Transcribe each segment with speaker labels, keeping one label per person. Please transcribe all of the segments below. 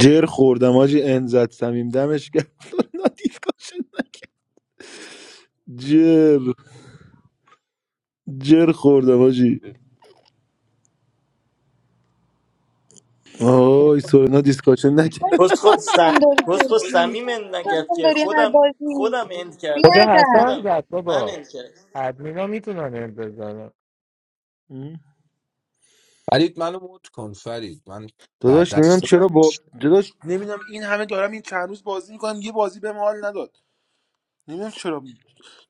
Speaker 1: جر خوردم آجی انزد سمیم دمش کرد سورنا دیسکاشن جر جر خوردم آجی آی سورنا دیسکاشن
Speaker 2: آی،
Speaker 1: نکرد
Speaker 2: چرا
Speaker 3: کسخود سم...
Speaker 2: من داری
Speaker 3: کسخود
Speaker 2: جدی
Speaker 3: سمیم اند
Speaker 2: چرا
Speaker 3: نکرد
Speaker 2: من
Speaker 3: که
Speaker 2: داری هر
Speaker 3: خودم
Speaker 2: بازی
Speaker 3: خودم اند
Speaker 4: خدا
Speaker 3: کردم
Speaker 2: بیادم
Speaker 4: حسن
Speaker 3: خودم
Speaker 4: زد
Speaker 3: من
Speaker 4: بابا
Speaker 3: اند کردم
Speaker 4: ادمینا میتونن این بزنن
Speaker 5: فرید منو مت کن فرید من بعد
Speaker 1: داداش نمیدونم
Speaker 5: دست
Speaker 1: چرا با داداش نمیدونم این همه دارم این چند روز بازی میکنم یه بازی بهم حال نداد نمیدونم چرا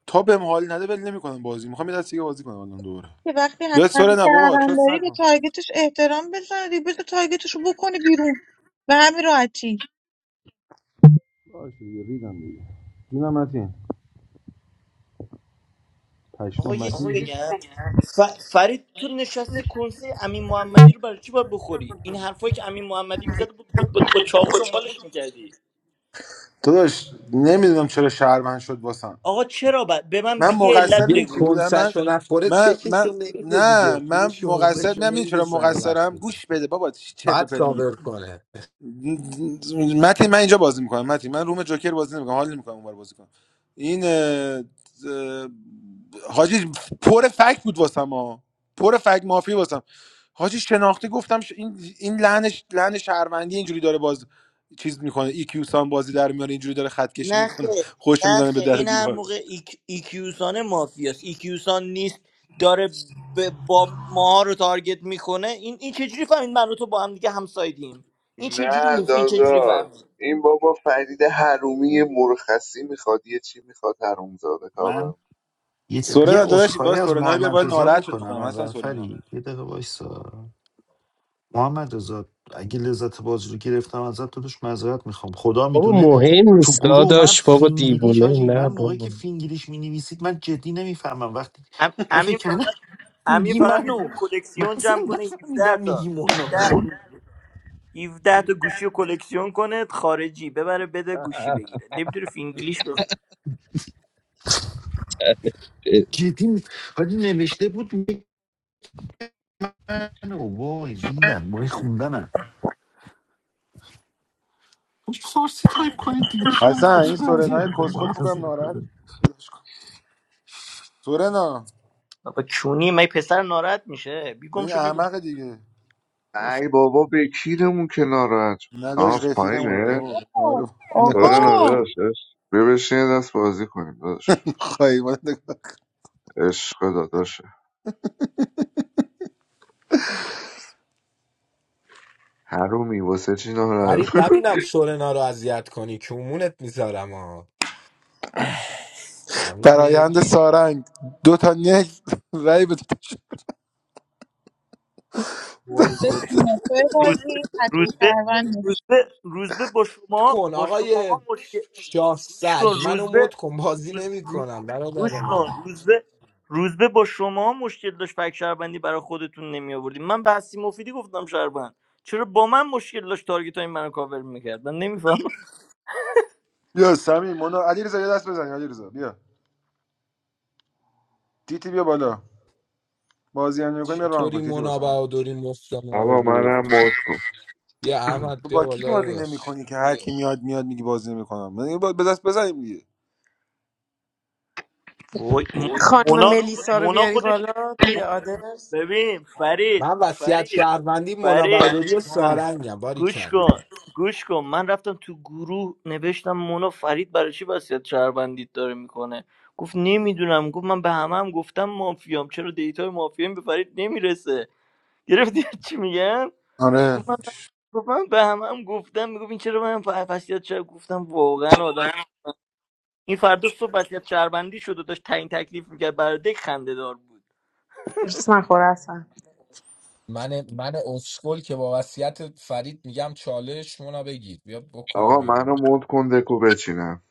Speaker 1: تا بهم حال نده ول نمیکنم بازی میخوام یه دست دیگه بازی کنم الان دوباره
Speaker 2: که وقتی
Speaker 1: بیا
Speaker 2: حتما
Speaker 1: سورنا بابا
Speaker 2: کردن
Speaker 1: چوس
Speaker 2: داری به
Speaker 1: نکن
Speaker 2: تارگتش احترام بذاری بذار تارگتش رو بکنه بیرون به همین راحتی
Speaker 1: باشه دیگه ریدم دیگه جونم متین
Speaker 3: آقا
Speaker 1: پشمام
Speaker 3: یه چی
Speaker 1: متین
Speaker 3: بگم ف... فرید تو نشستی کنسه امین محمدی رو برای چی باید بخوری این حرفایی که امین محمدی میزد با, با... با... با چاقو دنبالش میکردی
Speaker 1: داداش نمیدونم چرا شهروند شد واسم
Speaker 3: آقا چرا ب... به من ب...
Speaker 1: من
Speaker 3: یه
Speaker 1: مقصر
Speaker 3: علت
Speaker 5: یه
Speaker 1: میدونی چی
Speaker 3: بگو
Speaker 1: بودم من
Speaker 5: کنسشو نخوره
Speaker 1: من من
Speaker 5: چکشو نمیده دیگه
Speaker 1: نه من
Speaker 5: پولشو
Speaker 1: مقصر
Speaker 5: حقوقشو
Speaker 1: من میدونی
Speaker 5: نمیده
Speaker 1: چرا
Speaker 5: سر
Speaker 1: مقصرم
Speaker 5: وقتتون
Speaker 1: گوش بده بابا چی چرت و
Speaker 5: بعد
Speaker 1: پرت میگی
Speaker 5: کاور کنه
Speaker 1: متین من اینجا بازی میکنم متین من روم جوکر بازی نمیکنم حال نمیکنم اونور بازی کنم این اه، اه، حاجی پر فک بود واسم ها پر فک مافی واسم حاجی شناختی گفتم ش- این این لعنش لعن شهروندی اینجوری داره باز چیز میکنه ای کیو سان بازی در میاره اینجوری داره خط کشی
Speaker 3: نه
Speaker 1: میکنه
Speaker 3: خیر
Speaker 1: خوش
Speaker 3: نه
Speaker 1: میزنه به
Speaker 3: خیر
Speaker 1: در و
Speaker 3: این هر
Speaker 1: دیوار
Speaker 3: موقع ایک- ایکیوسانه مافیاست ایکیوسان نیست داره ب- با ماها رو تارگت میکنه این این چجوری فهمید من و تو با هم دیگه همسایدیم این
Speaker 6: نه
Speaker 3: چجوری می این چجوری
Speaker 6: داداش
Speaker 3: فهمید
Speaker 6: این بابا فرید حرومی یه مرخصی میخواد یه چی میخواد حرومزاده
Speaker 7: من
Speaker 6: کابر
Speaker 7: یه, ت-
Speaker 1: سورنا
Speaker 7: یه
Speaker 1: داداش
Speaker 7: عذرخواهی
Speaker 1: باز
Speaker 7: از
Speaker 1: سورنا بیار
Speaker 7: محمد
Speaker 1: باید
Speaker 7: رضا
Speaker 1: ناراحت شد فکر
Speaker 7: بکنم
Speaker 1: کنم حسن
Speaker 7: اول
Speaker 1: سورنا
Speaker 7: فرید یه دقیقه وایسا محمد رضا اگه لذت بازی رو گرفتم ازت تو توش معذرت میخوام خدا
Speaker 8: بابا
Speaker 7: میدونه
Speaker 8: مهم
Speaker 7: تو
Speaker 8: نیست
Speaker 7: گروه من
Speaker 8: داداش بابا
Speaker 7: فینگلیش
Speaker 8: دیوونه
Speaker 7: حاجی من
Speaker 8: نه
Speaker 7: موقعی
Speaker 8: بابا
Speaker 7: که فینگلیش مینویسید من جدی نمیفهمم وقتی
Speaker 3: ام-
Speaker 7: من فکر
Speaker 3: امین
Speaker 7: کردم
Speaker 3: فقط امین
Speaker 7: میگی
Speaker 3: فقط میتونه
Speaker 7: منو من
Speaker 3: کلکسیون
Speaker 7: اصلا
Speaker 3: جمع کنه 17
Speaker 7: نفهمیدم میگی
Speaker 3: تا
Speaker 7: مونا
Speaker 3: 17
Speaker 7: رو
Speaker 3: تا تا گوشی رو کلکسیون کنه خارجی ببره بده گوشی بگیره نمیتونه فینگلیش بخونه
Speaker 7: جدی می- حاجی نوشته بود میگی منو وای ریدم وای خوندنم فارسی تایپ کنید دیگه چند
Speaker 1: حسن این
Speaker 7: خودتون اذیت
Speaker 1: سورنای
Speaker 7: میکنید ما
Speaker 1: کسخل
Speaker 7: رو
Speaker 1: فکر کنم
Speaker 7: اذیت می‌کنید.
Speaker 1: ناراحت سورنا
Speaker 3: بابا کونی من پسر ناراحت میشه بیگم
Speaker 1: این
Speaker 3: شو بی بالا.
Speaker 1: احمق دیگه
Speaker 6: ای بابا بکیرمون که ناراحت شد. آه
Speaker 1: نداش
Speaker 6: از
Speaker 1: رفیقمون
Speaker 6: پایینه
Speaker 1: اوه،
Speaker 2: آه،
Speaker 1: آره
Speaker 2: آقا
Speaker 6: داره
Speaker 1: نگاش کن
Speaker 6: نداشت بیا بشین یه دست بازی کنیم داداش
Speaker 1: خواهی ما نگاه
Speaker 6: عشق داداشه حرومی واسه چی ناراحت
Speaker 5: فرید نبینم سورنا رو اذیت کنی که امونت میذارم ها همینی
Speaker 1: فرایند سارنگ دو تا نک رای بده
Speaker 3: وای وای
Speaker 2: بسم توی
Speaker 3: روزبه
Speaker 2: بازی حتمی
Speaker 3: روزبه
Speaker 2: کروندش
Speaker 3: روزبه روزبه با
Speaker 5: مت
Speaker 3: شما
Speaker 5: کن
Speaker 3: با
Speaker 5: آقای
Speaker 3: شما مشکل
Speaker 5: شاه
Speaker 3: گوش
Speaker 5: سگ
Speaker 3: کن
Speaker 5: منو
Speaker 3: روزبه
Speaker 5: مت کن بازی
Speaker 3: روز روز
Speaker 5: نمیکنم برادر
Speaker 3: گوش کن
Speaker 5: من
Speaker 3: روزبه روزبه با شما مشکل داشت فک شهروندی برای خودتون نمی آوردیم من به هستی مفیدی گفتم شهروند چرا با من مشکل داشت تارگت های منو کاور میکرد من نمیفهمم
Speaker 1: بیا سمی مونا علی رضا یه دست بزن علی رضا بیا تیتی بیا بالا بازی هم نمی‌کنی بیا ران کن
Speaker 5: چطوری
Speaker 1: تیتی واسه ما.
Speaker 5: منابع و دوری مفت ما رو
Speaker 6: آقا
Speaker 5: برد
Speaker 6: منم مد کن
Speaker 5: بیا احمد
Speaker 1: تو
Speaker 5: بیا
Speaker 1: با کی
Speaker 5: بالا
Speaker 1: بازی
Speaker 5: داداش.
Speaker 1: نمی‌کنی که هر کی میاد میاد میگی بازی نمی‌کنم من یه با- به دست بزنیم دیگه
Speaker 3: وای م-
Speaker 9: خانم
Speaker 3: مونا
Speaker 9: ملیسا رو
Speaker 3: مونا
Speaker 9: بیاری
Speaker 3: خودش
Speaker 9: بالا توی
Speaker 3: م-
Speaker 9: آدرس
Speaker 3: ببین فرید
Speaker 5: من وصیت
Speaker 3: فرید
Speaker 5: شهروندی منابع و
Speaker 3: فرید
Speaker 5: دوری و سارنگم باری
Speaker 3: گوش
Speaker 5: کردم.
Speaker 3: کن گوش کن من رفتم تو گروه نوشتم مونا فرید برای چی وصیت شهروندیت داره میکنه گفت نمیدونم گفت من به همه هم گفتم مافیام چرا دیتای مافیام به فرید نمیرسه گرفتی چی میگم
Speaker 1: آره
Speaker 3: گفت من گفت من به همه هم گفتم میگفت این چرا من ف- وصیت شهر گفتم واقعا آدم این فردا صبح وصیت شهروندی شد و داشت تعیین تکلیف میکرد برای دک خنده دار بود
Speaker 9: درس نخوره اصلا
Speaker 5: من من اسکل که با وصیت فرید میگم چالش مونا بگیر بیا بکن
Speaker 6: آقا
Speaker 5: بیرون
Speaker 6: منو مد کن دکو بچینم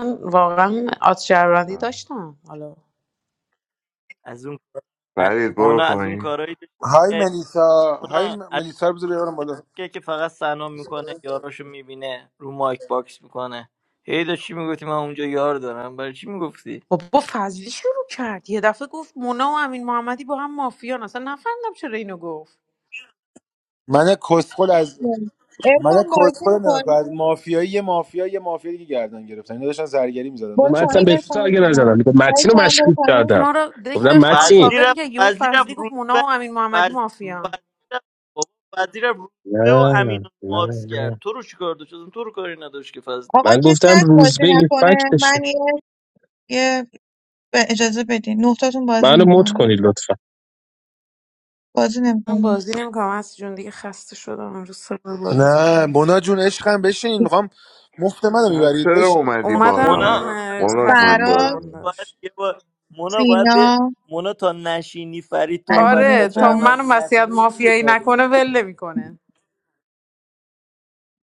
Speaker 9: من واقعا آت شهروندی داشتم حالا
Speaker 3: از اون
Speaker 6: فرید
Speaker 3: مونا
Speaker 6: برو
Speaker 3: از اون
Speaker 6: پایین
Speaker 3: کارایی داشت
Speaker 1: های
Speaker 3: می‌کرد.
Speaker 1: ملیسا های
Speaker 3: مونا
Speaker 1: م- ملیسا رو بذار بیارم بالا
Speaker 3: که که فقط سلام میکنه یاراشو میبینه رو مایک باکس میکنه هی داشت چی میگفتی من اونجا یار دارم برای چی میگفتی
Speaker 9: بابا فضلی شروع کرد یه دفعه گفت مونا و امین محمدی با هم مافیان اصلا نفهمیدم چرا اینو گفت
Speaker 1: من کسخل از من
Speaker 2: ارفان بازی
Speaker 1: کسخل نمی‌کنم. از
Speaker 2: میکنی
Speaker 1: مافیایی یه مافیا یه مافیا دیگه گردن گرفتن اینا داشتن زرگری می‌زدن من
Speaker 2: برو
Speaker 8: من
Speaker 1: چه
Speaker 8: اصلا
Speaker 2: پایین
Speaker 8: به
Speaker 1: پلشتی
Speaker 2: ارفان
Speaker 8: تو اگه نزدم
Speaker 2: عزیزم
Speaker 8: میگم
Speaker 2: سعی
Speaker 8: متین رو
Speaker 2: چند برو
Speaker 8: مشکوک
Speaker 2: پایین
Speaker 8: کردم
Speaker 9: ما رو دک
Speaker 8: گفتم
Speaker 9: داشت ما رو
Speaker 8: متین
Speaker 3: فضلی
Speaker 9: کاور
Speaker 3: رفت
Speaker 9: میکرد یهو
Speaker 3: فضلی رفت
Speaker 9: فضلی گفت مونا
Speaker 3: روزبه
Speaker 9: و امین محمدی
Speaker 3: فض...
Speaker 9: مافیان
Speaker 3: فضلی رفت بابا فضلی رفت روزبه و
Speaker 8: نه
Speaker 3: امین و
Speaker 8: نه
Speaker 3: ماکس کرد
Speaker 8: نه
Speaker 3: تو رو چیکار داشت اصلا تو رو کاری نداشت که فضلی
Speaker 2: آقا
Speaker 8: من
Speaker 2: کسی
Speaker 8: گفتم
Speaker 2: هست بازی
Speaker 8: روزبه این
Speaker 2: نکنه
Speaker 8: فکتشه
Speaker 2: من یه یه- به اجازه بدین نقطاتون بازی
Speaker 8: منو مت
Speaker 2: میکنی
Speaker 8: کنی لطفا
Speaker 2: بازی
Speaker 9: من
Speaker 2: نمیکنه
Speaker 9: بازی نمیکنم از جون دیگه خسته شدم امروز سه بار بازی کردم.
Speaker 1: نه مونا جون عشقم بشین میخوام مفت منو
Speaker 6: پس
Speaker 1: میبرید
Speaker 6: چرا
Speaker 1: بشین
Speaker 6: اومدی بالا
Speaker 9: اومدم
Speaker 3: مونا
Speaker 9: اه،
Speaker 6: مولا
Speaker 3: مونا
Speaker 9: حسن
Speaker 6: جون
Speaker 2: فراد
Speaker 6: بازی
Speaker 9: کارم
Speaker 3: باید
Speaker 9: داشت
Speaker 3: یه بار مونا باید
Speaker 2: سینا
Speaker 3: به مونا تا نشینی فرید تو رو
Speaker 9: آره
Speaker 3: وسیعت
Speaker 2: علیرضا
Speaker 9: تا منو
Speaker 3: شهروندی
Speaker 9: مسیحت
Speaker 3: نکنه
Speaker 9: مافیایی
Speaker 3: نمیخواد
Speaker 9: نکنه ول نمیکنه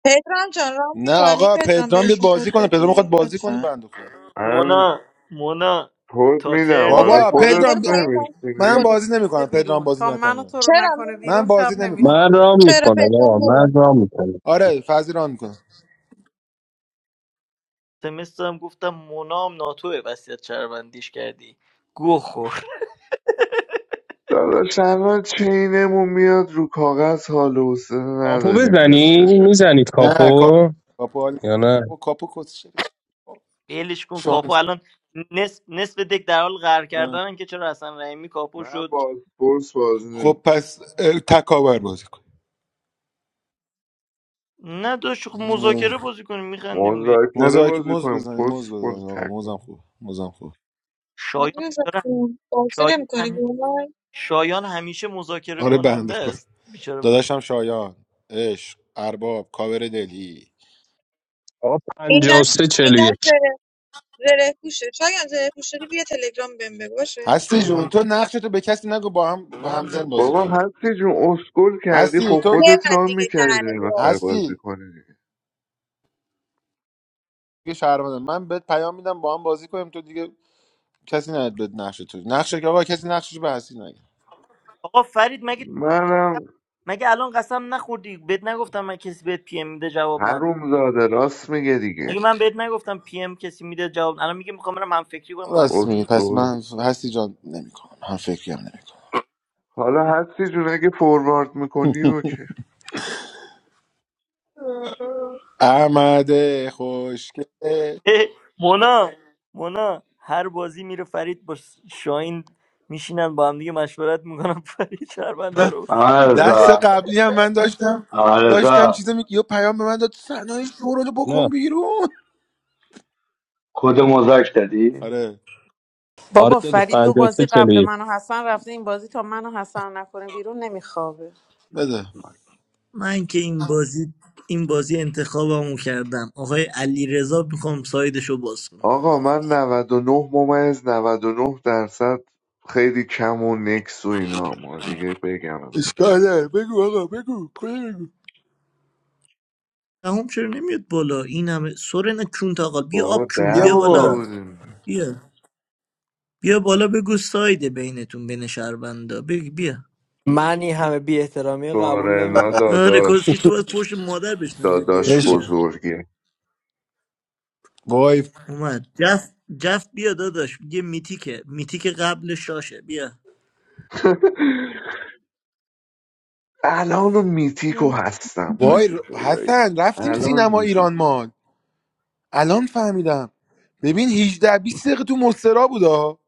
Speaker 2: پدرام جان رام
Speaker 1: نه
Speaker 2: میکنی
Speaker 1: آقا
Speaker 2: پدرام
Speaker 1: پدرام بیاد
Speaker 2: بهشون کد
Speaker 1: بازی کنه پدرام میخواد
Speaker 2: بدی
Speaker 1: بازی کنه
Speaker 2: لطفا
Speaker 1: بنده خدا
Speaker 6: من
Speaker 3: مونا مونا
Speaker 6: خود
Speaker 3: تا
Speaker 6: میدم
Speaker 2: خب
Speaker 3: ترن
Speaker 2: برو
Speaker 6: آره
Speaker 1: بابا
Speaker 2: پایین
Speaker 6: خودت
Speaker 2: برو
Speaker 1: پدرام بیا-
Speaker 2: پایین برو
Speaker 1: من
Speaker 6: نمیشینی
Speaker 2: برو.
Speaker 1: بازی
Speaker 9: رفته
Speaker 1: نمیکنم پدرام
Speaker 9: بیرون
Speaker 1: بازی
Speaker 9: تا منو تو
Speaker 1: نکنه
Speaker 9: رو
Speaker 2: چرا
Speaker 9: نکنه
Speaker 2: نمی-
Speaker 1: من
Speaker 9: بیرون
Speaker 1: بازی
Speaker 9: شب
Speaker 1: نمیکنم
Speaker 8: من
Speaker 9: نمیخوابه
Speaker 8: رام
Speaker 2: چرا
Speaker 8: میکنم
Speaker 2: پدرام
Speaker 8: آقا
Speaker 2: برو
Speaker 8: من رام میکنم
Speaker 1: آره فضی ران میکنه
Speaker 3: سمستر هم گفتم منام ناتوه وصیت شهروندیش کردی گو خور
Speaker 6: داداش الان چینمون میاد رو کاغذ حال و حوصله
Speaker 8: کاپو
Speaker 6: نداریم
Speaker 8: بزنی
Speaker 6: نصفش
Speaker 8: میزنید
Speaker 1: نه کاپو
Speaker 8: کاپو
Speaker 1: کاپو حال-
Speaker 8: یا نه
Speaker 1: او کاپو کس شده.
Speaker 3: ولش کن کاپو
Speaker 1: شانس
Speaker 3: الان نصف, نصف دک در حال غر کردنن که چرا حسن رحیمی کاپو
Speaker 6: من
Speaker 3: شد
Speaker 6: با اسپورس بازی
Speaker 1: خب
Speaker 6: نمیکنم
Speaker 1: پس اه، تکاور بازی کن
Speaker 3: نه داشت خب مذاکره بازی کنیم میخندیم دیگه
Speaker 6: مذاکره
Speaker 1: مزاک
Speaker 6: بازی
Speaker 1: مز
Speaker 6: کنیم
Speaker 1: بزنیم
Speaker 6: کس
Speaker 1: مز
Speaker 6: خود
Speaker 1: بزنیم آقا
Speaker 6: تکم
Speaker 1: موزم خوب موزم خوب
Speaker 3: شایان
Speaker 2: علیرضا
Speaker 3: بیچاره-
Speaker 2: جون، بازی
Speaker 3: شایان
Speaker 2: نمیکنی
Speaker 3: همی-
Speaker 2: گمان
Speaker 3: شایان همیشه مذاکره
Speaker 1: آره بنده
Speaker 3: کننده
Speaker 1: خود
Speaker 3: است بیچاره
Speaker 1: داداشم شایان عشق ارباب کاور دلی
Speaker 8: آقا
Speaker 2: این دست
Speaker 8: 53
Speaker 2: این
Speaker 8: 41
Speaker 2: دست زره زره پوشه شاید زره پوش شدی بیا تلگرام بهم بگو باشه
Speaker 1: هستی جون تو نقشتو به کسی نگو با هم با همزن بازی
Speaker 6: بابا
Speaker 1: کنیم
Speaker 6: هستی جون اسکول کردی
Speaker 1: هستی
Speaker 6: خب
Speaker 1: تو
Speaker 6: خودت
Speaker 2: ببند
Speaker 6: رام
Speaker 2: دیگه
Speaker 6: میکردی
Speaker 2: دهنه تو
Speaker 6: نمیخوای بازی
Speaker 1: هستی
Speaker 6: کنی دیگه.
Speaker 1: دیگه شهرمندم من بهت پیام میدم با هم بازی کنیم تو دیگه کسی نهد بهت نقش تو نقشه که آقا کسی نقشش به هستی نگه
Speaker 3: آقا فرید مگه
Speaker 6: منم
Speaker 3: مگه الان قسم نخوردی بهت نگفتم من کسی بهت پی ام میده جواب نده
Speaker 6: حروم زاده راست میگه دیگه
Speaker 3: مگه من بهت نگفتم پی ام کسی میده جواب الان میگه میخوام برم هم فکری کنم
Speaker 1: راست
Speaker 3: باستی
Speaker 1: میگی پس
Speaker 6: اسکول
Speaker 1: من هستی جان نمیکنم هم فکری هم نمیکنم
Speaker 6: حالا هستی جون اگه فوروارد میکنی اوکی
Speaker 1: احمد خوشگل
Speaker 3: اه، مونا مونا هر بازی میره فرید با شاین میشینن با هم دیگه مشورت میکنن فرید شهربنده رو
Speaker 10: محمد
Speaker 3: میکنه
Speaker 1: دست
Speaker 10: رضا
Speaker 1: قبلی هم من داشتم
Speaker 10: محمد
Speaker 1: داشتم
Speaker 10: رضا
Speaker 1: چیزا می... یه پیام به من داد صنایع شورا رو
Speaker 8: نه
Speaker 1: بکن بیرون
Speaker 10: کد مزاک دادی؟
Speaker 1: آره
Speaker 8: آره
Speaker 9: بابا
Speaker 8: داداش
Speaker 9: فرید دو
Speaker 8: 53
Speaker 9: بازی قبل
Speaker 8: 41
Speaker 9: منو حسن رفته این بازی تا منو حسن نکنه بیرون نمیخوابه
Speaker 1: بده
Speaker 3: من که این بازی این بازی انتخابمو کردم آقای علی رضا میخوام سایدش رو باز کنم روز
Speaker 6: آقا من
Speaker 3: یک
Speaker 6: 99 ممیز 99 درصد خیلی کم و نکس و اینا ما دیگه بگم ازم
Speaker 1: اشکال نداره. بگو آقا بگو کجا بگو
Speaker 3: دهم چرا نمیاد بالا این همه سورنا چون تاقال بیا
Speaker 6: بابا
Speaker 3: آب چون
Speaker 1: بیا
Speaker 3: بیا
Speaker 6: ده تا
Speaker 1: بابا
Speaker 3: بالا
Speaker 6: بودیم
Speaker 3: بیا بیا بالا بگو سایده بینتون بین شهربندا بگو بیا
Speaker 11: من این همه بی احترامی رو قبول
Speaker 6: سورنا
Speaker 11: نمیکنم
Speaker 3: آره
Speaker 6: داداش
Speaker 3: کسکش تو باید فوش مادر بشنوی بیا
Speaker 6: داداش
Speaker 1: بشین
Speaker 3: بیا
Speaker 6: بزرگه
Speaker 1: وای
Speaker 3: اومد جف جف بیا داداش یه میتیکه میتیک قبل شاشه بیا
Speaker 6: الان میتیکو هستم حاجی
Speaker 1: وای
Speaker 6: خدایی
Speaker 1: حسن رفتیم
Speaker 6: الان
Speaker 1: سینما ایران
Speaker 6: میتیکو
Speaker 1: ما الان فهمیدم ببین 18 بیست دقیقه تو مسترا بودا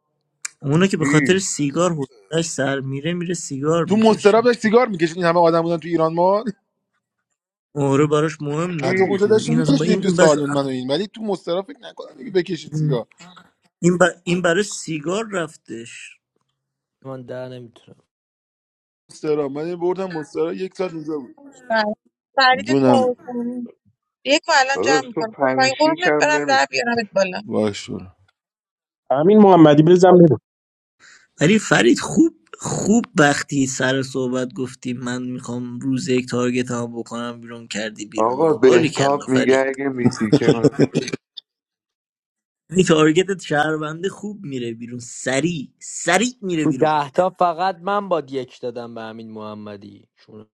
Speaker 3: اونو که به
Speaker 6: کی
Speaker 3: خاطر سیگار حوصلش سر میره میره سیگار
Speaker 1: تو مسترا
Speaker 3: میکشه
Speaker 1: داشت سیگار میکشید این همه آدم بودن تو ایران ما
Speaker 3: آره براش مهم
Speaker 1: حتی
Speaker 3: نبود
Speaker 6: کی
Speaker 1: اونجا
Speaker 3: که
Speaker 1: داشتیم
Speaker 3: این اصلا با
Speaker 1: میکشیدیم
Speaker 3: این
Speaker 1: تو
Speaker 3: این بس
Speaker 1: سالن من و این ولی تو مسترا فکر نکنم دیگه بکشید سیگار
Speaker 3: این, ب- این برای سیگار رفتش
Speaker 11: من ده نمیتونم
Speaker 1: مسترا من بردم مسترا یک ساعت اونجا
Speaker 2: فرید
Speaker 1: جونم
Speaker 2: ساوتانی یک الان
Speaker 6: داداش
Speaker 2: جمع
Speaker 6: تو
Speaker 2: میکنم
Speaker 6: پنج
Speaker 2: پایین
Speaker 6: شیش
Speaker 2: قربونت
Speaker 6: هم
Speaker 2: برم
Speaker 6: نمی
Speaker 2: در بیارمت بالا
Speaker 1: باش برو
Speaker 8: امین محمدی بزن برو
Speaker 3: ولی فرید خوب خوب وقتی سر صحبت گفتی من میخوام روز یک تارگت هم بکنم بیرون کردی بیرون
Speaker 6: آقا
Speaker 3: آباری کلا
Speaker 6: بهتاب میگه
Speaker 3: فرید
Speaker 6: اگه میتیکه
Speaker 3: این تارگتت شهرونده خوب میره بیرون سریع سریع میره
Speaker 11: تو
Speaker 3: بیرون
Speaker 11: ده تا فقط من باد یک دادم به امین محمدی چون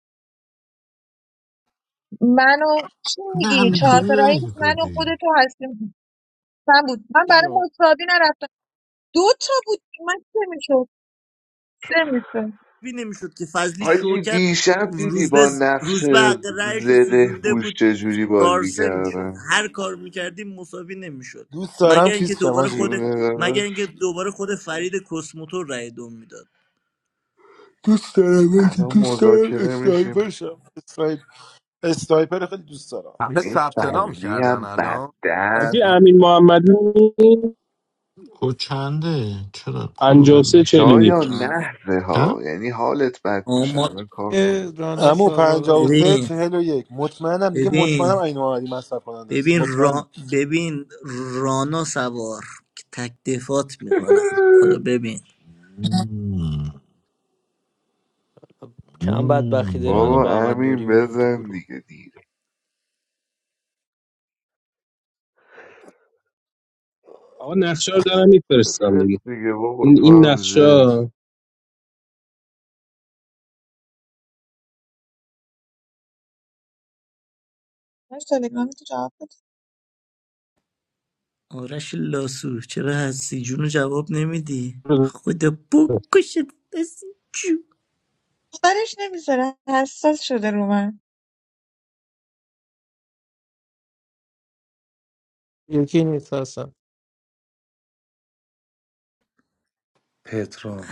Speaker 2: منو چی
Speaker 7: نه
Speaker 2: میگی چهار
Speaker 7: همینطوری
Speaker 2: تا رأی بود
Speaker 7: رای
Speaker 2: من و
Speaker 7: دادی
Speaker 2: خودتو هستیم من بود من برای
Speaker 11: جون
Speaker 2: مساوی نرفتم دو تا بود من سه میشد سه میشد
Speaker 3: بی نمیشد که فضلی شو
Speaker 6: حاجی
Speaker 3: کرد
Speaker 6: دیشب دیدی
Speaker 3: روز به
Speaker 6: با نقش
Speaker 3: روز به حق رأیش رو
Speaker 6: زره
Speaker 3: سوزونده
Speaker 6: پوش
Speaker 3: بود
Speaker 6: چجوری بازی
Speaker 3: تارسه میشد
Speaker 6: کردن
Speaker 3: هر کار میکردیم مساوی نمیشد
Speaker 1: دوست دارم
Speaker 3: مگر اینکه
Speaker 1: چیز شم
Speaker 3: دوباره
Speaker 1: حاجی
Speaker 3: خود
Speaker 6: جون داداش
Speaker 3: مگر اینکه دوباره خود فرید کسموتور رأی دوم میداد
Speaker 1: دوست دارم حاجی
Speaker 6: الان
Speaker 1: دوست دارم
Speaker 6: مذاکره
Speaker 1: اسنایپر
Speaker 6: میشیم
Speaker 1: شم اسنایپ- اسنایپر خیلی دوست دارم
Speaker 5: همه
Speaker 6: این
Speaker 5: ثبت نام
Speaker 6: فضلی
Speaker 5: کردن
Speaker 6: هم بد
Speaker 5: الان
Speaker 8: حاجی
Speaker 6: دست
Speaker 5: اصلی
Speaker 8: امین محمدی
Speaker 7: خود چنده چرا کدو بهم
Speaker 8: 53
Speaker 7: میگی
Speaker 8: 41
Speaker 6: شایان
Speaker 3: آه.
Speaker 6: نحوه ها
Speaker 7: چند
Speaker 6: یعنی حالت بد
Speaker 3: آه،
Speaker 6: میشه
Speaker 3: ما
Speaker 6: الان کار
Speaker 4: یه
Speaker 6: کنم
Speaker 4: رانا
Speaker 1: امو پنجاه و
Speaker 4: سوالالا
Speaker 1: سه
Speaker 3: ببین
Speaker 1: چهل و یک مطمئنم دیگه
Speaker 3: ببین
Speaker 1: مطمئنم این محمدی مصرف کننده است
Speaker 3: ببین
Speaker 1: مطمئنم
Speaker 3: را... ببین رانا سوار که تک دفات میکنم حالا ببین
Speaker 7: مم.
Speaker 11: کم بدبختی داریم الان
Speaker 7: مم.
Speaker 11: با
Speaker 6: بابا
Speaker 11: احمد نوری
Speaker 6: امین
Speaker 11: میریم تو
Speaker 6: بزن
Speaker 11: گروه
Speaker 6: دیگه دیر
Speaker 8: آقا نقشه رو دارم میفرستم دیگه
Speaker 6: بفت دیگه بابا
Speaker 8: این
Speaker 6: تو
Speaker 8: این
Speaker 6: هم
Speaker 8: نقشه
Speaker 6: زر بزن
Speaker 8: ها
Speaker 2: من تلگرام تو جواب بده
Speaker 3: آرش لاسو چرا هستی جونو جواب نمیدی
Speaker 8: رو-
Speaker 3: خدا بکشت هستی
Speaker 2: برش نمیذاره حساس شده رو من
Speaker 4: یکی نیست هستم
Speaker 12: پترام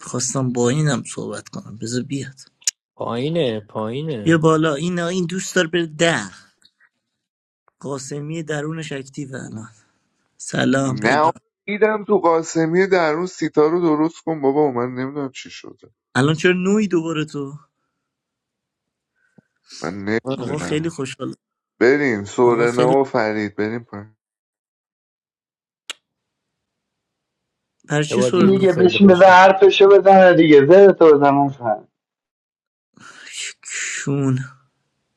Speaker 3: میخواستم با اینم صحبت کنم بذار بیاد
Speaker 11: پایینه
Speaker 3: بیا
Speaker 11: پایینه
Speaker 3: بالا این این دوست داره بره ده قاسمی درونش اکتیو الان سلام
Speaker 6: نه
Speaker 3: پدرام
Speaker 6: دیدم تو قاسمی در اون سیتا رو درست کن بابا من نمیدونم چی شده
Speaker 3: الان چرا نوی دوباره تو
Speaker 6: من
Speaker 1: آره.
Speaker 3: آقا
Speaker 6: نمیدونم
Speaker 3: خیلی خوشحال
Speaker 6: بریم
Speaker 3: آقا
Speaker 6: سورنا
Speaker 3: خیلی
Speaker 6: و فرید بریم پایین
Speaker 3: پر
Speaker 11: یه
Speaker 3: چی
Speaker 11: بار دیگه
Speaker 3: سرنا
Speaker 11: بگو
Speaker 10: دیگه
Speaker 11: خیلی
Speaker 10: بشین بزن
Speaker 11: خوش می‌گذره.
Speaker 10: حرفشو بزنه دیگه زر تو بزن اصلا
Speaker 3: چون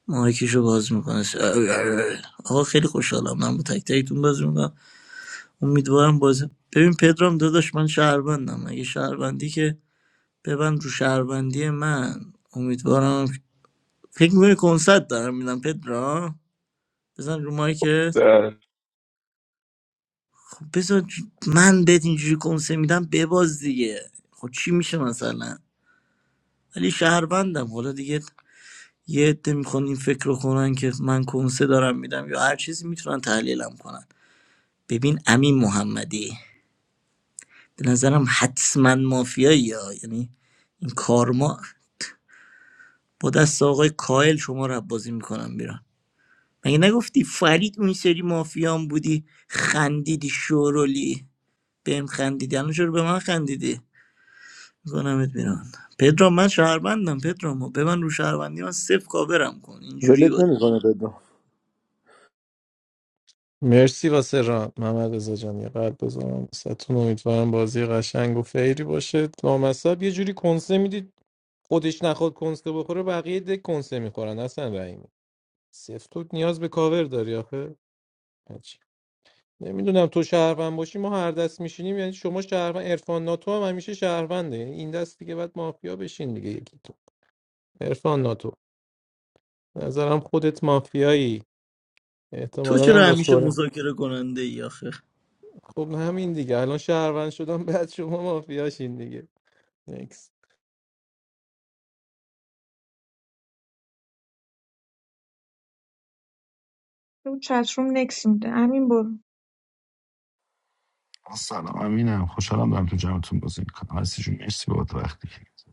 Speaker 3: مایکشو باز میکنه آقا خیلی خوشحالم من با تک تکتون باز میکنم امیدوارم بازی ببین پدرام داداش من شهروندم اگه شهروندی که ببند رو شهروندی من امیدوارم فکر میکنی کنسرت دارم میدم پدرام بزن رو مایکت
Speaker 6: بله.
Speaker 3: خب بذار ج- من بهت اینجوری کنسه میدم بباز دیگه خب چی میشه مثلا ولی شهروندم حالا دیگه یه عده میخوان این فکر رو کنن که من کنسه دارم میدم یا هر چیزی میتونن تحلیلم کنن ببین امین محمدی به نظرم حتما مافیایی ها یعنی این کارما با دست آقای کائل شما رو بازی میکنم بیرون مگه نگفتی فرید اون سری مافیام بودی خندیدی شورولی بهم خندیدی الان چرا به من خندیدی میکنمت بیرون پدرام من شهروندم پدرام به من رو شهروندی من صفر کاورم کن اینجوری
Speaker 1: ولت
Speaker 3: باشه
Speaker 1: نمیکنه بدون
Speaker 4: مرسی واسه ران محمد رضا جان یه قلب بذارم واسهتون امیدوارم بازی قشنگ و فیری باشه لامصب یه جوری کنسه میدید خودش نخواد کنسه بخوره بقیه دک کنسه میخورن اصلا رحیمی سفت تو نیاز به کاور داری آخه هیچ. نمیدونم تو شهروند باشی ما هر دست میشینیم یعنی شما شهروند عرفان ناتو هم همیشه شهرونده یعنی این دست دیگه باید مافیا بشین دیگه یکی عرفان ناتو به نظرم خودت مافیایی
Speaker 3: تو
Speaker 4: احتمالا هم
Speaker 3: چرا
Speaker 4: با
Speaker 3: همیشه
Speaker 4: سوره
Speaker 3: مذاکره کننده ای آخه
Speaker 4: خب همین دیگه الان شهروند شدم بعد شما مافیاشین دیگه نکس
Speaker 2: اون چتروم نکس میده همین برو
Speaker 7: سلام امینم خوشحالم دارم تو جمعتون بازی میکنم هستی جون مرسی بابت وقتی که گذاشتی.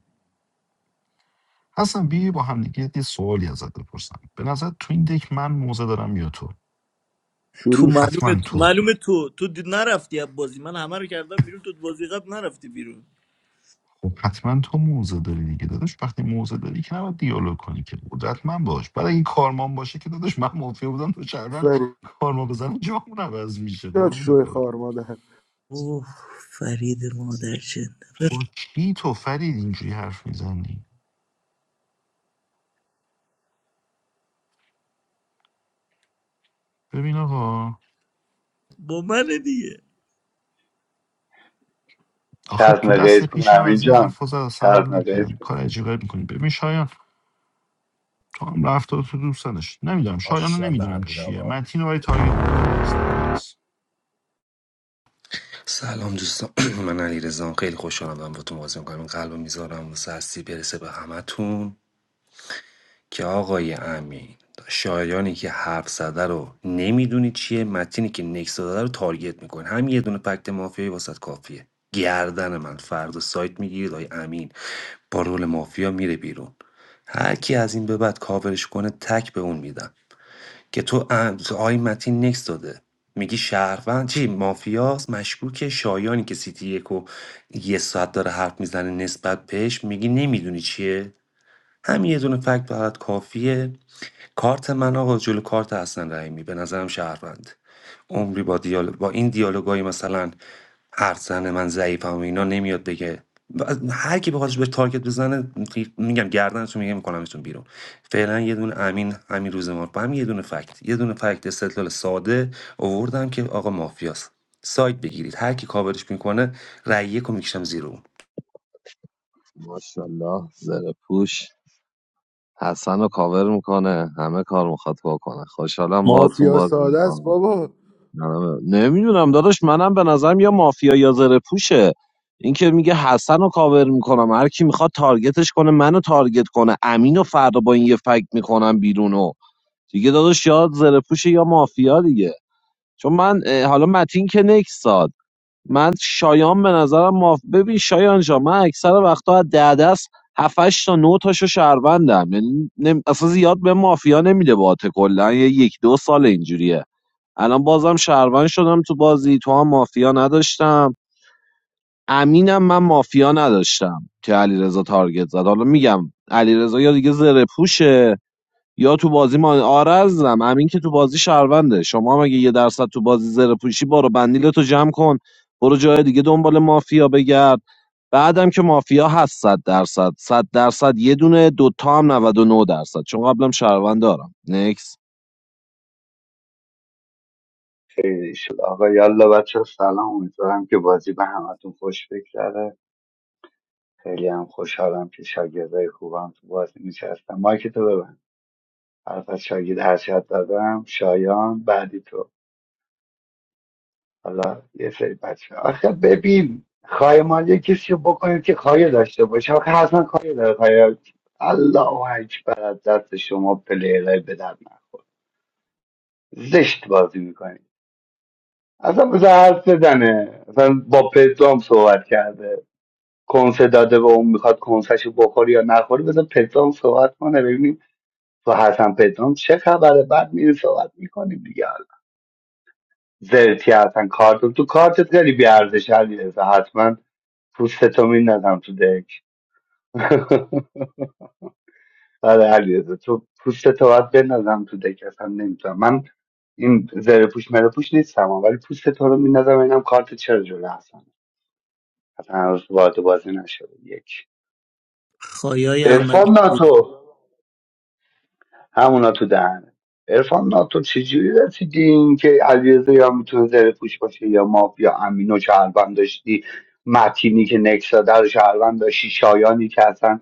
Speaker 7: حسن بی با هم دیگه یه سوالی ازت بپرسم به نظر تو این دک من موزه دارم یا تو
Speaker 3: تو
Speaker 1: شروع شد
Speaker 7: حتما
Speaker 3: معلومه
Speaker 7: تو
Speaker 3: معلومه تو تو دی- نرفتی از بازی من همه رو کردم بیرون تو بازی قبل نرفتی بیرون
Speaker 7: خب حتما تو موزه داری دیگه داداش وقتی موزه داری که نباید دیالوگ کنی که قدرت من باش بعد اگه کارمان باشه که داداش من مافیا بودم تو شهروند
Speaker 1: فری
Speaker 7: کارما بزنم جامون عوض میشه
Speaker 1: یاد
Speaker 7: قربونت
Speaker 1: شوی
Speaker 7: برم
Speaker 1: خار مادر
Speaker 3: اوه فرید مادر چند
Speaker 7: با کی تو فرید اینجوری حرف میزنی ببین آقا
Speaker 3: با من دیگه
Speaker 7: آخه تو
Speaker 10: چزم
Speaker 7: دست
Speaker 10: قیز کن
Speaker 7: پیشم
Speaker 10: امین
Speaker 7: از این
Speaker 10: جان
Speaker 7: حرفا زد اصلا حال
Speaker 10: چزم قیز
Speaker 7: نکردم
Speaker 10: کن
Speaker 7: کار عجیب غریب میکنی ببین شایان تو هم رفته تو دوستنش نمیدونم شایان رو
Speaker 5: ماشاءالله
Speaker 7: نمیدونم
Speaker 5: امین
Speaker 7: چیه
Speaker 5: آقا
Speaker 7: من تینو برای تارگت میکنم نکس داد نکس
Speaker 12: سلام دوستان من علی خیلی خوشحالم دارم با تو بازی میکنم این قلب میذارم واسه هستی برسه به همتون که آقای امین شایانی که حرف زده رو نمیدونی چیه متینی که نکس داده رو تارگت میکنه هم یه دونه پکت مافیایی واسط کافیه گردن من فردا سایت میگیرید آقای امین با رول مافیا میره بیرون هر کی از این به بعد کاورش کنه تک به اون میدم که تو ام- آقای متین نکس داده میگی شهروند چی مافیاس مشکوکه شایانی که سیتی یک و یه ساعت داره حرف میزنه نسبت بهش میگی نمیدونی چیه همین یه دونه فکت برات کافیه کارت من آقا جلو کارت حسن رحیمی به نظرم شهروند عمری با دیالوگ با این دیالوگای مثلا هر زن من ضعیفم و اینا نمیاد بگه و هر کی بخوادش به تارگت بزنه میگم گردنتون میگم میکنمتون بیرون فعلا یه دونه امین همین روز ما با هم یه دونه فکت یه دونه فکت استدلال ساده آوردم که آقا مافیاست سایت بگیرید هر کی کاورش میکنه رأی یک میکشم زیر اون
Speaker 13: ماشاءالله زره پوش حسن رو کاور میکنه همه کار میخواد بکنه خوشحالم باهاتون
Speaker 1: مافیا
Speaker 13: بازی
Speaker 1: ساده است
Speaker 13: میکنم
Speaker 1: بابا
Speaker 13: نمیدونم داداش منم به نظرم یا مافیا یا زره پوشه این که میگه حسن رو کاور میکنم هر کی میخواد تارگتش کنه منو تارگت کنه امین و فردا با این یه فکت میکنم بیرونو دیگه داداش یا زره پوشه یا مافیا دیگه چون من اه، حالا متین که نکس داد. من شایان به نظرم ماف ببین شایان جا من اکثر وقتها از ده دست هفتش تا نه تاشو شهروندم یعنی نم... اصلا زیاد به مافیا نمیده باته کلا یه یک دو سال اینجوریه الان بازم شهروند شدم تو بازی تو هم مافیا نداشتم امینم من مافیا نداشتم که علیرضا تارگت زد حالا میگم علیرضا یا دیگه زره پوشه یا تو بازی ما آره عزیزم امین که تو بازی شهرونده شما هم اگه یه درصد تو بازی زره پوشی برو بندیلتو جمع کن برو جای دیگه دنبال مافیا بگرد بعدم که مافیا هست صد درصد صد درصد یه دونه دوتا هم 99 درصد چون قبلم شهروند دارم نکس
Speaker 10: خیلی شد آقا یالا بچه سلام امیدوارم که بازی به همتون خوش بگذره خیلی هم خوشحالم که شاگردای خوبم تو بازی نشستم مایک تو ببند حرف از شاگرد هر چقدر دادم شایان بعدی تو حالا یه سری بچه آخه ببین خواهی مال یه کسی رو بکنید که خواهی داشته باشه آخه حتما خواهی داره خواهی الله اکبر از دست شما پلیرهای به در نخور زشت بازی میکنید اصلا بذار حرف بزنه اصلا با پدرام صحبت کرده کنسه داده و اون میخواد کنسهشو بخوری یا نخوری بذار پدرام صحبت کنه ببینیم تو حسن پدرام چه خبره بعد میری صحبت میکنیم دیگه حالا زرتی حسن کارت تو کارتت خیلی بیارزش حتما پوستتو میندازم تو دک آره علیرضا تو پوستتو باید بندازم تو دک اصلا نمیتونم من این زره پوش مره پوش نیستم ولی پوستتو رو میندازم اینم کارت چرا جلو هستم اصلا هنوز وارد بازی نشده یک
Speaker 3: خایای احمد
Speaker 10: عرفان ناتو همونا تو دهنه عرفان ناتو چجوری رسیدی این که علیرضا یا میتونه زره پوش باشه یا ما یا امینو شهروند داشتی متینی که نکسا در شهروند داشتی شایانی که اصلا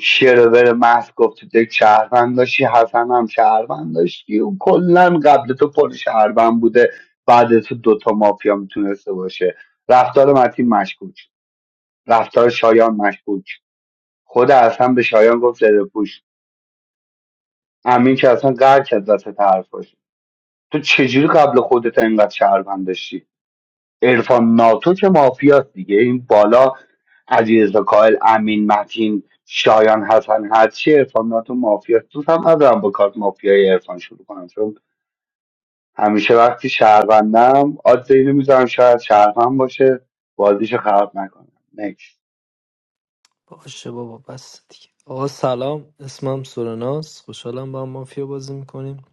Speaker 10: شرور محض گفت تو دک شهروند داشتی حسن هم شهروند داشتی و کلا قبل تو پر شهروند بوده بعد تو دوتا مافیا میتونسته باشه رفتار متین مشکوک رفتار شایان مشکوک خود حسن به شایان گفت زره پوش امین که اصلا قهر کرد وسط حرفاش تو چجوری قبل خودت اینقدر شهروند داشتی ارفان ناتو که مافیاست دیگه این بالا علیرضا کائل امین متین شایان حسن هرچی ارفان ناتو مافیاست دوست هم ندارم با کارت مافیای ارفان شروع کنم چون همیشه وقتی شهروندم آدز اینو میذارم شاید شهروند باشه بازیشو خراب نکنم نکس
Speaker 11: باشه بابا بس دیگه آقا سلام اسمم سورناس خوشحالم با هم مافیا بازی میکنیم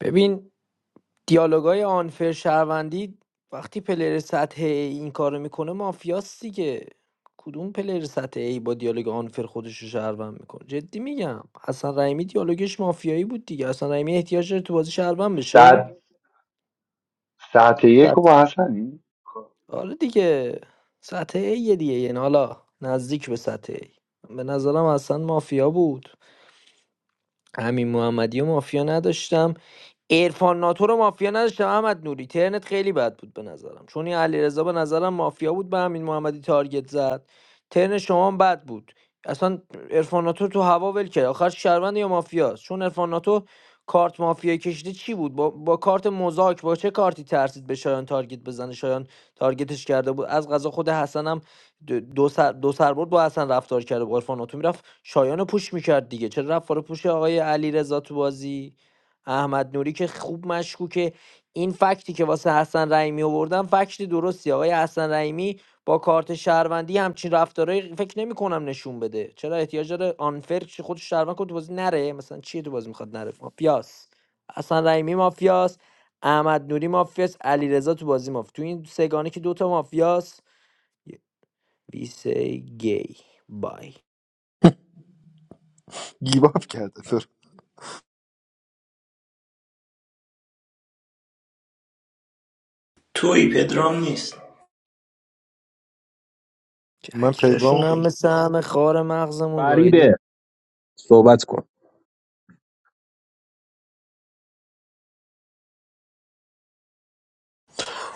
Speaker 11: ببین دیالوگای آنفر شهروندی وقتی پلیر سطح A این کارو میکنه مافیاست دیگه کدوم پلیر سطح A با دیالوگ آنفر خودش رو شهروند میکنه جدی میگم حسن رحیمی دیالوگش مافیایی بود دیگه حسن رحیمی احتیاج داره تو بازی شهروند بشه
Speaker 10: ساعت ساعت یک رو
Speaker 11: سطح
Speaker 10: با حسنی خب،
Speaker 11: آره دیگه سطح A یه دیگه یعنی حالا نزدیک به سطح A به نظرم اصلا مافیا بود همین محمدی و مافیا نداشتم عرفان ناتو رو مافیا نداشتم احمد نوری ترنت خیلی بد بود به نظرم چون این علیرضا به نظرم مافیا بود به همین محمدی تارگت زد ترن شما هم بد بود اصلا عرفان ناتو تو هوا ول کرد آخر شهروند یا مافیاست چون عرفان ناتو کارت مافیا کشیده چی بود با, با کارت مزاک با چه کارتی ترسید به شایان تارگت بزنه شایان تارگتش کرده بود از غذا خود حسن هم دو دو سر دو سر برد با حسن رفتار کرده با عرفان ناتو میرفت شایان رو پوش میکرد دیگه چرا رفت رو پوش آقای علیرضا تو بازی احمد نوری که خوب مشکوکه این فکتی که واسه حسن رحیمی آوردم فکت درستی آقای حسن رحیمی با کارت شهروندی همچین رفتارهایی فکر نمیکنم نشون بده چرا احتیاج داره آنفر خودش شهروند کنه تو بازی نره مثلا چیه تو بازی میخواد نره مافیاس حسن رحیمی مافیاس احمد نوری مافیاس علیرضا تو بازی مافیا تو این سگانه که دوتا مافیاس ویسه گی بای
Speaker 1: گیباب کرده فر.
Speaker 3: توی پدرام نیست
Speaker 11: چه
Speaker 1: من پیغام
Speaker 11: عکساشون هم مثل همه خار مغزمون گاییده
Speaker 8: فریده صحبت کن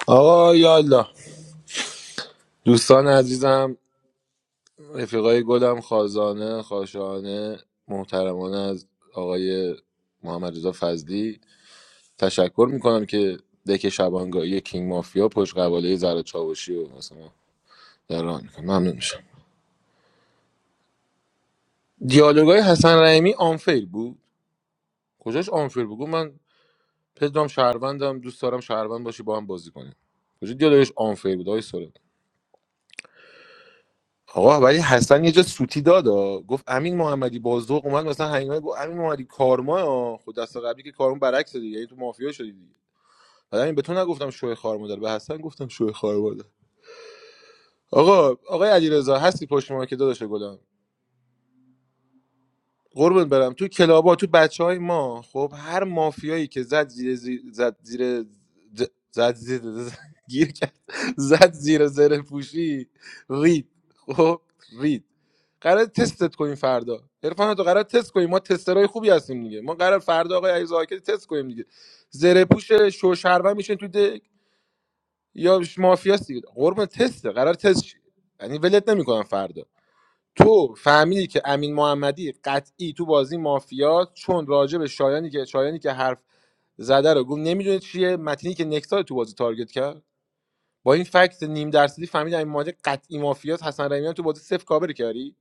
Speaker 1: آقا یالا دوستان عزیزم رفیقای گلم خازانه خاشانه محترمانه از آقای محمد رضا فضلی تشکر میکنم که دک شبانگاهی کینگ مافیا پشت قباله زرد چاوشی و مثلا در راه میکنم ممنون میشم دیالوگای حسن رحیمی آنفیر بود کجاش آنفیر بگو من پدرام شهروندم دوست دارم شهروند باشی با هم بازی کنیم کجا دیالوگش آنفیر بود آقای سورنا؟ آقا ولی حسن یه جا سوتی داد آه. گفت امین محمدی بازدوق اومد مثلا هنگامه گفت امین محمدی کارما آه. خود دست قبلی که کارما برعکس دیگه یعنی تو مافیا شدی دیگه بعد همین به تو نگفتم شوی خار مادر به حسن گفتم شوی خار مادر آقا آقای علیرضا هستی پشت ما که داداش گلم قربون برم تو کلابا تو بچه های ما خب هر مافیایی که زد زیر زیر زد زیر ز- زد زیر ز- گیر کرد زد زیر زره پوشی رید خب رید قرار تستت کنیم فردا عرفان تو قرار تست کنیم ما تسترهای خوبی هستیم دیگه ما قرار فردا آقای علیرضا زاکر تست کنیم دیگه زره پوش شوشربن میشن تو دک یا مافیاست دیگه قربون تسته قرار تست شی. یعنی ولت نمیکنم فردا تو فهمیدی که امین محمدی قطعی تو بازی مافیا چون راجع به شایانی که شایانی که حرف زده رو گفت نمیدونه چیه متینی که نکسال تو بازی تارگت کرد با این فکت نیم درصدی فهمیدی امین محمدی قطعی مافیاس حسن رحیمی تو بازی صفر کاور کردی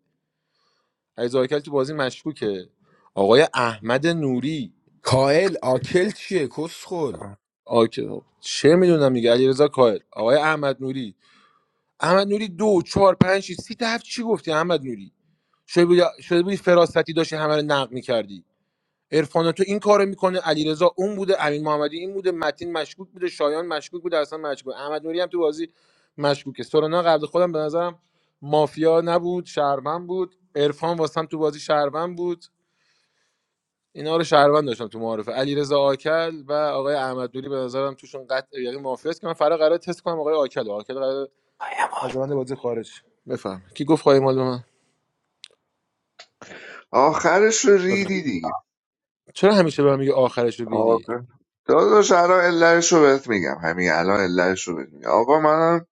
Speaker 1: علیزاده تو بازی مشکوکه آقای احمد نوری
Speaker 5: کائل آکل چیه کسخل
Speaker 1: آکه چه میدونم دیگه علیرضا کاهل آقای احمد نوری احمد نوری دو چهار پنج شیش، سی تا هفت چی گفتی احمد نوری شده بودی, شده بودی فراستی داشتی همه رو نقد میکردی عرفان تو این کارو میکنه علیرضا اون بوده امین محمدی این بوده متین مشکوک بوده شایان مشکوک بوده اصلا مشکوک احمد نوری هم تو بازی مشکوکه سورنا قبل خودم به نظرم مافیا نبود شهروند بود عرفان واسم تو بازی شهروند بود اینا رو شهروند داشتم تو معارفه علیرضا آکل و آقای احمد نوری به نظرم توشون قطع یعنی مافیا است که من فرا قرار تست کنم آقای آکل آکل قرار از روند بازی خارج شه. بفهم کی گفت خواهی مال به من
Speaker 6: آخرش رو
Speaker 1: بفهم.
Speaker 6: ریدی دیگه
Speaker 1: چرا همیشه به من میگه آخرش رو
Speaker 6: آقا
Speaker 1: بیدی
Speaker 6: داداش الان علتش رو بهت میگم همین الان علتش رو بهت میگم آقا منم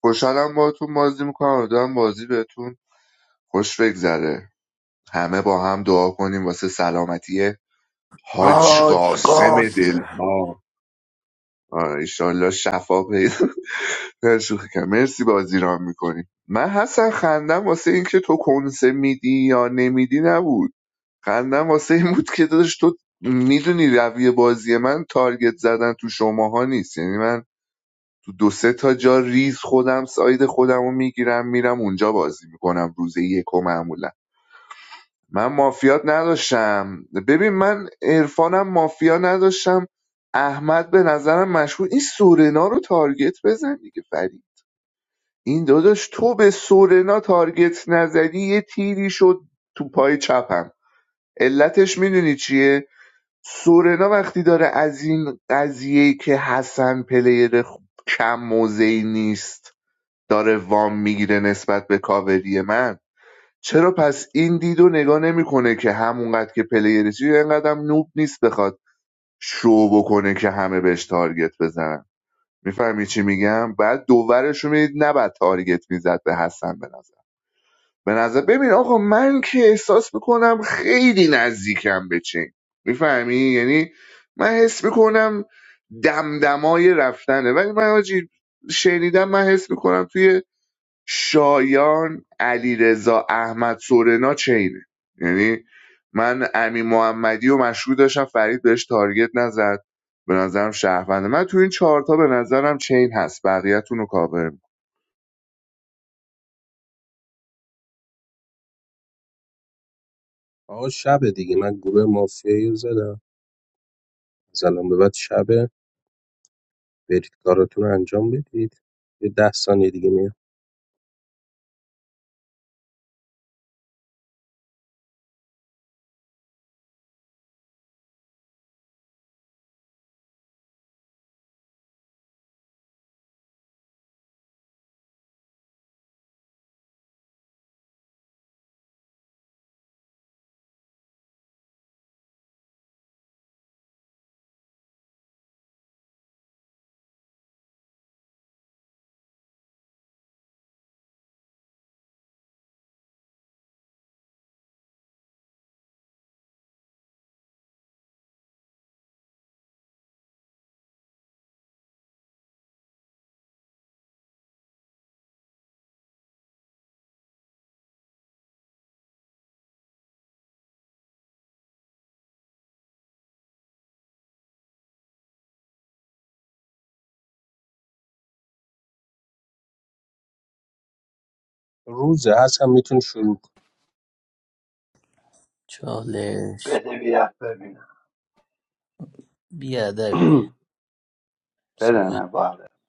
Speaker 6: خوشحالم باهاتون بازی میکنم امیدوارم بازی بهتون خوش بگذره همه با هم دعا کنیم واسه سلامتی حاج
Speaker 1: آج
Speaker 6: قاسم
Speaker 1: قاسم
Speaker 6: دل ها ایشالله شفا پیدا نه، شوخی کنم. مرسی بازی را میکنی من حسن خندم واسه اینکه تو کنسه میدی یا نمیدی نبود خندم واسه این بود که داداش تو میدونی رویه بازی من تارگت زدن تو شماها نیست یعنی من تو دو سه تا جا ریز خودم ساید خودم رو میگیرم میرم اونجا بازی میکنم روز یک و معمولا من مافیات نداشتم ببین من عرفانم مافیا نداشتم احمد به نظرم مشهور این سورنا رو تارگت بزن دیگه فرید این داداش تو به سورنا تارگت نزدی یه تیری شد تو پای چپم علتش میدونی چیه سورنا وقتی داره از این قضیه که حسن پلیر خ- کم موضعی نیست داره وام میگیره نسبت به کاوری من چرا پس این دیدو و نگاه نمیکنه که همونقدر که پلیرشی اینقدر هم نوب نیست بخواد شو بکنه که همه بهش تارگت بزنن میفهمی چی میگم بعد دوورش رو میدید نه بعد تارگت میزد به حسن به نظر به نظر ببین آقا من که احساس میکنم خیلی نزدیکم به چین میفهمی یعنی من حس میکنم دمدمای رفتنه ولی من آجی شنیدم من حس میکنم توی شایان علیرضا احمد سورنا چینه یعنی من امی محمدی و مشروع داشتم فرید بهش تارگت نزد به نظرم شهرونده من تو این چهارتا به نظرم چین هست بقیه‌تون رو کاور می‌کنم.
Speaker 8: آقا شبه دیگه من گروه مافیایی رو زدم از به بعد شبه برید کاراتون رو انجام بدید یه ده ثانیه دیگه میاد روزه هست هم میتون شروع کن
Speaker 3: چالش
Speaker 10: بده بیاد ببینم
Speaker 3: بیادبی صحبت
Speaker 10: بدنه بله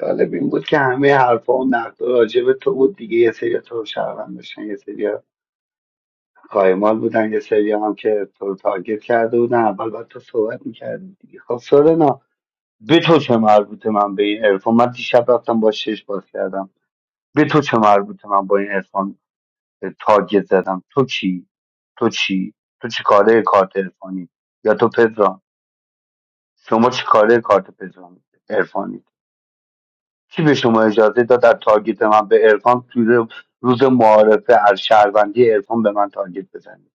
Speaker 10: جالب این بود که همه حرفا و نقدا راجع به تو بود دیگه یه سری تو رو شهروند داشتن یه سری قایمال بودن یه سری هم که تو رو تارگت کرده بودن اول باید تو صحبت میکردی دیگه خب سورنا به تو چه مربوطه من به این عرفان من دیشب رفتم با شش باز کردم به تو چه مربوطه من با این عرفان تارگت زدم تو چی تو چی تو چی کاره کارت عرفانی یا تو پدرام شما چی کاره کارت پدرام عرفانی کی به شما اجازه داد در تارگت من به عرفان توی روز معارفه از شهروندی عرفان به من تارگت بزنید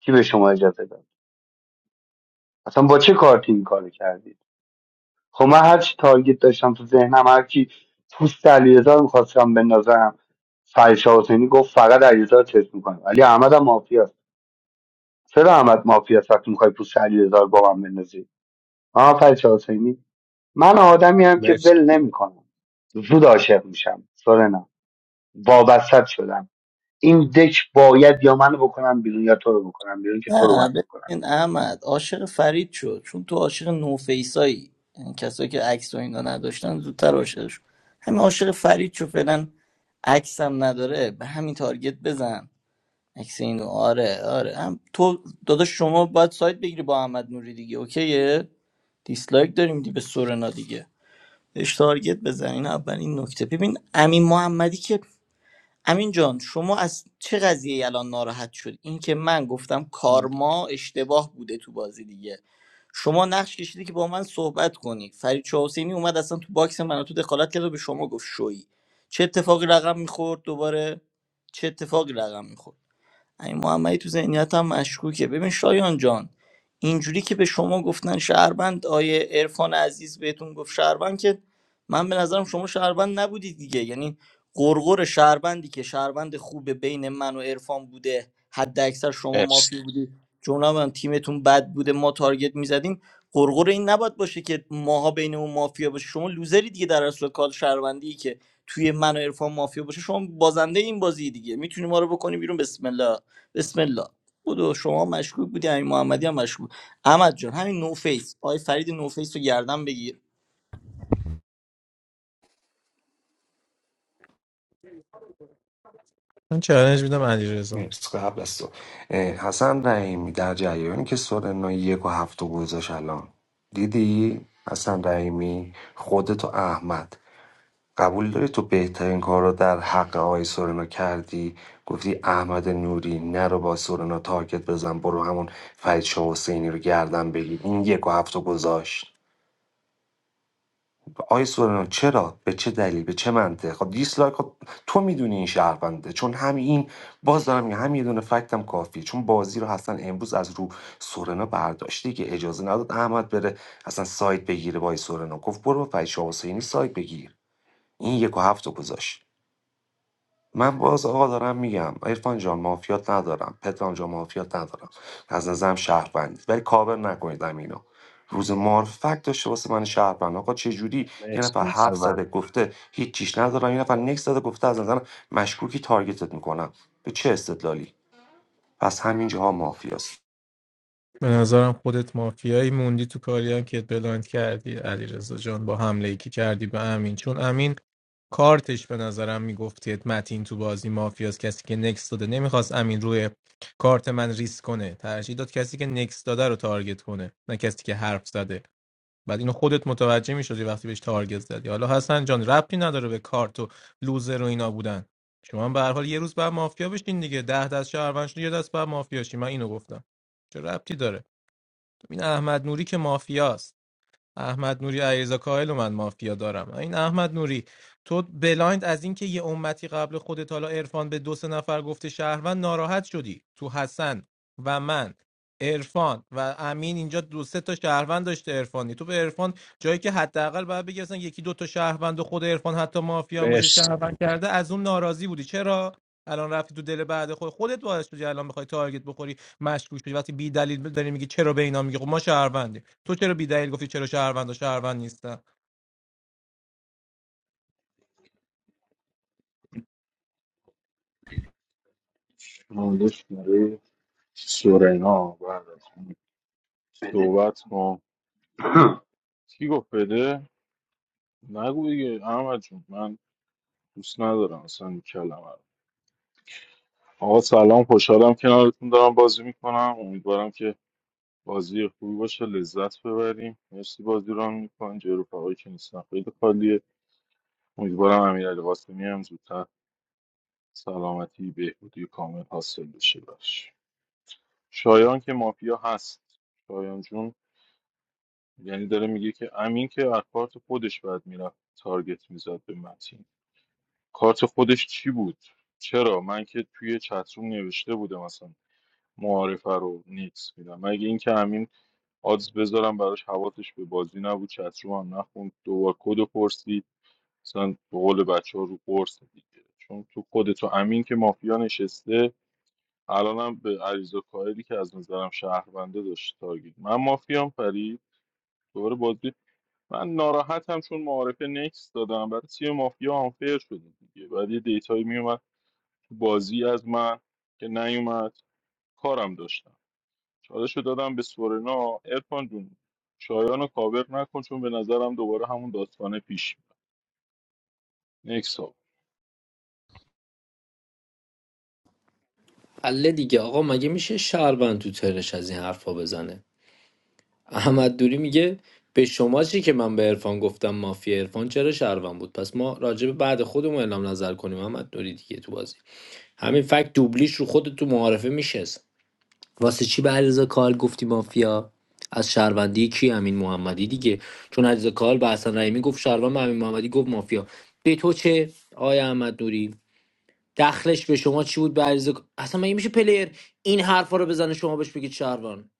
Speaker 10: کی به شما اجازه داد اصلا با چه کارتی این کارو کردید خب من هر چی تارگت داشتم تو ذهنم هر کی پوست علیرضا میخواستم بندازم فرشا حسینی گفت فقط علیرضا رو تست میکنم علی احمد هم مافیاست چرا احمد مافیاست وقتی میخوای پوست علیرضا رو با من بندازی آها فرشا حسینی من آدمی هم که
Speaker 8: مرسی
Speaker 10: ول نمیکنم زود عاشق میشم سورنا وابسته شدم این دک باید یا منو بکنم بیرون یا تو رو بکنم بیرون که تو رو باید
Speaker 3: نه
Speaker 10: بکنم
Speaker 3: ببین احمد عاشق فرید شد چون تو عاشق نوفیسایی یعنی کسایی که عکس و اینا نداشتن زودتر عاشق شد همین عاشق فرید شد فعلا عکس هم نداره به همین تارگت بزن عکس اینو آره آره هم تو داداش شما باید سایت بگیری با احمد نوری دیگه اوکیه دیسلایک داریم دی به سورنا دیگه بهش تارگت بزن این اولین نکته ببین امین محمدی که امین جان شما از چه قضیه الان ناراحت شد این که من گفتم کارما اشتباه بوده تو بازی دیگه شما نقش کشیدی که با من صحبت کنی فرید چاه حسینی اومد اصلا تو باکس من و تو دخالت کرد و به شما گفت شویی چه اتفاقی رقم میخورد دوباره چه اتفاقی رقم میخورد امین محمدی تو ذهنیتم مشکوکه ببین شایان جان اینجوری که به شما گفتن شهروند آیه عرفان عزیز بهتون گفت شهروند که من به نظرم شما شهروند نبودید دیگه یعنی قرقر شهروندی که شهروند خوبه بین من و عرفان بوده حد اکثر شما
Speaker 8: مرسی
Speaker 3: مافی بودی جناب هم تیمتون بد بوده ما تارگت میزدیم قرقر این نباید باشه که ماها بین اون مافیا باشه شما لوزری دیگه در اصل کال شهروندی که توی من و عرفان مافیا باشه شما بازنده این بازی دیگه میتونی ما رو بکنی بیرون بسم الله بسم الله بودو شما مشکوک بودی همین محمدی هم مشکوک احمد جان همین نو فیس آی فرید نو فیس رو گردن بگیر
Speaker 4: من چالش میدم علیرضا
Speaker 12: مرسی قبل از تو اه، حسن رحیمی در جریانی که سورنا یک و هفت و گذاشت الان دیدی حسن رحیمی خودت و احمد قبول داری تو بهترین کار رو در حق آقای سورنا کردی گفتی احمد نوری نرو با سورنا تارگت بزن برو همون فرید شاه حسینی رو گردن بگیر این یک و هفت و گذاشت آقای سورنا چرا به چه دلیل به چه منطق خب دیسلایک خب تو میدونی این شهرونده چون همین باز دارم میگم هم یه دونه فکتم کافیه چون بازی رو حسن امروز از رو سورنا برداشته که اجازه نداد احمد بره اصلا سایت بگیره با آقای سورنا گفت برو با فرید شاه حسینی سایت بگیر این یک و هفت رو گذاشت من باز آقا دارم میگم عرفان جان مافیات ندارم پدرام جان مافیات ندارم از نظرم شهروندی ولی کاور نکنید اینو روز معرفت داشته واسه من شهروند آقا چه جوری یه
Speaker 8: مرسی
Speaker 12: نفر
Speaker 8: نفر
Speaker 12: حرف زده
Speaker 8: بعد
Speaker 12: گفته هیچ چیش ندارم یه نفر نکس زده گفته از نظرم مشکوکی تارگتت میکنم به چه استدلالی پس همینجاها مافیاست
Speaker 4: به نظرم خودت مافیایی موندی تو کاری هم که بلاند کردی علیرضا جان با حمله ای که کردی به امین چون امین کارتش به نظرم میگفتید متین تو بازی مافیاست کسی که نکس داده نمیخواست امین روی کارت من ریسک کنه ترجیح داد کسی که نکس داده رو تارگت کنه نه کسی که حرف زده بعد اینو خودت متوجه میشدی وقتی بهش تارگت زدی حالا حسن جان ربطی نداره به کارت و لوزر و اینا بودن شما هم به هر حال یه روز بعد مافیا بشین دیگه ده دست شهروند شدی، یه دست بعد مافیا شی من اینو گفتم چه ربطی داره این احمد نوری که مافیاست احمد نوری علیرضا کاهل و من مافیا دارم این احمد نوری تو بلایند از اینکه یه امتی قبل خودت حالا عرفان به دو سه نفر گفته شهروند ناراحت شدی تو حسن و من عرفان و امین اینجا دو سه تا شهروند داشته عرفانی تو به عرفان جایی که حداقل باید بگی اصلا یکی دو تا شهروند و خود عرفان حتی مافیا هم باشه
Speaker 8: مرسی
Speaker 4: شهروند کرده از اون ناراضی بودی چرا الان رفتی تو دل بعد خود خودت باعث شدی الان بخوای تارگت بخوری مشکوک شدی وقتی بی دلیل داری میگی چرا به اینا میگی خب ما شهروندیم تو چرا بیدلیل گفتی چرا شهروند و شهروند نیستن
Speaker 14: چالش برای سورنا بعد از من
Speaker 10: بده بیا.
Speaker 14: صحبت کن کی گفت بده نگو دیگه احمد جون من دوست ندارم اصلا این کلمه رو آقا سلام خوشحالم کنارتون دارم بازی میکنم امیدوارم که بازی خوبی باشه لذت ببریم مرسی بازی رو میکنم جای رفقایی که نیستن خیلی خالیه امیدوارم امیرعلی قاسمی هم زودتر سلامتی بهبودی کامل حاصل بشه براش شایان که مافیا هست شایان جون یعنی داره میگه که امین که از کارت خودش بعد میرفت تارگت میزد به متین کارت خودش چی بود چرا من که توی چتروم نوشته بودم اصلا معارفه رو نیکس میدم مگه اینکه امین آدز بذارم براش حواسش به بازی نبود چتروم هم نخوند دوبار کد و پرسید مثلا به قول بچه ها رو قرص دیگه چون تو خود تو امین که مافیا نشسته الانم به عریض و کاهلی که از نظرم شهرونده داشت تارگت من مافیام فرید دوباره بازی من ناراحتم چون معارفه نکس دادم برای تیم مافیا آنفیر شده دیگه بعد یه دیتایی میومد تو بازی از من که نیومد کارم داشتم چالش رو دادم به سورنا ارفان جون شایان رو کاور نکن چون به نظرم دوباره همون داستانه پیش میاد نکس ها
Speaker 11: الله دیگه آقا مگه میشه شهروند تو ترش از این حرفا بزنه احمد دوری میگه به شما چی که من به عرفان گفتم مافیا عرفان چرا شهروند بود پس ما راجع به بعد خودمون اعلام نظر کنیم احمد دوری دیگه تو بازی همین فکت دوبلیش رو خود تو معارفه میشست واسه چی به علیرضا کال گفتی مافیا از شهروندی کی امین محمدی دیگه چون علیرضا کال به حسن رحیمی گفت شهروند به امین محمدی گفت مافیا به تو چه آیا احمد نوری دخلش به شما چی بود به عریضه اصلا مگه میشه پلیر این حرفا رو بزنه شما بهش بگید شهروان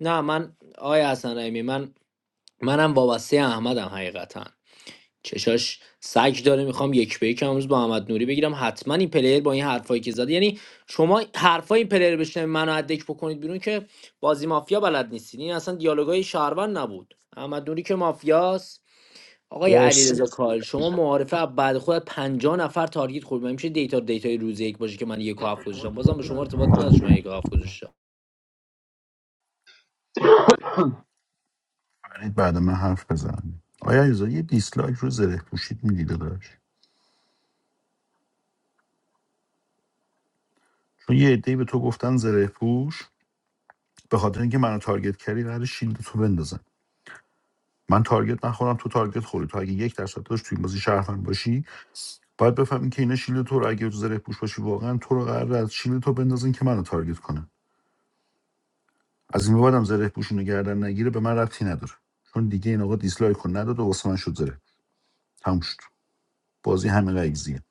Speaker 11: نه من آیا حسن رحیمی من منم وابسته احمدم حقیقتا چشاش سگ داره میخوام یک به یک امروز با احمد نوری بگیرم حتما این پلیر با این حرفایی که زده یعنی شما حرفای این پلیر بشنوید منو ادک بکنید بیرون که بازی مافیا بلد نیستین این اصلا دیالوگای شهروند نبود احمد نوری که مافیاست آقای
Speaker 8: مرسی
Speaker 11: علیرضا کال شما معارفه از بعد خودت 50 نفر تارگت خورد من میشه دیتا دیتای روز یک باشه که من یک و هفت گذاشتم بازم به شما ارتباط نداشت من یک و هفت گذاشتم
Speaker 7: فرید بعد من حرف بزن آیا ایزا یه دیسلایک رو زره پوشید میدی داداش؟ چون یه عده‌ای به تو گفتن زره پوش به خاطر اینکه منو تارگت کردی قرار شیلد تو بندازن من تارگت نخورم تو تارگت خوری تو اگه یک درصد داشت تو این بازی شهروند باشی باید بفهمین که اینا شیلد تو رو اگه تو زره پوش باشی واقعا تو رو قرار از شیلد تو بندازن که منو تارگت کنن از این به بعدم زره پوشونو گردن نگیره به من ربطی نداره چون دیگه این آقا دیسلایک کن نداد و واسه من شد زره تموم شد بازی همین قضیه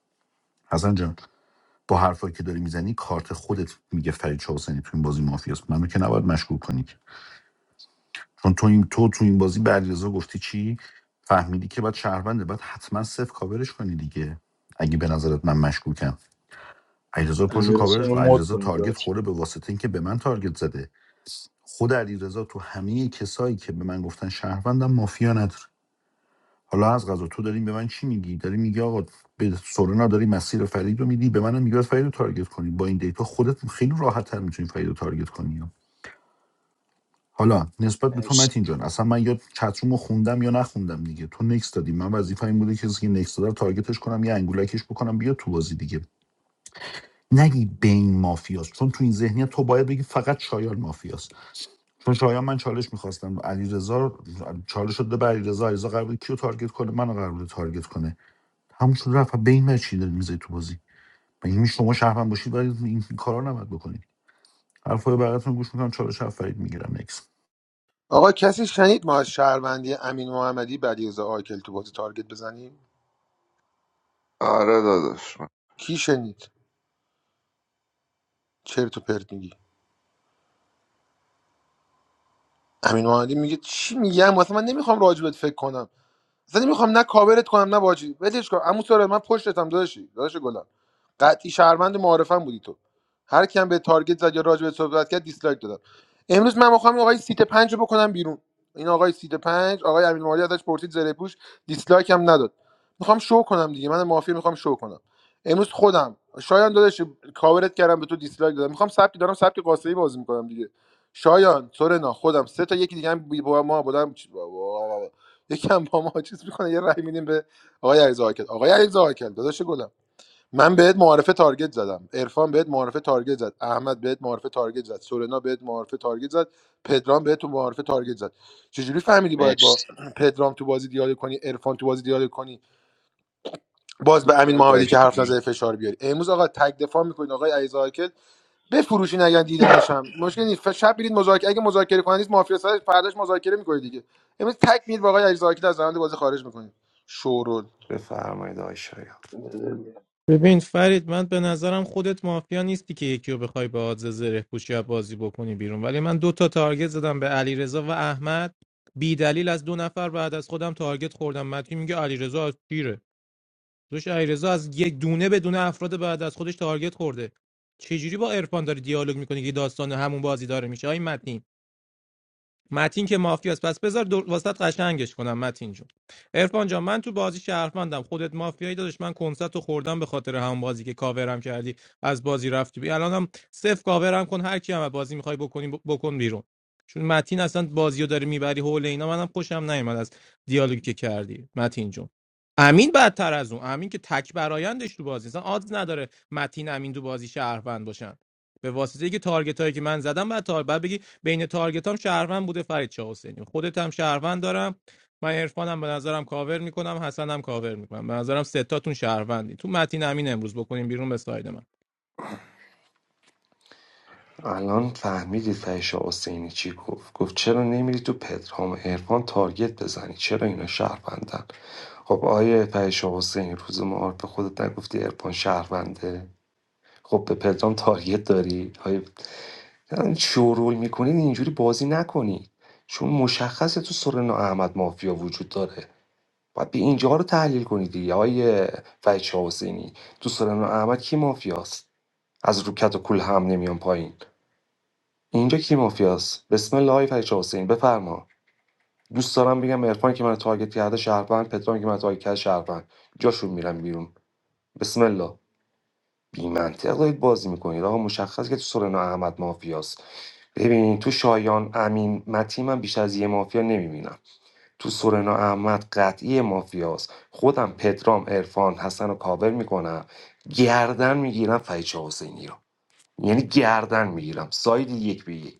Speaker 7: حسن جان با حرفایی که داری میزنی کارت خودت میگه فرید چاوسنی تو این بازی مافیاست منو که نباید مشکوک کنی که. چون تو این تو تو این بازی به علیرضا گفتی چی فهمیدی که بعد شهرونده باید حتما صفر کاورش کنی دیگه اگه به نظرت من مشکوکم علیرضا پاشو
Speaker 14: امیر حسین
Speaker 7: کاورش
Speaker 14: رو
Speaker 7: کن
Speaker 14: مد
Speaker 7: علیرضا
Speaker 14: کنید
Speaker 7: تارگت
Speaker 14: بچه.
Speaker 7: خورده به واسطه اینکه به من تارگت زده خود علیرضا تو همه کسایی که به من گفتن شهروندم مافیا نداره حالا از غذا تو داریم به من چی میگی داری میگی آقا به سورنا داری مسیر فرید رو میدی به منم میگی باید فرید رو تارگت کنی با این دیتا خودت خیلی راحت تر میتونی فرید رو تارگت کنی حالا نسبت به تو
Speaker 8: مرسی
Speaker 7: متین جان اصلا من یا چتروم رو خوندم یا نخوندم دیگه تو نکس دادی من وظیفه این بوده که کسی که نکس داده رو تارگتش کنم یا انگولکش بکنم بیا تو بازی دیگه نگی بین مافیاست چون تو این ذهنیت تو باید بگی فقط شایان مافیاست چون شایان من چالش میخواستم علیرضا چالش شده به علیرضا علیرضا قرار بود کیو تارگت کنه منو قرار بود تارگت کنه همون شد رفت بین من چی داری می‌ذاری تو بازی مگه این شما شهرمن باشید ولی این کارا نباید بکنید حرفای بغلتون گوش میکنم چالش هم فرید میگیرم نکس
Speaker 1: آقا کسی شنید ما از شهروندی امین محمدی بدیزا آیکل تو بازی تارگت بزنیم
Speaker 6: آره داداش
Speaker 1: کی شنید چرت و پرت میگی امین محمدی میگه چی میگم واسه من نمیخوام راجبت فکر کنم اصلا میخوام نه کاورت کنم نه باجی ولش کن عمو سارا من پشتتم داداشی داداش گلم قطعی شهروند معارفم بودی تو هر کیم به تارگت زد یا راجع به صحبت کرد دیسلایک دادم امروز من میخوام آقای سیت پنج رو بکنم بیرون این آقای سیت پنج آقای امین مالی ازش پرسید زره پوش دیسلایک هم نداد میخوام شو کنم دیگه من مافیا میخوام شو کنم امروز خودم شایان داداش کاورت کردم به تو دیسلایک دادم میخوام سبکی دارم سبک قاسمی بازی میکنم دیگه شایان سورنا خودم سه تا یکی دیگه هم بی- با ما بودم یکم با ما چیز میکنه یه رای میدیم به آقای علیرضا آقای آقای علیرضا آقل داداش گلم من بهت معارفه تارگت زدم عرفان بهت معارفه تارگت زد احمد بهت معارفه تارگت زد سورنا بهت معارفه تارگت زد پدرام بهت تو معارفه تارگت زد چجوری فهمیدی باید با
Speaker 8: مرسی
Speaker 1: پدرام تو بازی دیالوگ کنی عرفان تو بازی دیالوگ کنی باز به امین محمدی که حرف
Speaker 6: داداشی
Speaker 1: نزده فشار بیاری امروز آقا تک دفاع میکنید آقای علیرضا آکل بفروشین اگر دیدینش هم مشکل نیست شب برید مذاکره اگه مذاکره کنید نیست مافیا سر پرداش مذاکره میکنید دیگه امروز تک میید با آقای علیزاکی از روند بازی خارج میکنید شورول
Speaker 12: بفرمایید آقای شایان.
Speaker 4: ببین فرید من به نظرم خودت مافیا نیستی که یکی رو بخوای به آدز زره پوشی یا بازی بکنی بیرون ولی من دو تا تارگت زدم به علیرضا و احمد بی دلیل از دو نفر بعد از خودم تارگت خوردم متی میگه علیرضا از تیره دوش علیرضا از یک دونه بدون افراد بعد از خودش تارگت خورده چجوری با عرفان داری دیالوگ میکنی که داستان همون بازی داره میشه آی متین؟ متین که مافیاست پس بذار دو... واسط قشنگش کنم متین جون عرفان جان من تو بازی شهروندم خودت مافیایی دادش من کنسرت رو خوردم به خاطر همون بازی که کاورم کردی از بازی رفتی بی الانم صفر کاورم کن هر کی هم از بازی میخوای بکنی ب- بکن بیرون چون متین اصلا بازیو رو داره میبری حول اینا منم خوشم نیومد از دیالوگی که کردی متین جون امین بدتر از اون امین که تک برایندش تو بازی اصلا آدز نداره متین امین تو بازی شهروند باشن به واسطه که تارگت هایی که من زدم بعد تار بعد بگی بین تارگت هم شهروند بوده فرید شاه حسینی خودت هم شهروند دارم من عرفانم به نظرم کاور میکنم حسنم کاور میکنم به نظرم ستاتون شهروندی تو متین امین امروز بکنیم بیرون به ساید من
Speaker 12: الان فهمیدید فحیح‌شاه حسینی چی گفت گفت چرا نمیری تو پدرام و عرفان تارگت بزنی چرا اینا شهروندن خب آیه فحیح‌شاه حسینی روز معارف خودت نگفتی عرفان شهرونده خب به پدرام تارگت داری های شورول میکنید اینجوری بازی نکنی چون مشخصه تو سورنا احمد مافیا وجود داره باید به اینجا رو تحلیل کنید دیگه آیه فحیح‌شاه حسینی تو سورنا احمد کی مافیاست از روکت و کول هم نمیان پایین اینجا کی مافیاست بسم الله آقای فرید شاه حسین بفرما دوست دارم بگم عرفان که من تارگت کرده شهروند پتران که من تارگت کرده شهروند جاشون میرم بیرون بسم الله بی منطق دارید بازی میکنید آقا مشخص که تو سورنا احمد مافیاست ببین تو شایان امین متی من بیشتر از یه مافیا نمیبینم تو سورنا احمد قطعی مافیاست خودم پترام عرفان حسن رو کاور میکنم گردن میگیرم فرید شاه حسینی رو یعنی گردن میگیرم ساید یک به یک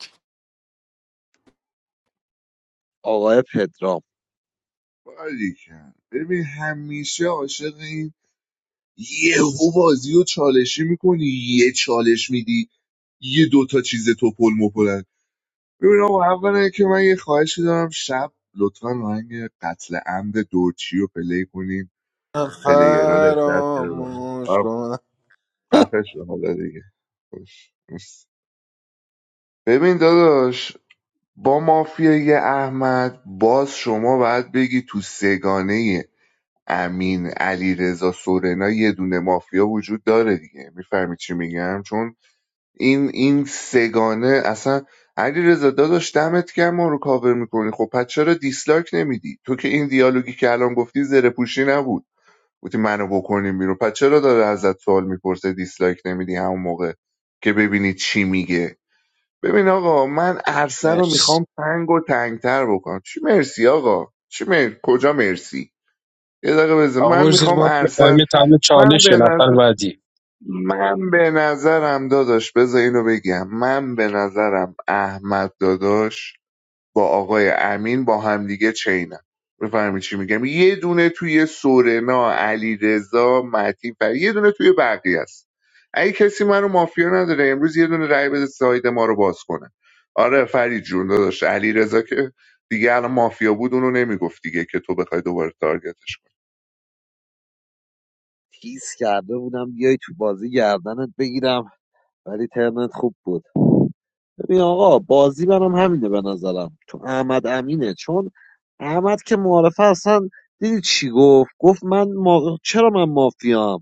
Speaker 13: آقای پدرام
Speaker 6: باریکن ببین همیشه عاشق این یهو بازی و چالشی میکنی یه چالش میدی یه دوتا چیز تو توپل مپلن ببین آقا اولا که من یه خواهشی دارم شب لطفا آهنگ قتل عمد دورچی رو پلی کنیم پلیرها لذت ببرن
Speaker 1: فراموش
Speaker 6: آره،
Speaker 1: کن
Speaker 6: خفه شو حالا دیگه خوش مرسی. ببین داداش با مافیای احمد باز شما باید بگی تو سگانه امین علیرضا سورنا یه دونه مافیا وجود داره دیگه میفهمی چی میگم چون این این سگانه اصلا علیرضا داداش دمت گرم ما رو کاور میکنی خب پس چرا دیسلایک نمیدی تو که این دیالوگی که الان گفتی زره پوشی نبود گفتی منو بکنیم بیرون پس چرا داره ازت سوال میپرسه دیسلایک نمیدی همون موقع که ببینی چی میگه ببین آقا من عرصه رو
Speaker 8: مرسی
Speaker 6: میخوام تنگ و تنگتر بکنم چی مرسی آقا چی مر... کجا مرسی یه دقیقه بذار
Speaker 8: آقا
Speaker 6: من
Speaker 8: برو زیر
Speaker 6: میخوام
Speaker 8: ما به تایم
Speaker 6: عرصه
Speaker 8: تمام
Speaker 6: من به
Speaker 8: چالشه نفر
Speaker 6: نظر
Speaker 8: بعدی
Speaker 6: من به نظرم داداش بذار اینو بگم من به نظرم احمد داداش با آقای امین با همدیگه چینم بفهمی چی میگم یه دونه توی سورنا علی رضا متی فر یه دونه توی بقیه است اگه کسی من رو مافیا نداره امروز یه دونه رای بده ساید ما رو باز کنه آره فرید جون داداش علی رضا که دیگه الان مافیا بود اونو نمیگفت دیگه که تو بخوای دوباره تارگتش
Speaker 13: تیز کرده بودم بیای تو بازی گردنت بگیرم ولی ترنت خوب بود ببین آقا بازی برام همینه به نظرم تو احمد امینه چون احمد که معارفه اصلا دیدی چی گفت گفت من ما... چرا من مافیام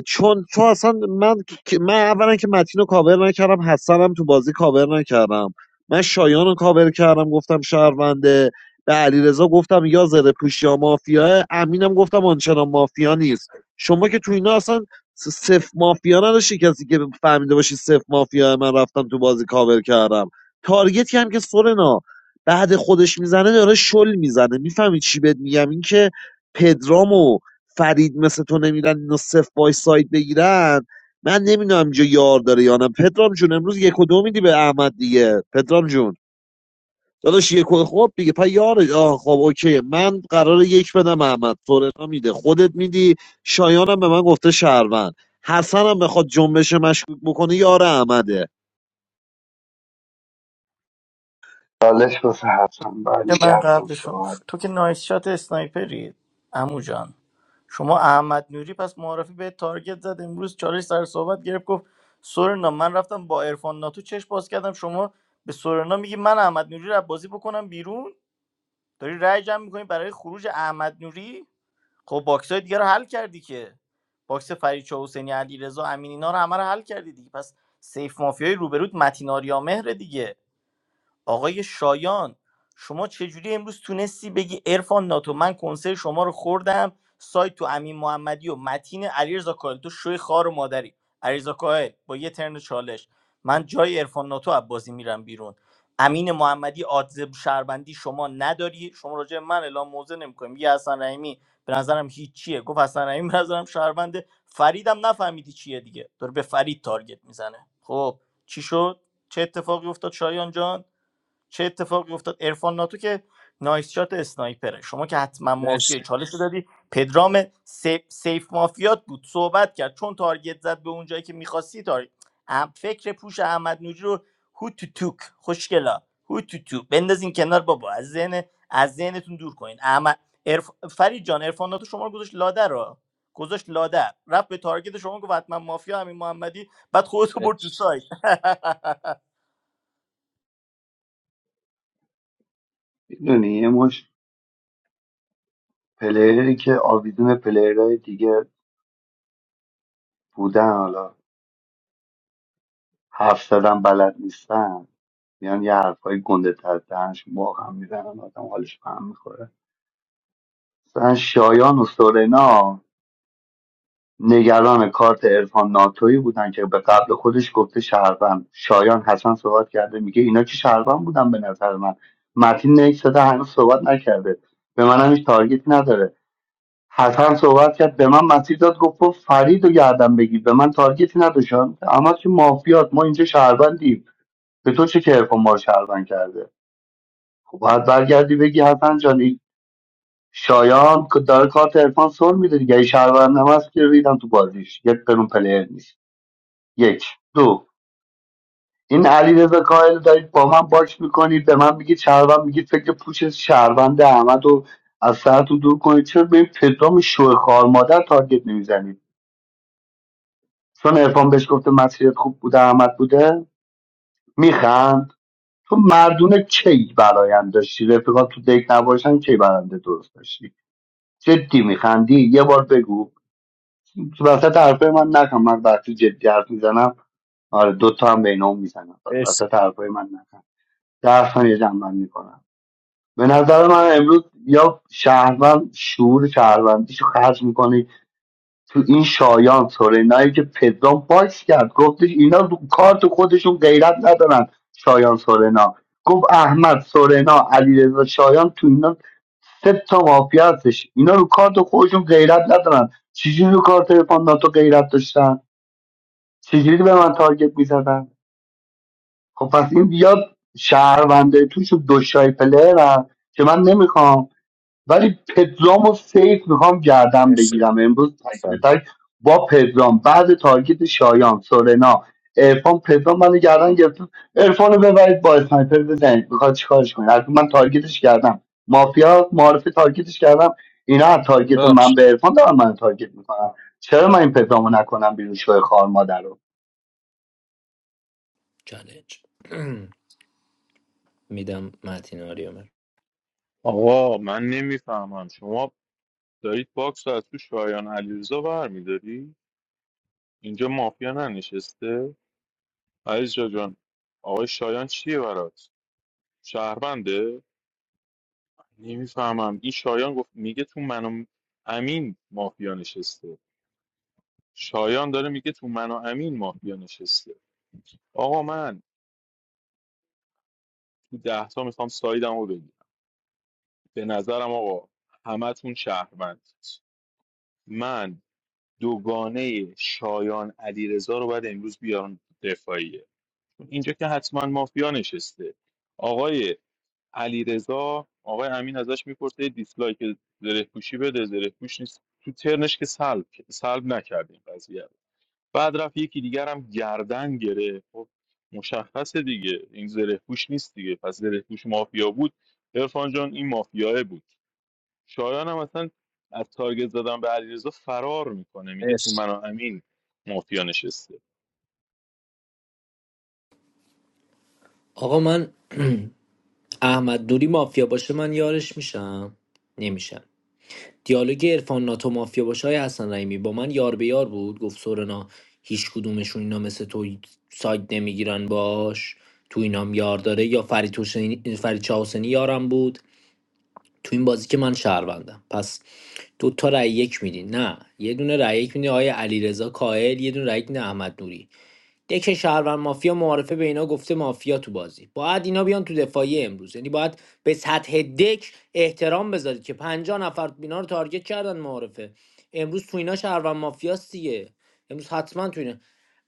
Speaker 13: چون چون اصلا من که- من اولا که متین رو کاور نکردم حسنم تو بازی کاور نکردم من شایان رو کاور کردم گفتم شهرونده به علیرضا گفتم یا زره پوش یا مافیا امینم گفتم آنچنان مافیا نیست شما که تو اینا اصلا صفر مافیا نداشتی کسی که فهمیده باشی صفر مافیا من رفتم تو بازی کاور کردم تارگتی هم که سورنا بعد خودش میزنه داره شل میزنه میفهمی چی بهت میگم اینکه پدرامو فرید مثل تو نمیرن اینو صفر بای ساید بگیرن من نمیدونم اینجا یار داره یا نه پدرام جون امروز یک و دو میدی به احمد دیگه پدرام جون داداش یک و خب دیگه پا یار آه خب اوکی من قراره یک بدم احمد سورنا میده خودت میدی شایانم به من گفته شهروند حسن هم بخواد جنبش مشکوک بکنه یار احمده
Speaker 10: چالش واسه حسن
Speaker 3: که من
Speaker 10: برمیگردم
Speaker 3: قبلشون
Speaker 10: صحبت کنم.
Speaker 3: تو که نایس شات اسنایپری عمو جان شما احمد نوری پس معرفی به تارگت زد امروز چالش سر صحبت گرفت گفت سورنا من رفتم با عرفان ناتو چش باز کردم شما به سورنا میگی من احمد نوری رو از بازی بکنم بیرون داری رأی جمع میکنی برای خروج احمد نوری خب باکس های دیگه رو حل کردی که باکس فرید چاه حسینی علیرضا امین اینا رو همه رو حل کردی دیگه پس سیف مافیای روبرود متین آریا مهر دیگه آقای شایان شما چجوری امروز تونستی بگی ارفان ناتو من کنسرت شما رو خوردم سایت تو امین محمدی و متین علیرضا کاهل تو شوی خار و مادری علیرضا کاهل با یه ترن چالش من جای ارفان ناتو از بازی میرم بیرون امین محمدی آدزب شهروندی شما نداری شما راجع به من اعلام موضع نمیکنیم یه حسن رحیمی به نظرم هیچیه گفت حسن رحیمی به نظرم شهرونده فریدم نفهمیدی چیه دیگه داره به فرید تارگت میزنه خب چی شد چه اتفاقی افتاد شایان جان چه اتفاقی افتاد ارفان ناتو که نایس شات اسنایپره شما که حتما مافیای
Speaker 8: مرسی
Speaker 3: چالش دادی پدرام سیف, سیف مافیات بود صحبت کرد چون تارگت زد به اون جایی که میخواستی تارگت ام- فکر پوش احمد نوجی رو هو تو توک خوشگلا هو تو تو بندازین کنار بابا از ذهن از ذهنتون دور کنین احمد عرف... فرید جان عرفان ناتو شما رو گذاشت لاده رو گذاشت لاده رفت به تارگت شما گفت حتما مافیا همین محمدی بعد خودت رو برد تو
Speaker 8: مرسی
Speaker 3: سایت
Speaker 10: میدونی یه مش پلیری که آویدون پلیرهای دیگه بودن حالا حرف زدن بلد نیستن میان یه حرفای گنده تر دهنش واقعا میزنن آدم حالش به هم میخوره مثلا شایان و سورنا نگران کارت عرفان ناتویی بودن که به قبل خودش گفته شهروند شایان حسن صحبت کرده میگه اینا که شهروند بودن به نظر من متین نیک داده هنوز صحبت نکرده به منم هیچ تارگت نداره حسن صحبت کرد به من مسیر داد گفت برو فرید و گردم بگیر به من تارگتی نداشتن اما که مافیات ما اینجا شهروندیم به تو چه که عرفان ما رو شهروند کرده خب باید برگردی بگی حسن جان این شایان که داره کارت عرفان سر میده دیگه اگه شهروند هم هست که ریدم تو بازیش یک قانون پلیر نیست یک دو این علیرضا کاهل رو دارید با من باش میکنید به من میگید شهروند میگید فکر پوش شهروند احمد رو از سرتون دور کنید چرا به این پدرام شوه خار مادر تارگت نمیزنید چون عرفان بهش گفته مسیرت خوب بوده احمد بوده میخند تو مردونه کی برایم داشتی رفیقات تو دک نباشن کی برنده درست داشتی جدی میخندی یه بار بگو تو وسط حرفای من نکن من وقتی جدی حرف میزنم آره دوتا هم بین اون میزنم
Speaker 8: مرسی
Speaker 10: وسط حرفای من نکن درس هم یه جنبن میکنن به نظر من امروز یا شهروند شعور شهروندیشو خرج میکنه تو این شایان سورنایی که پدرام باش کرد گفتش اینا دو- کار تو خودشون غیرت ندارن شایان سورنا گفت احمد سورنا علیرضا شایان تو اینا سه تا مافیا هستش اینا رو کارت خودشون غیرت ندارن چجوری رو کارت ناتو غیرت داشتن چجوری به من تارگت میزدن خب پس این یا شهرونده توش دوشای پلر هم که من نمیخوام ولی پدرام و سیف میخوام گردم
Speaker 8: مرسی
Speaker 10: بگیرم امروز تک به تک با پدرام بعد تارگت شایان سورنا ارفان پدرام من گردن گرفت ارفان رو ببرید با اسنایپر بزنید میخواد چیکارش کنید البته من تارگتش کردم مافیا معرفی تارگتش کردم اینا از تارگت من
Speaker 8: داداش
Speaker 10: به ارفان دارن من تارگت میکنم چرا من این پدرامو نکنم بیرون شوی خار مادر رو
Speaker 11: چالش میدم متین آریامر
Speaker 14: آقا من نمیفهمم شما دارید باکس رو از تو شایان علیرضا برمیداری اینجا مافیا ننشسته علیرضا جان آقای شایان چیه برات شهرونده نمیفهمم این شایان گفت میگه تو من و امین مافیا نشسته شایان داره میگه تو من و امین مافیا نشسته آقا من تو ده تا میخوام سایدم رو بگیرم به نظرم آقا همتون شهروندید من دوگانه شایان علیرضا رو باید امروز بیارم دفاعیه چون اینجا که حتما مافیا نشسته آقای علیرضا آقای امین ازش میپرسه یه دیسلایک زره پوشی بده زره پوش نیست تو ترنش که سلب سلب نکرد این قضیه رو. بعد رفت یکی دیگر هم گردن گره خب مشخصه دیگه این زره پوش نیست دیگه پس زره پوش مافیا بود عرفان جان این مافیاه بود شایان هم اصلا از تارگت زدن به علیرضا فرار میکنه میگه تو
Speaker 8: مرسی
Speaker 14: من و امین مافیا نشسته
Speaker 11: آقا من احمد دوری مافیا باشه من یارش میشم نمیشم دیالوگ عرفان ناتو مافیا باشه های حسن رحیمی با من یار به یار بود گفت سورنا هیچ کدومشون اینا مثل تو ساید نمیگیرن باش تو اینام یار داره یا فرید, حسینی- فرید چاوسنی یارم بود تو این بازی که من شهروندم پس دو تا رأی یک میدین نه یه دونه رای یک میدین آقای علیرضا کاهل یه دونه رای یک میدین احمد نوری دک شهروند مافیا معارفه به اینا گفته مافیا تو بازی باید اینا بیان تو دفاعی امروز یعنی باید به سطح دک احترام بذارید که 50 نفر اینا رو تارگت کردن معارفه امروز تو اینا شهروند مافیاست دیگه امروز حتما تو اینا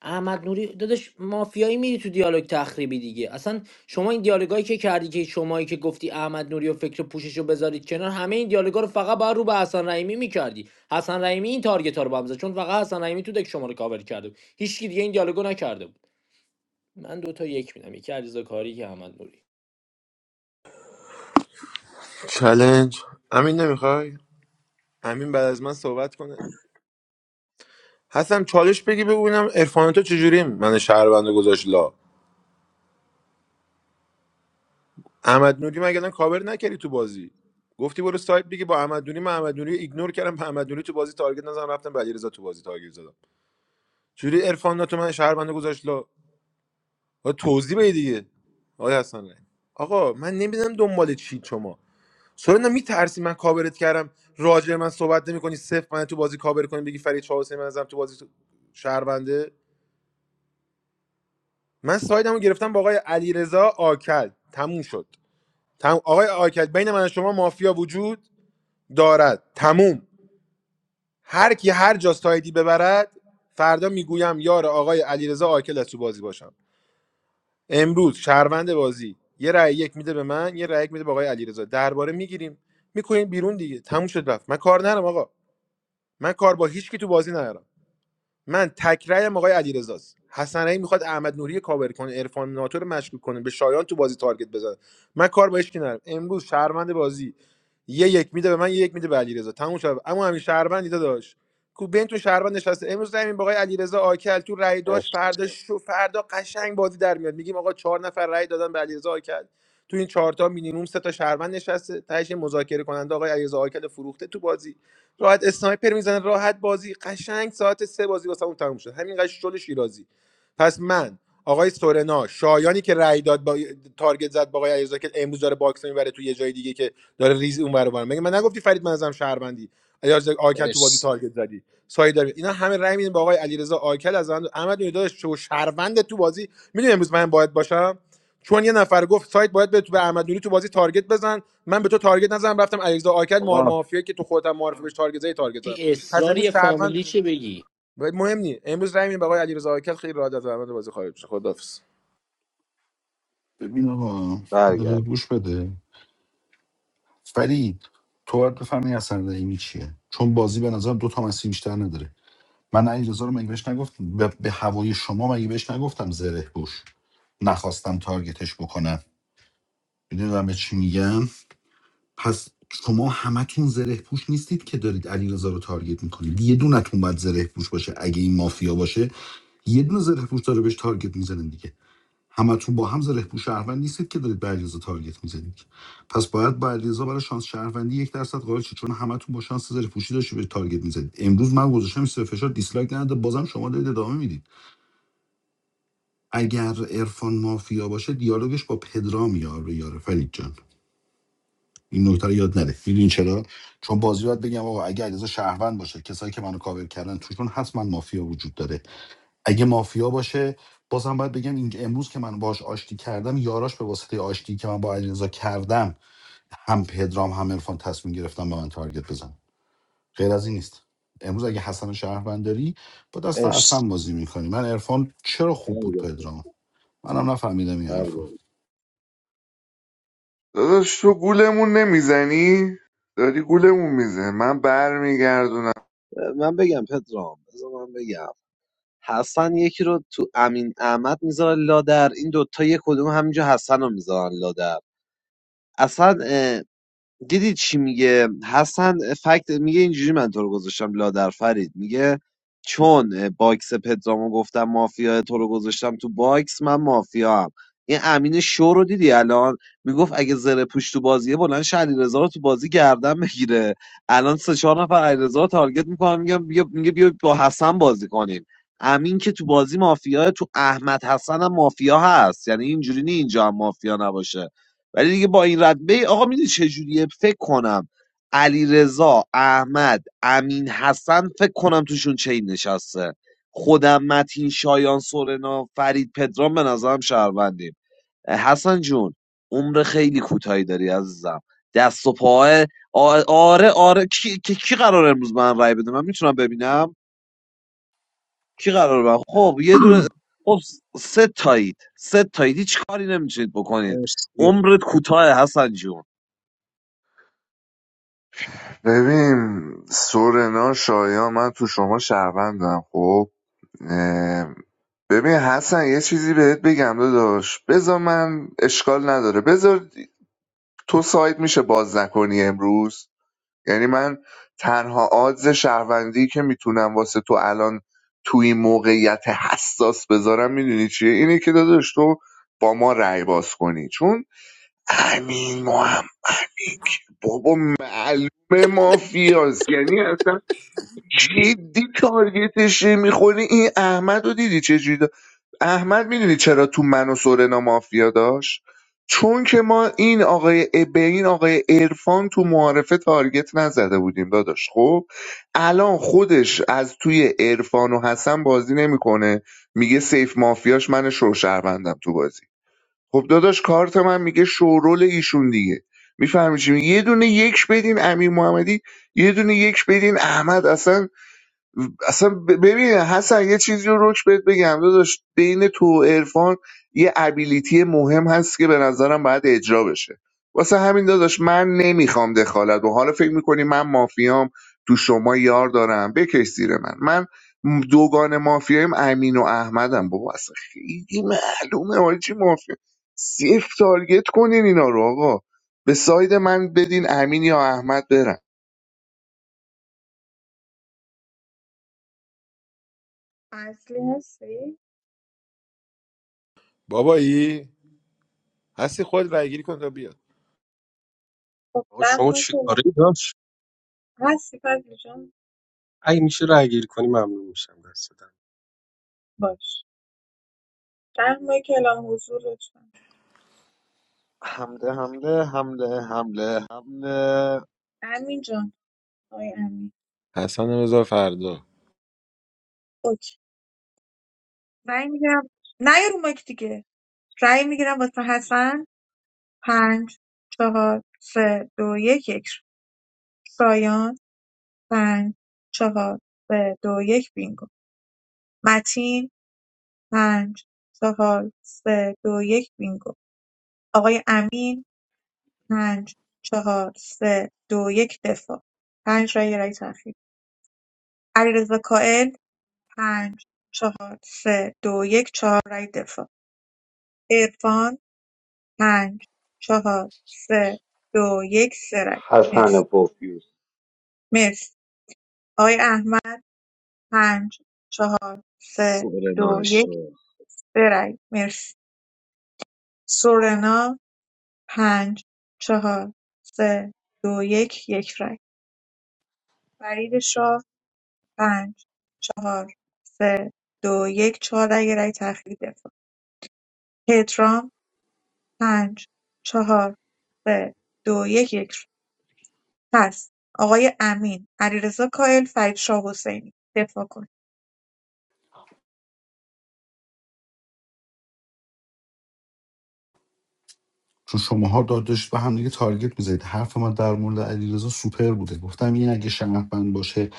Speaker 11: احمد نوری داداش مافیایی میری تو دیالوگ تخریبی دیگه اصلا شما این دیالوگایی که کردی که شمایی که گفتی احمد نوری و فکر پوشش رو بذارید کنار همه این دیالوگا رو فقط باید رو به حسن رحیمی میکردی حسن رحیمی این تارگت ها رو به چون فقط حسن رحیمی تو دک شما رو کاور کرده هیچکی دیگه این دیالوگو نکرده بود من دو تا یک میدم یکی علیرضا کاری یکی احمد نوری
Speaker 1: چلنج امین نمیخوای امین بعد از من صحبت کنه حسن چالش بگی ببینم عرفان تو چجوری من شهروندو گذاشت لا احمد نوری مگه الان کاور نکردی تو بازی گفتی برو سایت بگی با احمد نوری من احمد نوری رو ایگنور کردم به احمد نوری تو بازی تارگت نزدم رفتم به علیرضا تو بازی تارگت زدم جوری عرفان ناتو من شهربنده گذاشت لا آقا توضیح بده دیگه آقای حسن رحیم. آقا من نمیدونم دنبال چی شما سورنا میترسی من کاورت کردم راجع به من صحبت نمیکنی صفر من تو بازی کاور کنی بگی فرید چهار من ازم تو بازی تو- شهربنده من سایدمو گرفتم با آقای علیرضا آکل تموم شد تم... آقای آکل بین من و شما مافیا وجود دارد تموم هر کی هر جا سایدی ببرد فردا میگویم یار آقای علیرضا آکل از تو بازی باشم امروز شهروند بازی یه رأی یک میده به من یه رأی یک میده به آقای علیرضا درباره میگیریم میکنیم بیرون دیگه تموم شد رفت من کار نرم آقا من کار با هیچ کی تو بازی ندارم من تکرایم آقای علیرضاست حسن رحیم میخواد احمد نوری کاور کنه عرفان ناتو رو مشکوک کنه به شایان تو بازی تارگت بزنه من کار با هیچ ندارم امروز شهروند بازی یه یک میده به من یه یک میده به علیرضا تموم شد اما همین شهروندی داشت کو بین تو شهروند نشسته امروز همین با آقای علیرضا آکل تو رأی داش.
Speaker 8: مرسی
Speaker 1: فردا شو فردا قشنگ بازی در میاد میگیم آقا چهار نفر رأی دادن به علیرضا آکل تو این چهار تا مینیمم سه تا شهروند نشسته تهش یه مذاکره کننده آقای علیرضا آکل فروخته تو بازی راحت اسنایپر میزنه راحت بازی قشنگ ساعت سه بازی واسه اون تموم شد همین شل شیرازی پس من آقای سورنا شایانی که رای داد با تارگت زد با آقای علیرضا که امروز داره باکس میبره تو یه جای دیگه که داره ریز اون ور اون مگه من نگفتی فرید من ازم شهروندی علیرضا آکل تو بازی
Speaker 8: مرسی
Speaker 1: تارگت زدی سایه داره اینا همه رای میدن با آقای علیرضا آکل از من احمد نوری داداش شو شهروند تو بازی میدونی امروز من باید باشم چون یه نفر گفت سایت باید به تو به احمد نوری تو بازی تارگت بزن من به تو تارگت نزدم رفتم علیرضا آکد مار
Speaker 8: آقا
Speaker 1: مافیا که تو خودم معرفی بهش تارگت زدی تارگت زدم
Speaker 11: چی
Speaker 1: پس امروز
Speaker 11: اصراری فامیلی
Speaker 1: شهروند
Speaker 11: چه بگی
Speaker 1: مهم نی امروز رای میدیم به آقای علیرضا آکد خیلی راحت از روند بازی خارج میشه خداحافظ
Speaker 7: ببین آقا
Speaker 13: بله
Speaker 7: یه دقیقه گوش بده فرید تو باید بفهمی اصلا رحیمی چیه چون بازی به نظرم دو تا مسیر بیشتر نداره من علیرضا رو مگه بهش نگفتم به, به هوای شما مگه بهش نگفتم زره پوش نخواستم تارگتش بکنم میدونم به چی میگم پس شما همتون زره پوش نیستید که دارید علیرضا رو تارگت میکنید یه دونتون باید زره پوش باشه اگه این مافیا باشه یه دونه زره پوش داره بهش تارگت میزنن دیگه همتون با هم زره پوش شهروند نیستید که دارید به علیرضا تارگت میزنید پس باید با علیرضا برای شانس شهروندی یک درصد قائل شید چون همتون با شانس زره پوشی داشتی به تارگت میزنید امروز من گذاشتم سر فشار دیسلایک نده بازم شما دارید ادامه میدید اگر عرفان مافیا باشه دیالوگش با پدرام یار به یاره فرید جان این نکته رو یاد نره میدونین چرا چون بازی رو باید بگم آقا اگه علیرضا شهروند باشه کسایی که منو کاور کردن توشون حتما مافیا وجود داره اگه مافیا باشه بازم باید بگم اینجا امروز که من باهاش آشتی کردم یاراش به واسطه آشتی که من با علیرضا کردم هم پدرام هم عرفان تصمیم گرفتم به من تارگت بزن غیر از این نیست امروز اگه حسن شهروند داری با دست
Speaker 8: مرسی
Speaker 7: حسن بازی میکنی من عرفان چرا
Speaker 13: من
Speaker 7: خوب بود
Speaker 13: بگم
Speaker 7: پدرام منم نفهمیدم این حرفو
Speaker 13: بله.
Speaker 6: داداش تو گولمون نمیزنی؟ داری گولمون میزنی من بر میگردونم
Speaker 13: من بگم پدرام بذار من بگم حسن یکی رو تو امین احمد میذاره لادر این دوتا یه کدوم همینجا حسن رو میذارن لادر اصلا اه، دیدی چی میگه حسن فکت میگه اینجوری من تو رو گذاشتم لادر فرید میگه چون اه، باکس پدرامو گفتم مافیا تو رو گذاشتم تو باکس من مافیا هم این امین شو رو دیدی الان میگفت اگه زره پوش تو بازیه بلند شه علیرضا رو تو بازی گردن بگیره الان سه چهار نفر علیرضا رو تارگت میکنن میگم بیا میگه بیا با حسن بازی کنیم امین که تو بازی مافیا تو احمد حسن هم مافیا هست یعنی اینجوری نی اینجا هم مافیا نباشه ولی دیگه با این رتبه آقا میدونی چجوریه فکر کنم علیرضا، احمد امین حسن فکر کنم توشون چین نشسته خودم متین شایان سورنا فرید پدرام به نظرم شهروندیم حسن جون عمر خیلی کوتاهی داری عزیزم دست و پای آ- آره آره کی, کی, کی قرار امروز به من رای بده من میتونم ببینم کی قرار من خب یه دونه خب سه تایید سه تایید هیچ کاری نمیتونید بکنید
Speaker 8: مرسی
Speaker 13: عمرت کوتاه حسن جون
Speaker 6: ببین سورنا شایا من تو شما شهروندم خب اه، ببین حسن یه چیزی بهت بگم داداش بذار من اشکال نداره بذار تو سایت میشه باز نکنی امروز یعنی من تنها آدز شهروندی که میتونم واسه تو الان تو این موقعیت حساس بذارم میدونی چیه اینه که داداش تو با ما رأی باز کنی چون امین محمدی که بابا معلومه مافیاست یعنی اصلا جدی تارگتش میخوری این احمد رو دیدی چجوری دا- احمد میدونی چرا تو من و سورنا مافیا داشت چون که ما این آقای ا- به این آقای ارفان تو معارفه تارگت نزده بودیم داداش خب الان خودش از توی ارفان و حسن بازی نمیکنه میگه سیف مافیاش من شوشهروندم تو بازی خب داداش کارت من میگه شورول ایشون دیگه میفهمی چی میگه؟ یه دونه یک بدین امین محمدی یه دونه یک بدین احمد اصلا اصلا ب- ببین حسن یه چیزی رو روش بهت بگم داداش بین تو و عرفان یه ابیلیتی مهم هست که به نظرم باید اجرا بشه واسه همین داداش من نمیخوام دخالت و حالا فکر میکنی من مافیام تو شما یار دارم بکش زیر من من دوگان مافیایم امین و احمدم بابا اصلا خیلی معلومه آره چی مافیا صفر تارگت کنین اینا رو آقا به ساید من بدین امین یا احمد برن
Speaker 2: اصلی هستی؟
Speaker 1: بابایی هستی خود رای گیری کن تا بیاد
Speaker 2: خب
Speaker 8: آقا
Speaker 2: ده
Speaker 8: شما
Speaker 2: ماه
Speaker 8: چی
Speaker 2: که اعلام-
Speaker 8: کاره داشت؟
Speaker 2: هستی فضلی جان
Speaker 8: اگه میشه رای گیری کنی ممنون میشم دست بدم
Speaker 2: باش ده ماه که اعلام حضور لطفا
Speaker 13: حمله حمله حمله حمله حمله
Speaker 2: امین جان آقای امین
Speaker 1: حسن رضا فردا
Speaker 2: اوکی رأی میگیرم نه یه رو مایک دیگه رأی میگیرم واسه حسن پنج چهار سه دو یک یک شایان پنج چهار سه دو یک بینگو متین پنج چهار سه دو یک بینگو آقای امین پنج چهار سه دو یک دفاع پنج رای رای تأخیر علیرضا کائل پنج چهار سه دو یک چهار رای دفاع عرفان پنج چهار سه دو یک سه رای
Speaker 10: حسن
Speaker 2: مرسی
Speaker 10: پوفیوس
Speaker 2: مرسی آقای احمد پنج سه دو
Speaker 13: سورنا شو
Speaker 2: یک برای مرسی سورنا پنج چهار سه دو یک یک رای فرید شاه پنج چهار سه دو یک چهار رای یه رای تأخیری دفاع پترام پنج چهار سه دو یک یک رای. پس آقای امین علیرضا کائل فرید شاه حسینی دفاع کن
Speaker 7: چون شماها داد داشت به هم دیگه تارگت میزدید حرف من در مورد علیرضا سوپر بوده گفتم این اگه شهروند باشه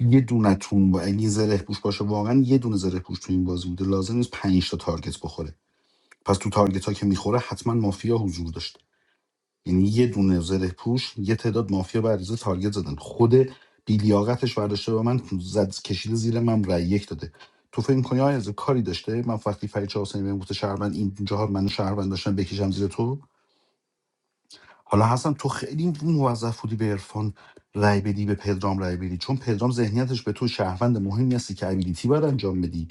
Speaker 7: یه دونتون با اگه این زره پوش باشه واقعا یه دونه زره پوش تو این بازی بوده لازم نیست 5 تا تارگت بخوره پس تو تارگت ها که میخوره حتما مافیا حضور داشت یعنی یه دونه زره پوش یه تعداد مافیا به عریضه تارگت زدن خود بیلیاقتش برداشته به من زد کشیده زیر من رای یک داده تو فکر کنی آیا از کاری داشته من وقتی فرید چه حسینی بهم گفته شهروند این جاها منو شهروند داشتن بکشم زیر تو حالا حسن تو خیلی موظف بودی به عرفان رای بدی به پدرام رای بدی چون پدرام ذهنیتش به تو شهروند مهمی هستی که ابیلیتی باید انجام بدی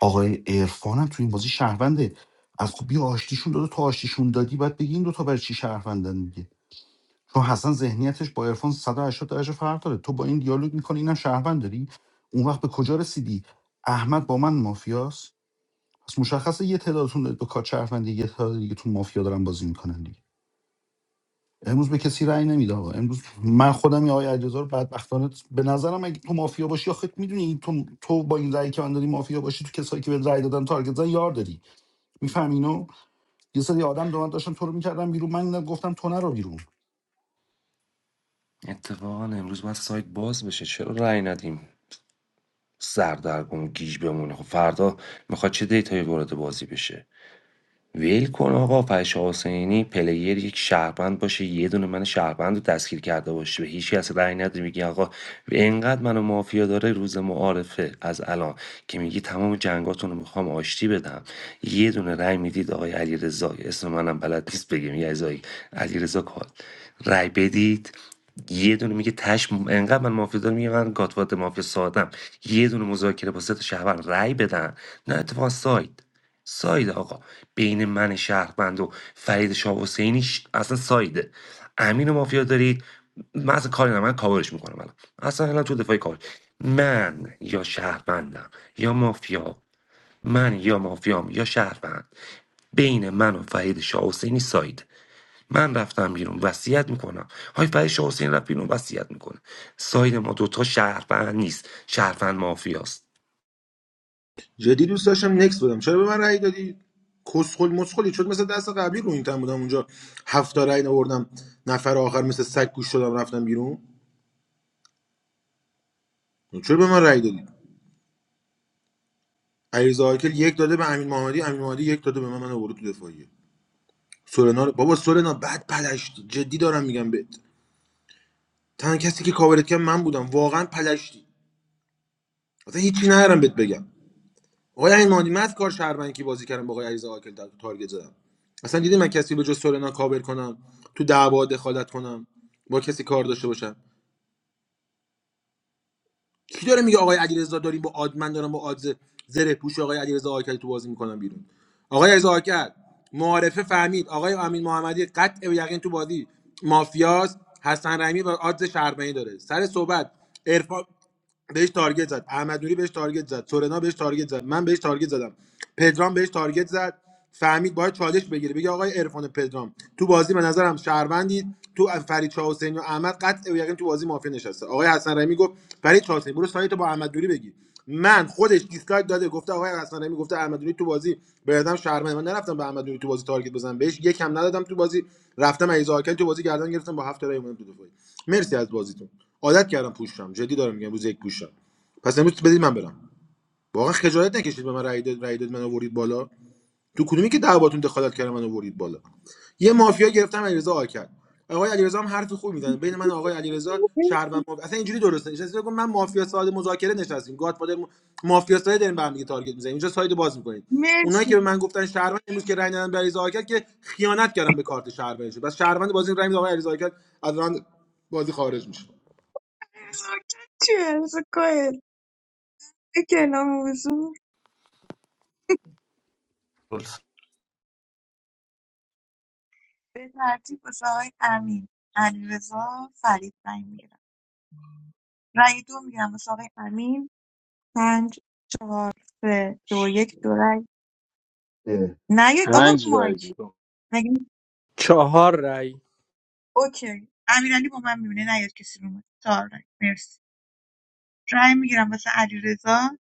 Speaker 7: آقای عرفان هم تو این بازی شهرونده از خب بیا آشتیشون داده تو آشتیشون دادی بعد بگی این دوتا برای چی شهروندن دیگه چون حسن ذهنیتش با عرفان 180 درجه فرق داره تو با این دیالوگ میکنی اینم شهروند داری اون وقت به کجا رسیدی احمد با من مافیاست پس مشخصه یه تعدادتون دارید با کار شهروندی یه تعداد دیگه تو مافیا دارن بازی میکنن دیگه امروز به کسی رأی نمیده آقا امروز من خودم یا آقای علیرضا رو بدبختانه به نظرم اگه تو مافیا باشی آخه میدونی تو تو با این رأی که من داری مافیا باشی تو کسایی که به رأی دادن تارگت زدن یار داری میفهم اینو یه سری آدم دارن داشتن تو رو میکردن بیرون من اینا گفتم تو نرو بیرون
Speaker 12: اتفاقا امروز باید سایت باز بشه چرا رأی ندیم سردرگم گیج بمونه خب فردا میخواد چه دیتایی وارد بازی بشه ویل کن آقا فرشا حسینی پلیر یک شهروند باشه یه دونه من شهروند رو دستگیر کرده باشه به هیچ کس رأی نده میگی آقا اینقدر منو مافیا داره روز معارفه از الان که میگی تمام جنگاتون رو میخوام آشتی بدم یه دونه رأی میدید آقای علیرضا اسم منم بلد نیست بگم یه عزایی علیرضا کال رأی بدید یه دونه میگه تش انقدر من مافیا دارم میگه من گاتوات مافیا سادم یه دونه مذاکره با سه تا شهروند رأی بدن نه اتفاق ساید ساید آقا بین من شهروند و فرید شاه حسینی ش... اصلا سایده امین و مافیا دارید من اصلا کاری ندارم من کاورش میکنم الان اصلا الان تو دفاعی کار من یا شهروندم یا مافیا من یا مافیام یا شهروند بین من و فرید شاه حسینی ساید من رفتم بیرون وصیت میکنم های فرید شاه حسینی رفت بیرون وصیت میکنه ساید ما دوتا شهروند نیست شهروند مافیاست
Speaker 1: جدی دوست داشتم نکس بدم چرا به من رای دادی کسخل مسخلی شد مثل دست قبلی رو این تن بودم اونجا هفت تا رأی آوردم نفر آخر مثل سگ گوش شدم رفتم بیرون چرا به من رای دادی علیرضا آکل یک داده به امین محمدی امین محمدی یک داده به من من آورد تو دفاعیه سورنا رو بابا سورنا بعد پلشتی جدی دارم میگم بهت تنها کسی که کاورت کرد من بودم واقعا پلشتی اصلا هیچی ندارم بهت بگم آقای عمادی من از کار شهروندی بازی کردم با آقای علیرضا آکل در تارگت زدم اصلا دیدی من کسی به جز سورنا کاور کنم تو دعوا دخالت کنم با کسی کار داشته باشم کی داره میگه آقای علیرضا داریم با آد من دارم با آدز زره پوش آقای علیرضا آکد تو بازی میکنم بیرون آقای علیرضا آکد معارفه فهمید آقای امین محمدی قطع به یقین تو بازی مافیاس حسن رحیمی و آدز شهربانی داره سر صحبت عرفان بهش تارگت زد احمد نوری بهش تارگت زد تورنا بهش تارگت زد من بهش تارگت زدم پدرام بهش تارگت زد فهمید باید چالش بگیره بگه آقای عرفان پدرام تو بازی به نظرم شهروندید تو فرید شاه حسینی و احمد قطع و یقین تو بازی مافیا نشسته آقای حسن رحیمی گفت فرید شاه حسینی برو سایت با احمد نوری بگی من خودش دیسلایک داده گفته آقای حسن رحیمی گفته احمد نوری تو بازی به نظرم شهروند من نرفتم به احمد نوری تو بازی تارگت بزنم بهش یکم ندادم تو بازی رفتم علیزاده تو بازی گردن گرفتم با هفت تا رای اومدم تو دفاعی مرسی از بازیتون عادت کردم پوشم جدی دارم میگم روز یک پوشم پس امروز بدید من برم واقعا خجالت نکشید به من رأی داد رأی داد من آورید بالا تو کدومی که دعواتون دخالت کردم من آورید بالا یه مافیا گرفتم علیرضا آکد آقای علیرضا هم حرف خوب میزنه بین من آقای علیرضا شهروند مافیا اصلا اینجوری درسته نشسته بگم من مافیا ساده مذاکره نشستیم گاد فادر م... مافیا ساده داریم به هم دیگه تارگت میزنیم اینجا ساید باز میکنید اونایی که به
Speaker 2: مرسی
Speaker 1: من گفتن شهروند امروز که رأی ندادن به علیرضا آکد که خیانت کردم به کارت شهروندش بس شهروند بازی رأی میده آقای علیرضا آکد از بازی خارج میشه
Speaker 2: نزاکت چیه از کل اکلام موضوع به ترتیب واسه آقای امین علیرضا فرید رای میگیرم رای دو میگیرم واسه آقای امین پنج چهار سه دو یک دو رای
Speaker 6: اه.
Speaker 2: نیاد آقا رو
Speaker 14: پنج رای
Speaker 2: مایک
Speaker 14: بودم
Speaker 2: مگه می-
Speaker 15: چهار رأی
Speaker 2: اوکی امیرعلی با من میبینه نیاد کسی رو مایک چهار رای مرسی رای میگیرم واسه علیرضا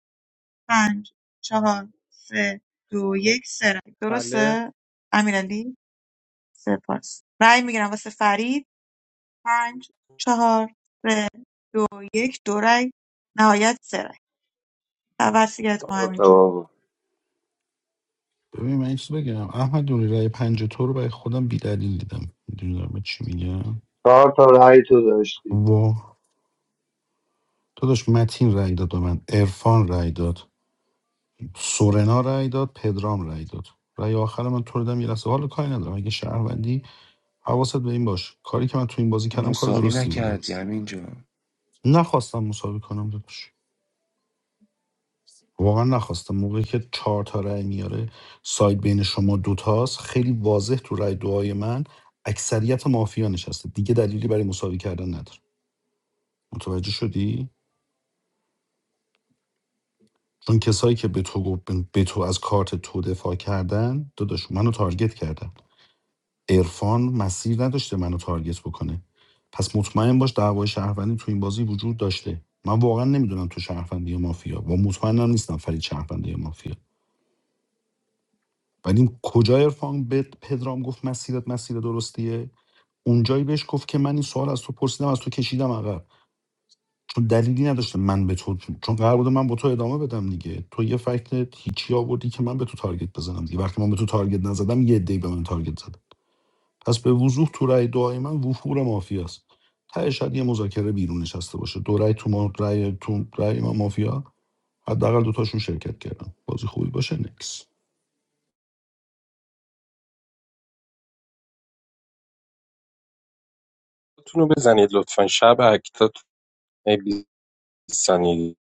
Speaker 2: پنج چهار سه دو یک سه رای
Speaker 15: بله
Speaker 2: درسته امیرعلی سپاس رای میگیرم واسه فرید پنج چهار سه دو یک دو رای نهایت سه رای. و- وصیت کن همینجا
Speaker 7: ببین من یه چیز بگم احمد دوری رای پنج تو رو برای خودم بی دلیل دیدم میدونی دارم به چی میگم
Speaker 10: چهار تا رأی تو داشتی
Speaker 7: وا داداش متین رای داد به من عرفان رای داد سورنا رای داد پدرام رای داد رای آخر من تو رو دادم یه لحظه حالا کاری ندارم اگه شهروندی حواست به این باش کاری که من تو این بازی کردم کار
Speaker 12: مساوی
Speaker 7: درستی بوده
Speaker 12: نکردی همینجا
Speaker 7: نخواستم مساوی کنم داداش واقعا نخواستم موقعی که چهار تا رأی میاره ساید بین شما دوتاست خیلی واضح تو رأی دعای من اکثریت مافیا نشسته دیگه دلیلی برای مساوی کردن نداره متوجه شدی چون کسایی که به تو گفت- به تو از کارت تو دفاع کردن داداش منو تارگت کردن عرفان مسیر نداشته منو تارگت بکنه پس مطمئن باش دعوای شهروندی تو این بازی وجود داشته من واقعا نمیدونم تو شهروندی یا مافیا و مطمئنم نیستم فرید شهروندی یا مافیا ولی کجا ارفان به پدرام گفت مسیرت مسیر درستیه اونجایی بهش گفت که من این سوال از تو پرسیدم از تو کشیدم عقب چون دلیلی نداشته من به تو چون قرار بوده من با تو ادامه بدم دیگه تو یه فکت هیچی آوردی که من به تو تارگت بزنم دیگه وقتی من به تو تارگت نزدم یه دی به من تارگت زد پس به وضوح تو رأی دعای من وفور مافیاست ته شاید یه مذاکره بیرون نشسته باشه دو رأی تو ما رأی تو رأی من مافیا حداقل دوتاشون شرکت کردم بازی خوبی باشه نکس
Speaker 8: خودتون رو بزنید لطفا شب اکتا نبیسنید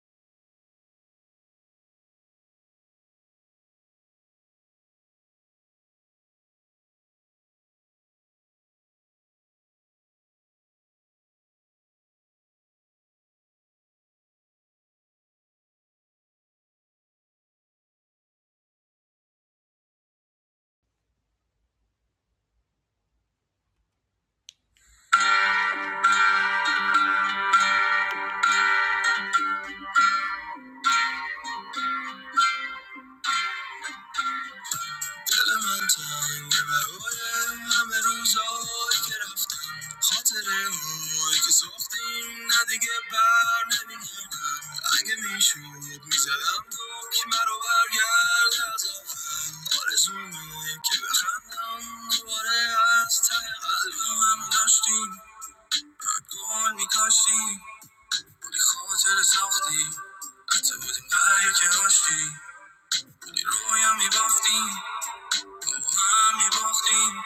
Speaker 15: هم میباختیم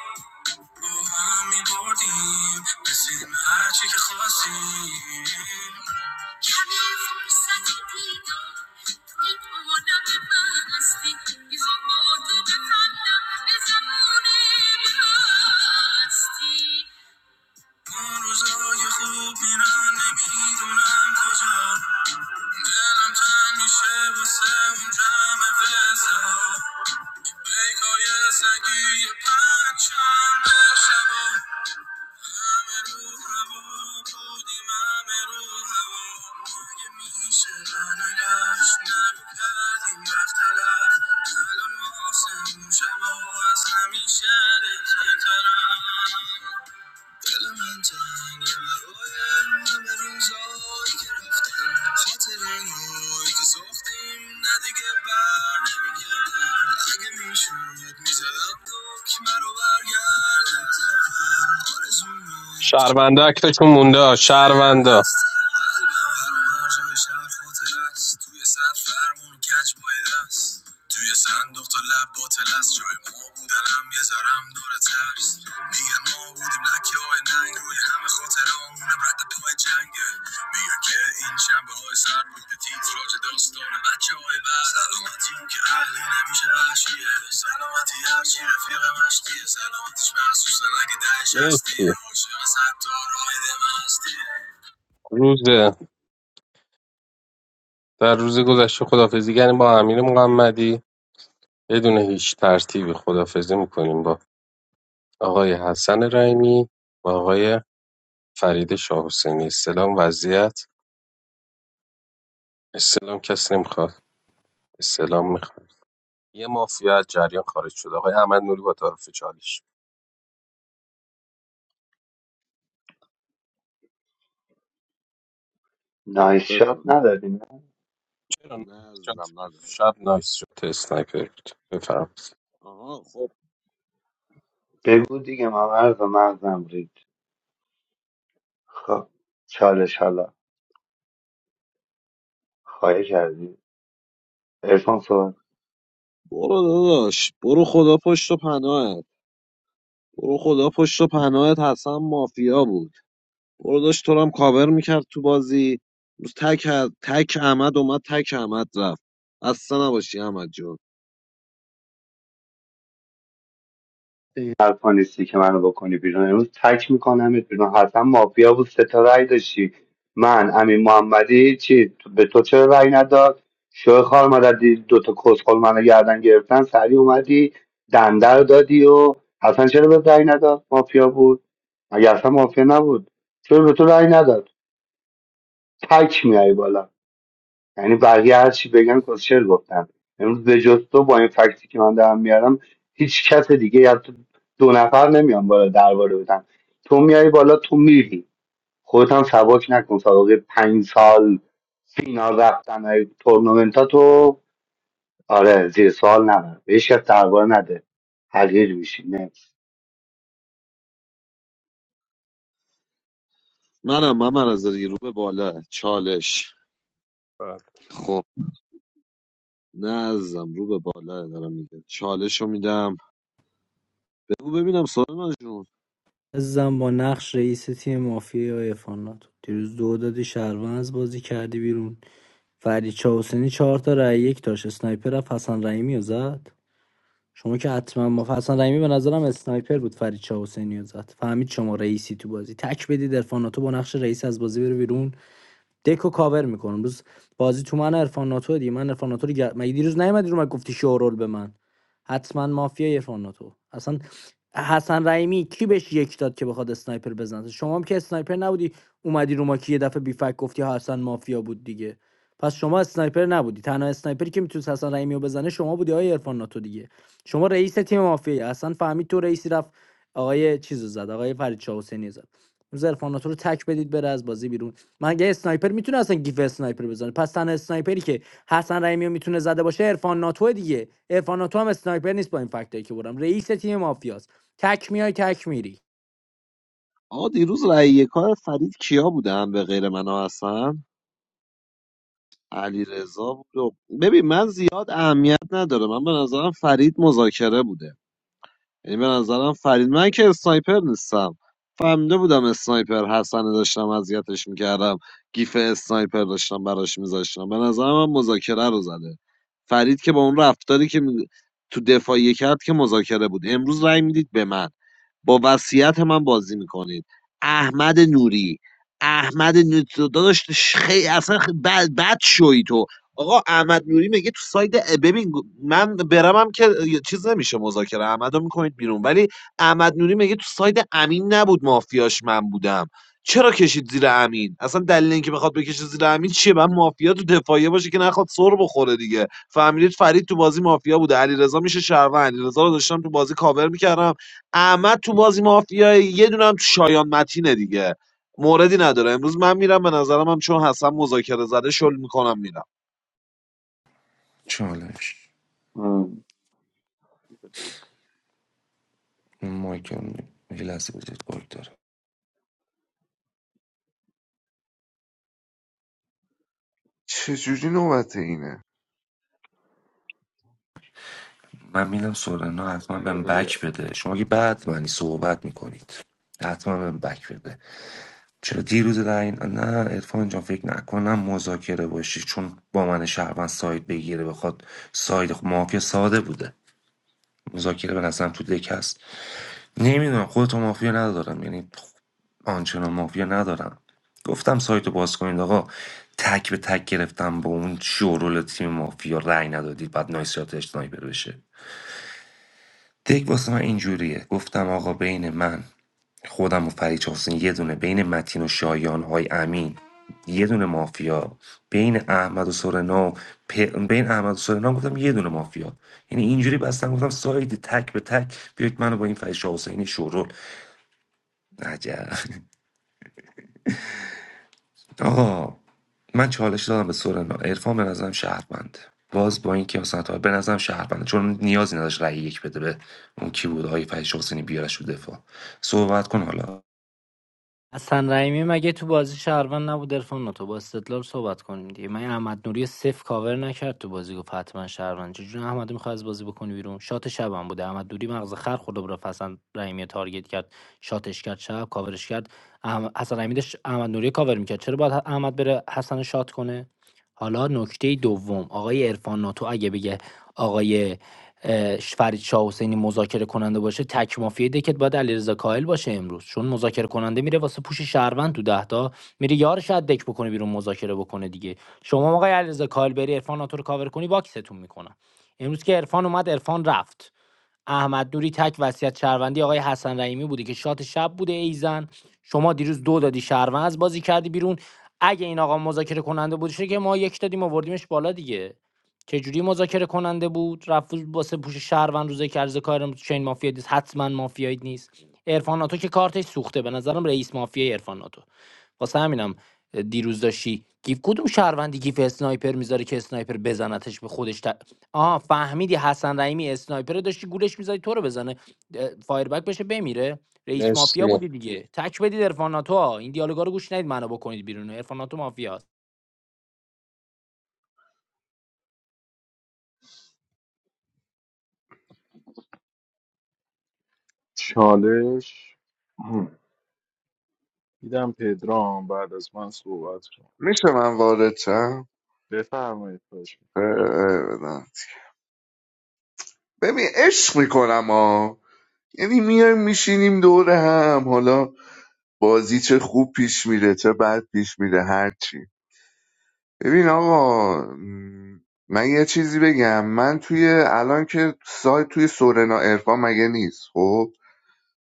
Speaker 15: رو هم میبردیم رسیدیم به کمی فرصت دیدم توی عالم بستی میخوام با تو بخندم به زمان هستی اون روزای خوب میرن کجا دلم تنگ میشه واسه اون جمع فسار پیکای سگی پرچم شبا همه رو هوا بودیم همه میشه برنگشت نرو کردیم رفت طرف الان واسه اون شبا از دل من تنگ برایم همه روزایی که رفتن خاطرهایی که ساختیم نه دیگه بر نمیگردن اگه میشد میزدم دکمه رو برگرد از اول. آرزومه
Speaker 8: شهرونده اکتاتون مونده شهرونده
Speaker 15: توی سر فرمون و کج با دست توی صندوق تا لب باطل است جای ما بودنم یه ذرم داره ترس میگن ما بودیم لکه های ننگ روی همه خاطره آمونم رد تو جنگه میگن که این شنبه های سر بود تیتراج داستان بچه های بر سلامتی اون که عقلی نمیشه وحشیه سلامتی هرچی رفیق مشتیه سلامتیش محسوسه نگه دهش هستی
Speaker 8: مرسی
Speaker 15: عاشق ستار رایده
Speaker 8: روز در روز گذشته خدافزی کردیم با امیر محمدی بدون هیچ ترتیبی خدافزی میکنیم با آقای حسن رحیمی و آقای فرید شاه حسینی استلام وضعیت استلام کسی نمیخواد استعلام میخوام یه مافیا از جریان خارج شد آقای احمد نوری با تعارف چالش
Speaker 10: نایس شات
Speaker 13: ببین.
Speaker 10: نداری نه
Speaker 8: چرا نه؟
Speaker 13: نه
Speaker 8: شات
Speaker 13: عزیزم نداره
Speaker 8: شب نایس شد اسنایپر بود بفرمایید
Speaker 13: آها خب
Speaker 10: بگو دیگه من عرض مغزم رید خب چالش حالا خواهی کردی ارفان صحبت
Speaker 13: برو داداش برو خدا پشت و پناهت برو خدا پشت و پناهت حسن مافیا بود برو داشت تو رو هم کاور میکرد تو بازی روز تک تک احمد اومد تک احمد رفت اصلا نباشی احمد جون
Speaker 10: این حرفا نیستی که منو بکنی بیرون امروز تک میکنم بیرون حسن مافیا بود سه تا رأی داشتی من امین محمدی چی تو- به تو چرا رأی نداد شو خار مددی دو تا کسخل منو گردن گرفتن سریع اومدی دنده رو دادی و حسن چرا به رأی نداد مافیا بود مگه اصلا مافیا نبود چرا به تو رأی نداد تک میای بالا یعنی بقیه هر چی بگن کوشر گفتن امروز به جز تو با این فکتی که من دارم میارم هیچ کس دیگه یا تو دو نفر نمیان بالا درباره بدن تو میای بالا تو میری خودت هم سبک نکن سابقه پنج سال فینال رفتن های تورنمنت ها تو آره زیر سوال نبر به هیچ کس درباره نده حقیر میشی نه
Speaker 13: منم من مرزادی رو به بالا چالش
Speaker 8: بله.
Speaker 13: خب نه عزیزم رو به بالا دارم میگه چالش رو میدم بگو ببینم سورنا جون
Speaker 11: زن با نقش رئیس تیم مافیا یا افانات دیروز دو دادی شهروند از بازی کردی بیرون فرید چاوسنی چهار تا رای یک داشت اسنایپر رفت حسن رحیمی رو زد شما که حتما ما حسن رحیمی به نظرم اسنایپر بود فرید چاوسنی رو زد فهمید شما رئیسی تو بازی تک بدید ارفاناتو با نقش رئیس از بازی بره بیرون دکو کاور میکنم امروز بازی تو من عرفان ناتو دیگه من عرفان ناتو رو گر... مگه دیروز نیومدی رو من گفتی شورول به من حتما مافیا عرفان ناتو اصلا حسن رحیمی کی بهش یک داد که بخواد اسنایپر بزنه شما هم که اسنایپر نبودی اومدی رو ما که یه دفعه بی فک گفتی حسن مافیا بود دیگه پس شما اسنایپر نبودی تنها اسنایپری که میتونست حسن رحیمی رو بزنه شما بودی آقای عرفان ناتو دیگه شما رئیس تیم مافیا اصلا فهمید تو رئیسی رفت آقای چیزو زد آقای فرید شاه حسینی زد امروز عرفان ناتو رو تک بدید بره از بازی بیرون مگه اسنایپر میتونه اصلا گیف اسنایپر بزنه پس تنها اسنایپری که حسن رحیمی رو میتونه زده باشه عرفان ناتو دیگه عرفان ناتو هم اسنایپر نیست با این فکتایی که برم رئیس تیم مافیاست تک میای تک میری
Speaker 13: آقا دیروز رأی یکای فرید کیا بودن به غیر منو هستن علی رضا بود و... ببین من زیاد اهمیت نداره من به نظرم فرید مذاکره بوده یعنی به نظرم فرید من که اسنایپر نیستم فهمیده بودم اسنایپر حسن داشتم اذیتش میکردم گیف اسنایپر داشتم براش میذاشتم به نظرم من مذاکره رو زده فرید که با اون رفتاری که می- تو دفاعیه کرد که مذاکره بود امروز رأی میدید به من با وصیت من بازی میکنید احمد نوری احمد نوری تو داداش خیلی اصلا خ- بد, بد شوی تو آقا احمد نوری میگه تو ساید ببین من برمم که چیز نمیشه مذاکره احمد رو میکنید بیرون ولی احمد نوری میگه تو ساید امین نبود مافیاش من بودم چرا کشید زیر امین اصلا دلیل اینکه بخواد بکشه زیر امین چیه من مافیا تو دفاعیه باشه که نخواد سر بخوره دیگه فهمیدید فرید تو بازی مافیا بوده علیرضا میشه شهروند علیرضا رو داشتم تو بازی کاور میکردم احمد تو بازی مافیای یه دونم تو شایان متینه دیگه موردی نداره امروز من میرم به نظرم هم چون حسن مذاکره زده شل میکنم میرم
Speaker 12: چالش
Speaker 10: ام.
Speaker 12: این مایکل ویلس وجود بارد داره
Speaker 6: چجوری نوبت اینه
Speaker 12: من میدم سورنا حتما بهم
Speaker 10: بذار ببینم.
Speaker 12: بک بده شما که بعد منی صحبت میکنید حتما بهم بک بده چرا دیروز در این نه ارفان جان فکر نکنم مذاکره باشی چون با من شهروند ساید بگیره بخواد ساید خب، ما که ساده بوده مذاکره به نظرم تو دک هست نمیدونم خودتو مافیا ندارم یعنی آنچنان مافیا ندارم گفتم سایتو باز کنید آقا تک به تک گرفتم با اون شورول تیم مافیا رأی ندادید بعد نایسیات اسنایپر بشه دک واسه من اینجوریه گفتم آقا بین من خودم و فرید حسین یه دونه بین متین و شایان های امین یه دونه مافیا بین احمد و سورنا و پ... بین احمد و سورنا گفتم یه دونه مافیا یعنی اینجوری بستم گفتم ساید تک به تک بیاید منو با این فرید شاه حسینی عجب آقا من چالش دادم به سورنا عرفان به نظرم شهربنده باز با اینکه مثلا تا به نظرم شهربنده چون نیازی نداشت رأی یک بده به اون کی بود آقای فرید حسینی بیارش تو دفاع صحبت کن حالا
Speaker 11: حسن رحیمی مگه تو بازی شهروند نبود عرفان تو با استدلال صحبت کنیم دیگه من احمد نوری صفر کاور نکرد تو بازی گفت حتما شهروند چجوری احمد میخواد از بازی بکنی بیرون شات شبم بوده احمد نوری مغز خر خورده بود رفت حسن رحیمی رو تارگت کرد شاتش کرد شب کاورش کرد احم- حسن رحیمی داشت احمد نوری رو کاور میکرد چرا باید احمد بره حسن رو شات کنه حالا نکته دوم آقای عرفان ناتو اگه بگه آقای اه، فرید شاه حسینی مذاکره کننده باشه تک مافیای دکت باید علیرضا کاهل باشه امروز چون مذاکره کننده میره واسه پوش شهروند تو ده تا میره یارش از دک بکنه بیرون مذاکره بکنه دیگه شما آقای علیرضا کاهل بری عرفان ناتو رو کاور کنی باکستون میکنم امروز که عرفان اومد عرفان رفت احمد نوری تک وصیت شهروندی آقای حسن رحیمی بوده که شات شب بوده ایزن شما دیروز دو دادی شهروند از بازی کردی بیرون اگه این آقا مذاکره کننده بودشه که ما یک دادیم آوردیمش بالا دیگه چه جوری مذاکره کننده بود رفت واسه پوش شهروند روزه کرز کارم چین مافیا نیست حتما مافیایی نیست عرفان ناتو که کارتش سوخته به نظرم رئیس مافیا عرفان ناتو واسه همینم دیروز داشتی گیف کدوم شهروندی گیف اسنایپر میذاره که اسنایپر بزنتش به خودش ت... آه فهمیدی حسن رحیمی اسنایپر داشتی گولش میزدی تو رو بزنه اه، فایربک بشه بمیره رئیس
Speaker 8: مرسی
Speaker 11: مافیا بودی دیگه تک بدید عرفان ناتو ها. این دیالوگا رو گوش ندید منو بکنید بیرون عرفان ناتو مافیاست
Speaker 14: چالش
Speaker 10: مم.
Speaker 14: دیدم پدرام بعد از من صحبت کن
Speaker 6: میشه من وارد شم
Speaker 14: بفرمایید خواهش
Speaker 6: اه،
Speaker 14: میکنم
Speaker 6: اه، نه. ببین عشق میکنم ها یعنی میایم میشینیم دور هم حالا بازی چه خوب پیش میره چه بد پیش میره هرچی ببین آقا م، من یه چیزی بگم من توی الان که سایت توی سورنا ارفان مگه نیست خب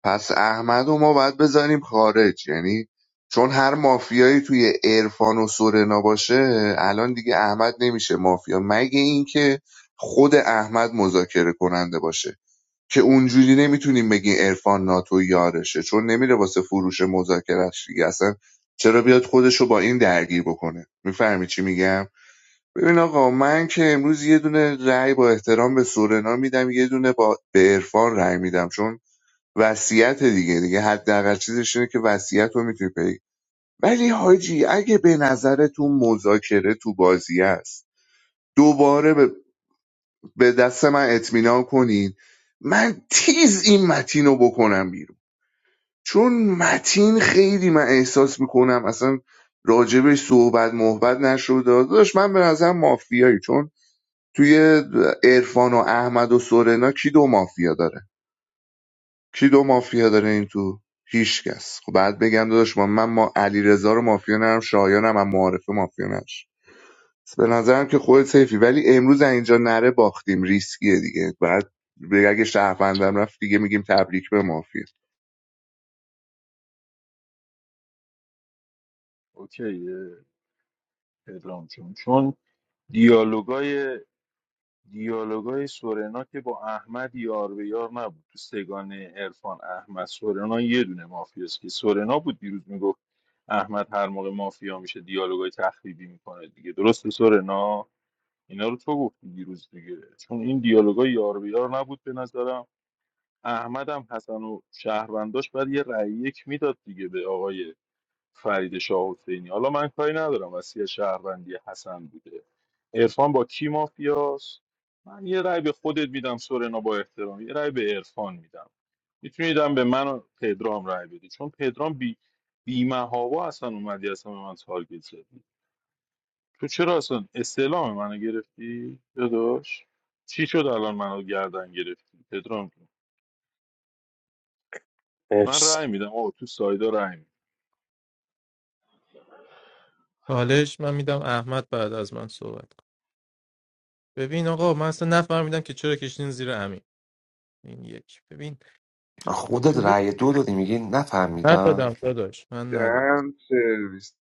Speaker 6: پس احمدو ما باید بزنیم خارج یعنی چون هر مافیایی توی عرفان و سورنا باشه الان دیگه احمد نمیشه مافیا مگه اینکه خود احمد مذاکره کننده باشه که اونجوری نمیتونیم بگیم عرفان ناتو یارشه چون نمیره واسه فروش مذاکرهش دیگه اصلا چرا بیاد خودشو با این درگیر بکنه میفهمی چی میگم ببین آقا من که امروز یه دونه رأی با احترام به سورنا میدم یه دونه با به عرفان رأی میدم چون وصیت دیگه دیگه حداقل چیزش اینه که وصیت رو میتونی پیگیری ولی حاجی اگه به نظرتون مذاکره تو بازی است دوباره به به دست من اطمینان کنین من تیز این متین رو بکنم بیرون چون متین خیلی من احساس میکنم اصلا راجبش صحبت محبت نشده داشت من به نظر مافیایی چون توی عرفان و احمد و سورنا کی دو مافیا داره کی دو مافیا داره این تو هیچکس خب بعد بگم داداش من من ما علیرضا رو مافیا نرم شایانم هم معارفه مافیا نش به نظرم که خودت سیفی ولی امروز اینجا نره باختیم ریسکیه دیگه بعد بگه اگه شهروندم رفت دیگه میگیم تبریک به مافیا
Speaker 14: اوکیه پدرام جون چون دیالوگای دیالوگای سورنا که با احمد یار به یار نبود تو سگانه عرفان احمد سورنا یه دونه مافیاست که سورنا بود دیروز میگفت احمد هر موقع مافیا میشه دیالوگای تخریبی میکنه دیگه درسته سورنا اینا رو تو گفتی دیروز دیگه چون این دیالوگای یار به یار نبود به نظرم احمد هم حسن و شهرونداش بعد یه رأی یک میداد دیگه به آقای فرید شاه حسینی حالا من کاری ندارم وسیع شهروندی حسن بوده عرفان با کی مافیاس من یه رأی به خودت میدم سورنا با احترام یه رأی به عرفان میدم میتونیدم به من و پدرام رأی بدی چون پدرام بی بی محابا اصلا اومدی اصلا به من تارگت زدی تو چرا اصلا استعلام منو گرفتی داداش چی شد الان منو گردن گرفتی پدرام جون من رأی
Speaker 8: مرسی
Speaker 14: میدم آه تو سایدا رأی میدم
Speaker 4: حالش من میدم احمد بعد از من صحبت کن ببین آقا من اصلا نفهمیدم که چرا کشتین زیر امین این یک ببین
Speaker 12: خودت
Speaker 4: ببین.
Speaker 12: رأی دو دادی میگی نفهمیدم
Speaker 4: ندادم داداش من ندادم
Speaker 6: دن سرویس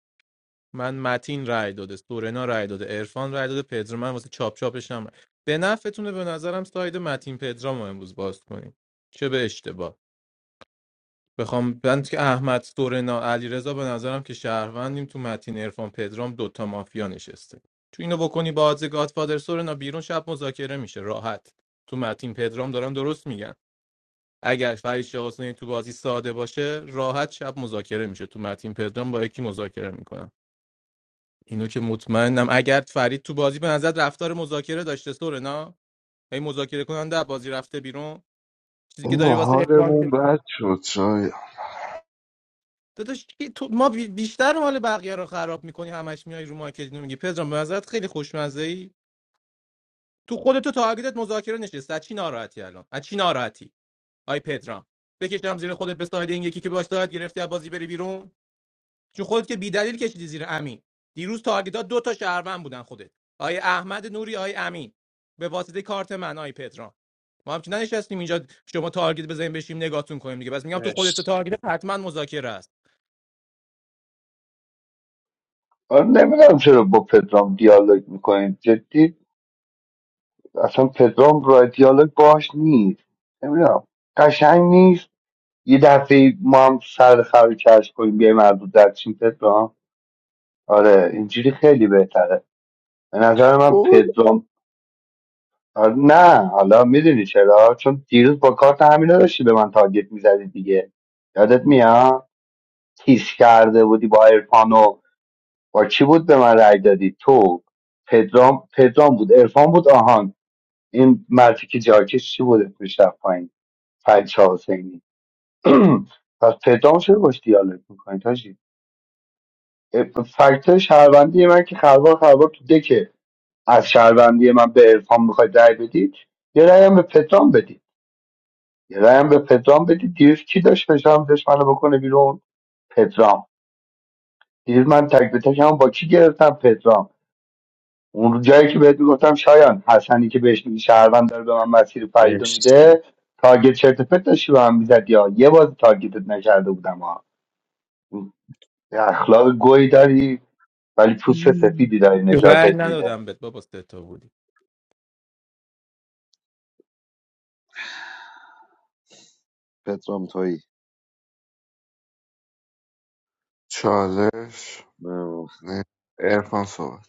Speaker 4: من متین رای داده سورنا رای داده ارفان رای داده پدرام من واسه چاپ چاپش هم رای. به نفعتونه به نظرم ساید متین پدرام رو امروز باز کنیم چه به اشتباه بخوام من که احمد سورنا علیرضا به نظرم که شهروندیم تو متین عرفان پدرام دوتا مافیا نشسته تو اینو بکنی با آدز گادفادر سورنا بیرون شب مذاکره میشه راحت تو متین پدرام دارم درست میگن اگر فرید شاه حسینی تو بازی ساده باشه راحت شب مذاکره میشه تو متین پدرام با یکی مذاکره میکنم اینو که مطمئنم اگر فرید تو بازی به نظر رفتار مذاکره داشته سورنا هی مذاکره کننده از بازی رفته بیرون چیزی که داری
Speaker 6: بابا
Speaker 4: واسه عرفان
Speaker 6: حالمون
Speaker 4: که
Speaker 6: بد شد شاید
Speaker 4: داداش که تو ما بی- بیشتر مال بقیه رو خراب میکنی همش میای رو مارکت اینو میگی پدرام به نظرت خیلی خوشمزه ای تو خودت تو تارگتت مذاکره نشست از چی ناراحتی الان از چی ناراحتی آی پدرام بکشم زیر خودت به ساید این یکی که باش داد گرفتی از بازی بری بیرون چون خودت که بیدلیل کشیدی زیر امین دیروز تارگتات دو تا شهروند بودن خودت آی احمد نوری آی امین به واسطه کارت من آی پدرام ما هم که ننشستیم اینجا شما تارگت بزنیم بشیم نگاهتون کنیم دیگه بس میگم تو خودت تو
Speaker 8: مرسی
Speaker 4: تارگت حتما مذاکره است
Speaker 10: آره نمیدونم چرا با پدرام دیالوگ میکنید جدی اصلا پدرام رای دیالوگ باش نیست نمیدونم قشنگ نیست یه دفعه ما هم سر خر کش کنیم بیایم از رو درچین پدرام آره اینجوری خیلی بهتره به نظر من
Speaker 6: بابا
Speaker 10: پدرام آره، نه حالا میدونی چرا چون دیروز با کارت همینا داشتی به من تارگت میزدی دیگه یادت میاد تیز کرده بودی با عرفان و با کی بود به من رای دادی تو پدرام پدرام بود عرفان بود آهان این مرتی که جاکش چی بود پیش رفت فرید شاه حسینی پس پدرام چرا باش دیالوگ میکنید حاجی فکت شهروندی من که خلوار خلوار تو دکه از شهروندی من به عرفان میخواید رای بدید یه رای هم به پدرام بدید یه رای هم به پدرام بدید دیروز کی داشت فشارم داشت منو بکنه بیرون پدرام دیروز من تک به تکم با کی گرفتم پدرام اون جایی که بهت گفتم شایان حسنی که بهش میگی شهروند داره به من مسیر فریدو
Speaker 8: مرسی
Speaker 10: میده تارگت چرت و پرت داشتی به من میزدی یا یه بار تارگتت نکرده بودم ها یه اخلاق گوی داری ولی پوست سفیدی داری
Speaker 4: رأی
Speaker 10: نجاتت میده
Speaker 4: ندادم بهت بابا سه تا بودی
Speaker 13: پترام تویی
Speaker 6: چالش
Speaker 13: آه.
Speaker 6: نه ارفان صحبت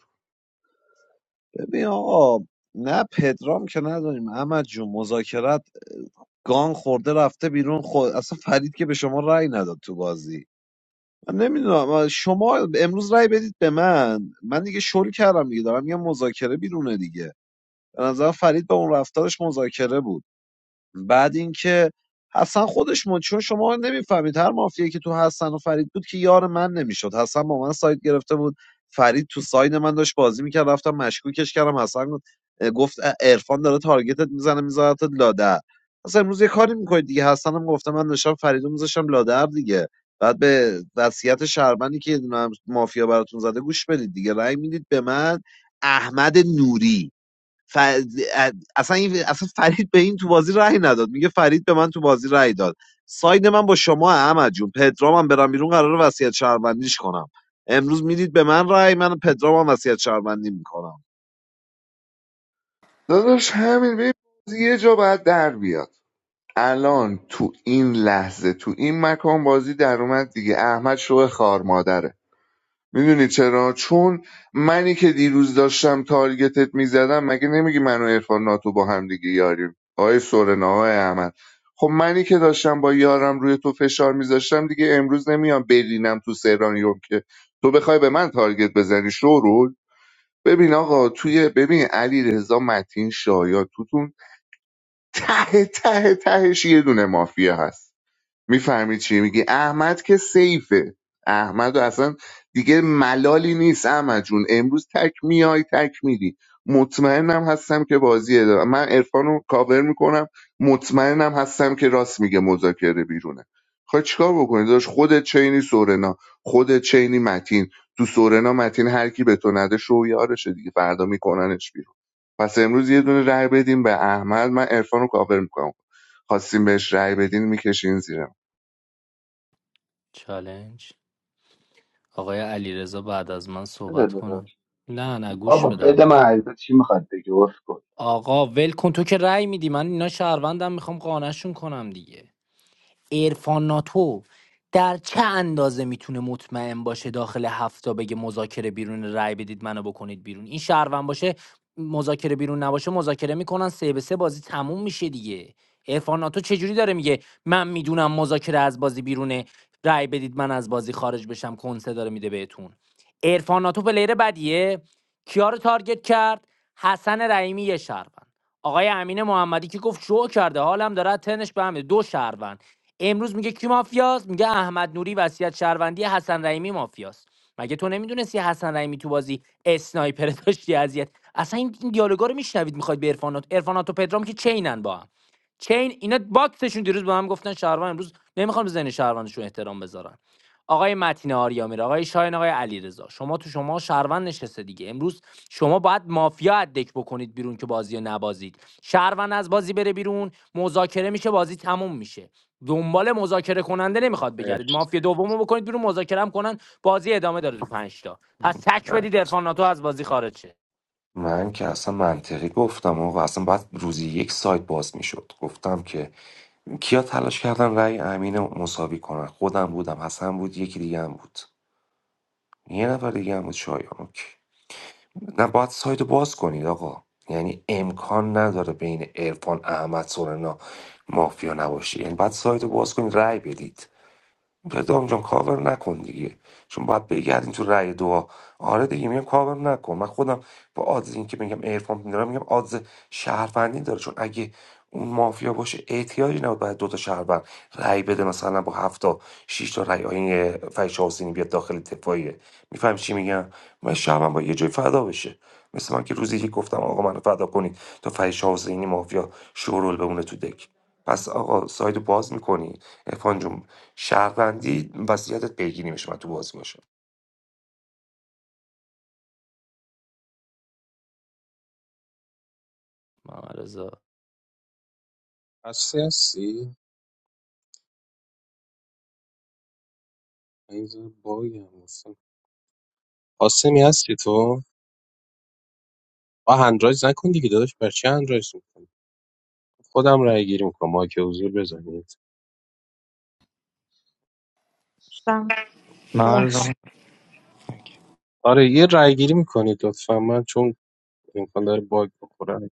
Speaker 13: ببین آقا نه پدرام که نداریم احمد جون مذاکرت گان خورده رفته بیرون خود اصلا فرید که به شما رأی نداد تو بازی من نمیدونم شما امروز رأی بدید به من من دیگه شل کردم دیگه دارم یه مذاکره بیرونه دیگه به نظر فرید به اون رفتارش مذاکره بود بعد اینکه حسن خودش من چون شما نمیفهمید هر مافیایی که تو حسن و فرید بود که یار من نمیشد حسن با من سایت گرفته بود فرید تو ساید من داشت بازی میکرد رفتم مشکوکش کردم حسن گفت عرفان داره تارگتت میزنه میذارتت لادر اصلا امروز یه کاری میکنید دیگه حسن هم گفته من داشتم فریدو میذاشتم لادر دیگه بعد به وصیت شرمنی که یه دونه مافیا براتون زده گوش بدید دیگه رأی میدید به من احمد نوری ف... اصلا این... اصلا فرید به این تو بازی رأی نداد میگه فرید به من تو بازی رأی داد ساید من با شما احمد جون پدرامم هم برم بیرون قرار وصیت شهروندیش کنم امروز میدید به من رأی من پدرام هم وصیت شهروندی میکنم
Speaker 6: داداش همین ببین بازی یه جا باید در بیاد الان تو این لحظه تو این مکان بازی در اومد دیگه احمد شو خار مادره میدونی چرا چون منی که دیروز داشتم تارگتت میزدم مگه نمیگی من و عرفان ناتو با هم دیگه یاریم آقای سورنا آقای احمد خب منی که داشتم با یارم روی تو فشار میذاشتم دیگه امروز نمیام برینم تو سرانیوم که تو بخوای به من تارگت بزنی شورول ببین آقا توی ببین علی رضا متین شایا توتون ته ته تهش یه دونه مافیا هست میفهمی چی میگی احمد که سیفه احمد و اصلا دیگه ملالی نیست احمد جون امروز تک میای تک میری مطمئنم هستم که بازی دارم من عرفان رو کاور میکنم مطمئنم هستم که راست میگه مذاکره بیرونه خواهی چیکار بکنی داشت خود چینی سورنا خود چینی متین تو سورنا متین هر کی به تو نده شو یارشه دیگه فردا میکننش بیرون پس امروز یه دونه رای بدیم به احمد من عرفان رو کاور میکنم خواستیم بهش رای بدین میکشین زیر
Speaker 11: چالنج آقای علیرضا بعد از من
Speaker 10: بده
Speaker 11: صحبت کنه
Speaker 10: داداش.
Speaker 11: نه نه گوش
Speaker 10: بابا بده
Speaker 11: بدم
Speaker 10: من عیبه. چی میخواد بگی عذر کن
Speaker 11: آقا ول کن تو که رأی میدی من اینا شهروندم میخوام قانعشون کنم دیگه عرفان ناتو در چه اندازه میتونه مطمئن باشه داخل هفته بگه مذاکره بیرون رای بدید منو بکنید بیرون این شهروند باشه مذاکره بیرون نباشه مذاکره میکنن سه به سه بازی تموم میشه دیگه عرفان ناتو چجوری داره میگه من میدونم مذاکره از بازی بیرونه رای بدید من از بازی خارج بشم کنسه داره میده بهتون عرفان ناتو پلیر بدیه کیا رو تارگت کرد حسن رحیمی یه شهروند آقای امین محمدی که گفت شو کرده حالم داره از تنش به هم می‌ریزه. دو شهروند امروز میگه کی مافیاست میگه احمد نوری وصیت شهروندی حسن رحیمی مافیاست مگه تو نمیدونستی حسن رحیمی تو بازی اسنایپر داشتی اذیت اصلا این این دیالوگا رو میشنوید میخواید به عرفانات عرفانات و پدرام که چینن با هم چین اینا باکسشون دیروز با هم گفتن شهروند امروز نمیخوام به ذهن شهروندشون احترام بذارن آقای متین آریامیر آقای شاهین آقای علیرضا شما تو شما شهروند نشسته دیگه امروز شما باید مافیا از بکنید بیرون که بازی رو نبازید شهروند از بازی بره بیرون مذاکره میشه بازی تموم میشه دنبال مذاکره کننده نمیخواد بگردید
Speaker 8: مرسی.
Speaker 11: مافیا دومو بکنید بیرون مذاکره هم کنن بازی ادامه داره تو 5 تا پس تک بدید عرفان ناتو از بازی خارج شه
Speaker 12: من که اصلا منطقی گفتم و اصلا بعد روزی یک سایت باز میشد گفتم که کیا تلاش کردن رأی امین رو مساوی کنن خودم بودم حسن بود یکی دیگه هم بود یه نفر دیگه هم بود شایان اوکی. نه باید سایت رو باز کنید آقا یعنی امکان نداره بین عرفان احمد سورنا مافیا نباشه یعنی باید سایت رو باز کنید رأی بدید پدرام جان کاور نکن دیگه چون باید بگردین تو رأی دعا آره دیگه میگم کاور نکن من خودم با آدز این که میگم ایرفان میدارم میگم آدز شهروندی داره چون اگه اون مافیا باشه احتیاجی نبود باید دوتا شهروند رأی بده مثلا با هفت تا شیش تا رأی آین فیش حسینی بیاد داخل دفاعیه میفهم چی میگم من شهروند با یه جای فدا بشه مثل من که روزی که گفتم آقا منو فدا کنید تا فیش حسینی مافیا شورول بمونه تو دک پس آقا سایدو باز میکنی ارفان جون شهروندی وضعیتت پیگیری میشه من تو بازی باشه
Speaker 11: محمد رضا.
Speaker 8: هستی هستی اینجا باگم هستم. قاسمی هستی تو آه هندرایز نکن دیگه داداش بر چی هندرایز میکنی خودم رای گیری میکنم مایک حضور بزنید
Speaker 2: شدم
Speaker 16: Malcolm,
Speaker 2: ببخشید
Speaker 8: آره یه رای گیری میکنید لطفا من چون امکان داره باگ بخورم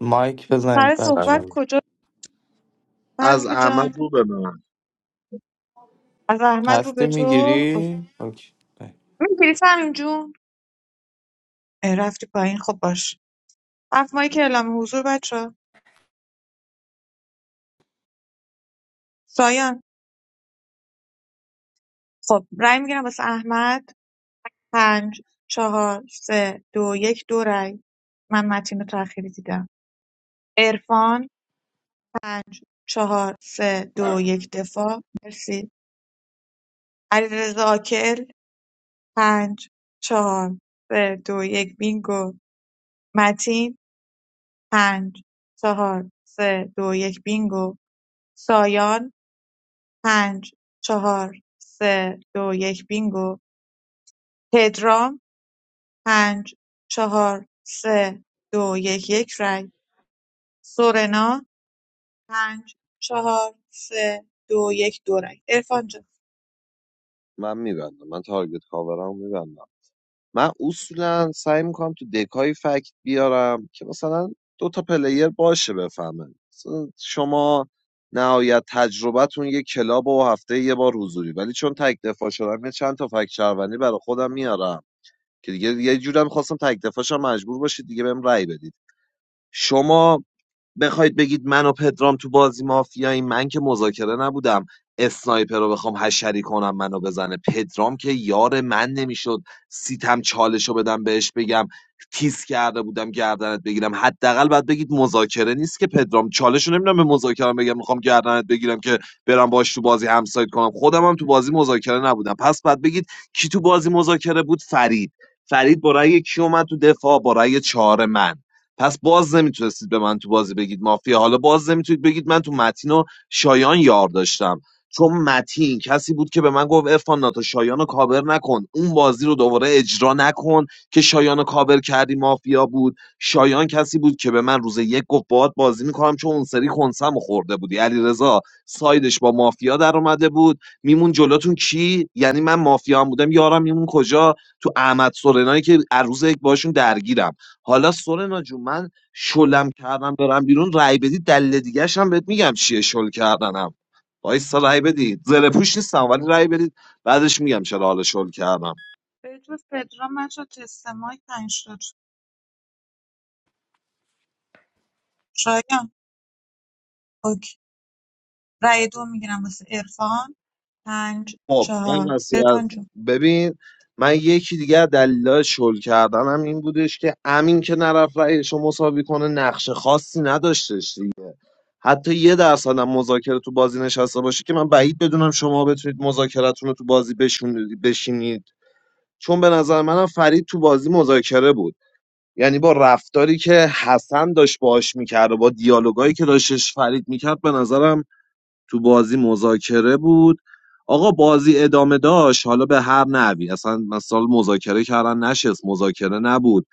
Speaker 16: Mike, present,
Speaker 2: سر صحبت
Speaker 16: batcho.
Speaker 8: سلام
Speaker 2: کجا
Speaker 13: از
Speaker 2: برگی
Speaker 13: احمد
Speaker 2: جان
Speaker 13: رو به من
Speaker 2: از احمد
Speaker 16: Has
Speaker 2: رو به
Speaker 16: to
Speaker 2: تو
Speaker 16: be gritty. Okay.
Speaker 2: این کلیس همین جون اه، رفتی پایین خب باش هفت ماهی که اعلام حضور بچه سایان خب رأی میگیرم واسه احمد پنج چهار سه دو یک دو رأی من متین رو تأخیری دیدم عرفان چهار سه دو یک دفاع مرسی علیرضا آکل پنج چهار سه دو یک بینگو متین پنج، چهار، سه، دو، یک بینگو سایان پنج، چهار، سه، دو، یک بینگو پدرام پنج، چهار، سه، دو، یک یک رای سورنا پنج، چهار، سه، دو، یک دو رای عرفان جان
Speaker 13: من میبندم من تارگت کاورم میبندم من اصولا سعی میکنم تو دکای فکت بیارم که مثلا دو تا پلیر باشه بفهمه مثلا شما نهایت تجربتون یه کلاب و هفته یه بار حضوری ولی چون تک دفاع شدم یه چند تا فکت شهروندی برای خودم میارم که دیگه یه جورم خواستم تک دفاع شم مجبور باشید دیگه بهم رأی بدید شما بخواید بگید من و پدرام تو بازی مافیایی من که مذاکره نبودم اسنایپر رو بخوام حشری کنم منو بزنه پدرام که یار من نمیشد سیتم چالش رو بدم بهش بگم تیز کرده بودم گردنت بگیرم حداقل باید بگید مذاکره نیست که پدرام چالش رو نمیدونم به مذاکره بگم میخوام گردنت بگیرم که برم باش تو بازی همسایت کنم خودم هم تو بازی مذاکره نبودم پس باید بگید کی تو بازی مذاکره بود فرید فرید با رأی کی اومد تو دفاع با رأی چهار من پس باز نمیتونستید به من تو بازی بگید مافیا حالا باز نمیتونید بگید من تو متین و شایان یار داشتم چون متین کسی بود که به من گفت ارفان ناتو شایان رو کابر نکن اون بازی رو دوباره اجرا نکن که شایان رو کابر کردی مافیا بود شایان کسی بود که به من روز یک گفت باهات بازی میکنم چون اون سری خونسم خورده بودی علیرضا سایدش با مافیا در اومده بود میمون جلوتون کی یعنی من مافیا هم بودم یارم میمون کجا تو احمد سورنایی که عروض یک باشون درگیرم حالا سورنا جون من شلم کردم برم بیرون رای بدی دلیل دیگه هم بهت میگم چیه شل کردنم وایسا رای بدید زره پوش نیستم ولی رای بدید بعدش میگم چرا حالا شل کردم
Speaker 2: به جز پدرام من شد تست مایک پنج شد شایان اوکی رای دو میگیرم واسه عرفان پنج،
Speaker 13: خب من
Speaker 2: چهار
Speaker 13: نصیحت
Speaker 2: عرفان جون
Speaker 13: ببین من یکی دیگه از دلایل شل کردنم این بودش که امین که نرفت رأیش رو مساوی کنه نقش خاصی نداشتش دیگه حتی یه درصد هم مذاکره تو بازی نشسته باشه که من بعید بدونم شما بتونید مذاکرتون رو تو بازی بشونید بشینید چون به نظر منم فرید تو بازی مذاکره بود یعنی با رفتاری که حسن داشت باهاش میکرد و با دیالوگایی که داشتش فرید میکرد به نظرم تو بازی مذاکره بود آقا بازی ادامه داشت حالا به هر نحوی اصلا مثلا مذاکره کردن نشست مذاکره نبود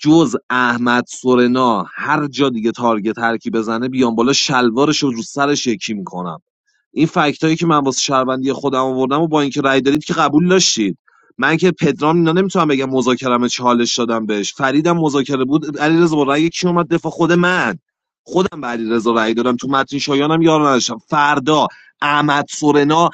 Speaker 13: جز احمد سورنا هر جا دیگه تارگت هر کی بزنه بیان بالا شلوارش رو رو سرش یکی میکنم این فکت هایی که من واسه شهروندی خودم آوردم و با اینکه رأی دادید که قبول داشتید من که پدرام اینا نمیتونم بگم مذاکرم چالش دادم بهش فریدم مذاکره بود علیرضا با رأی کی اومد دفاع خود من خودم به علیرضا رأی دادم تو متن شایانم یار نداشتم فردا احمد سورنا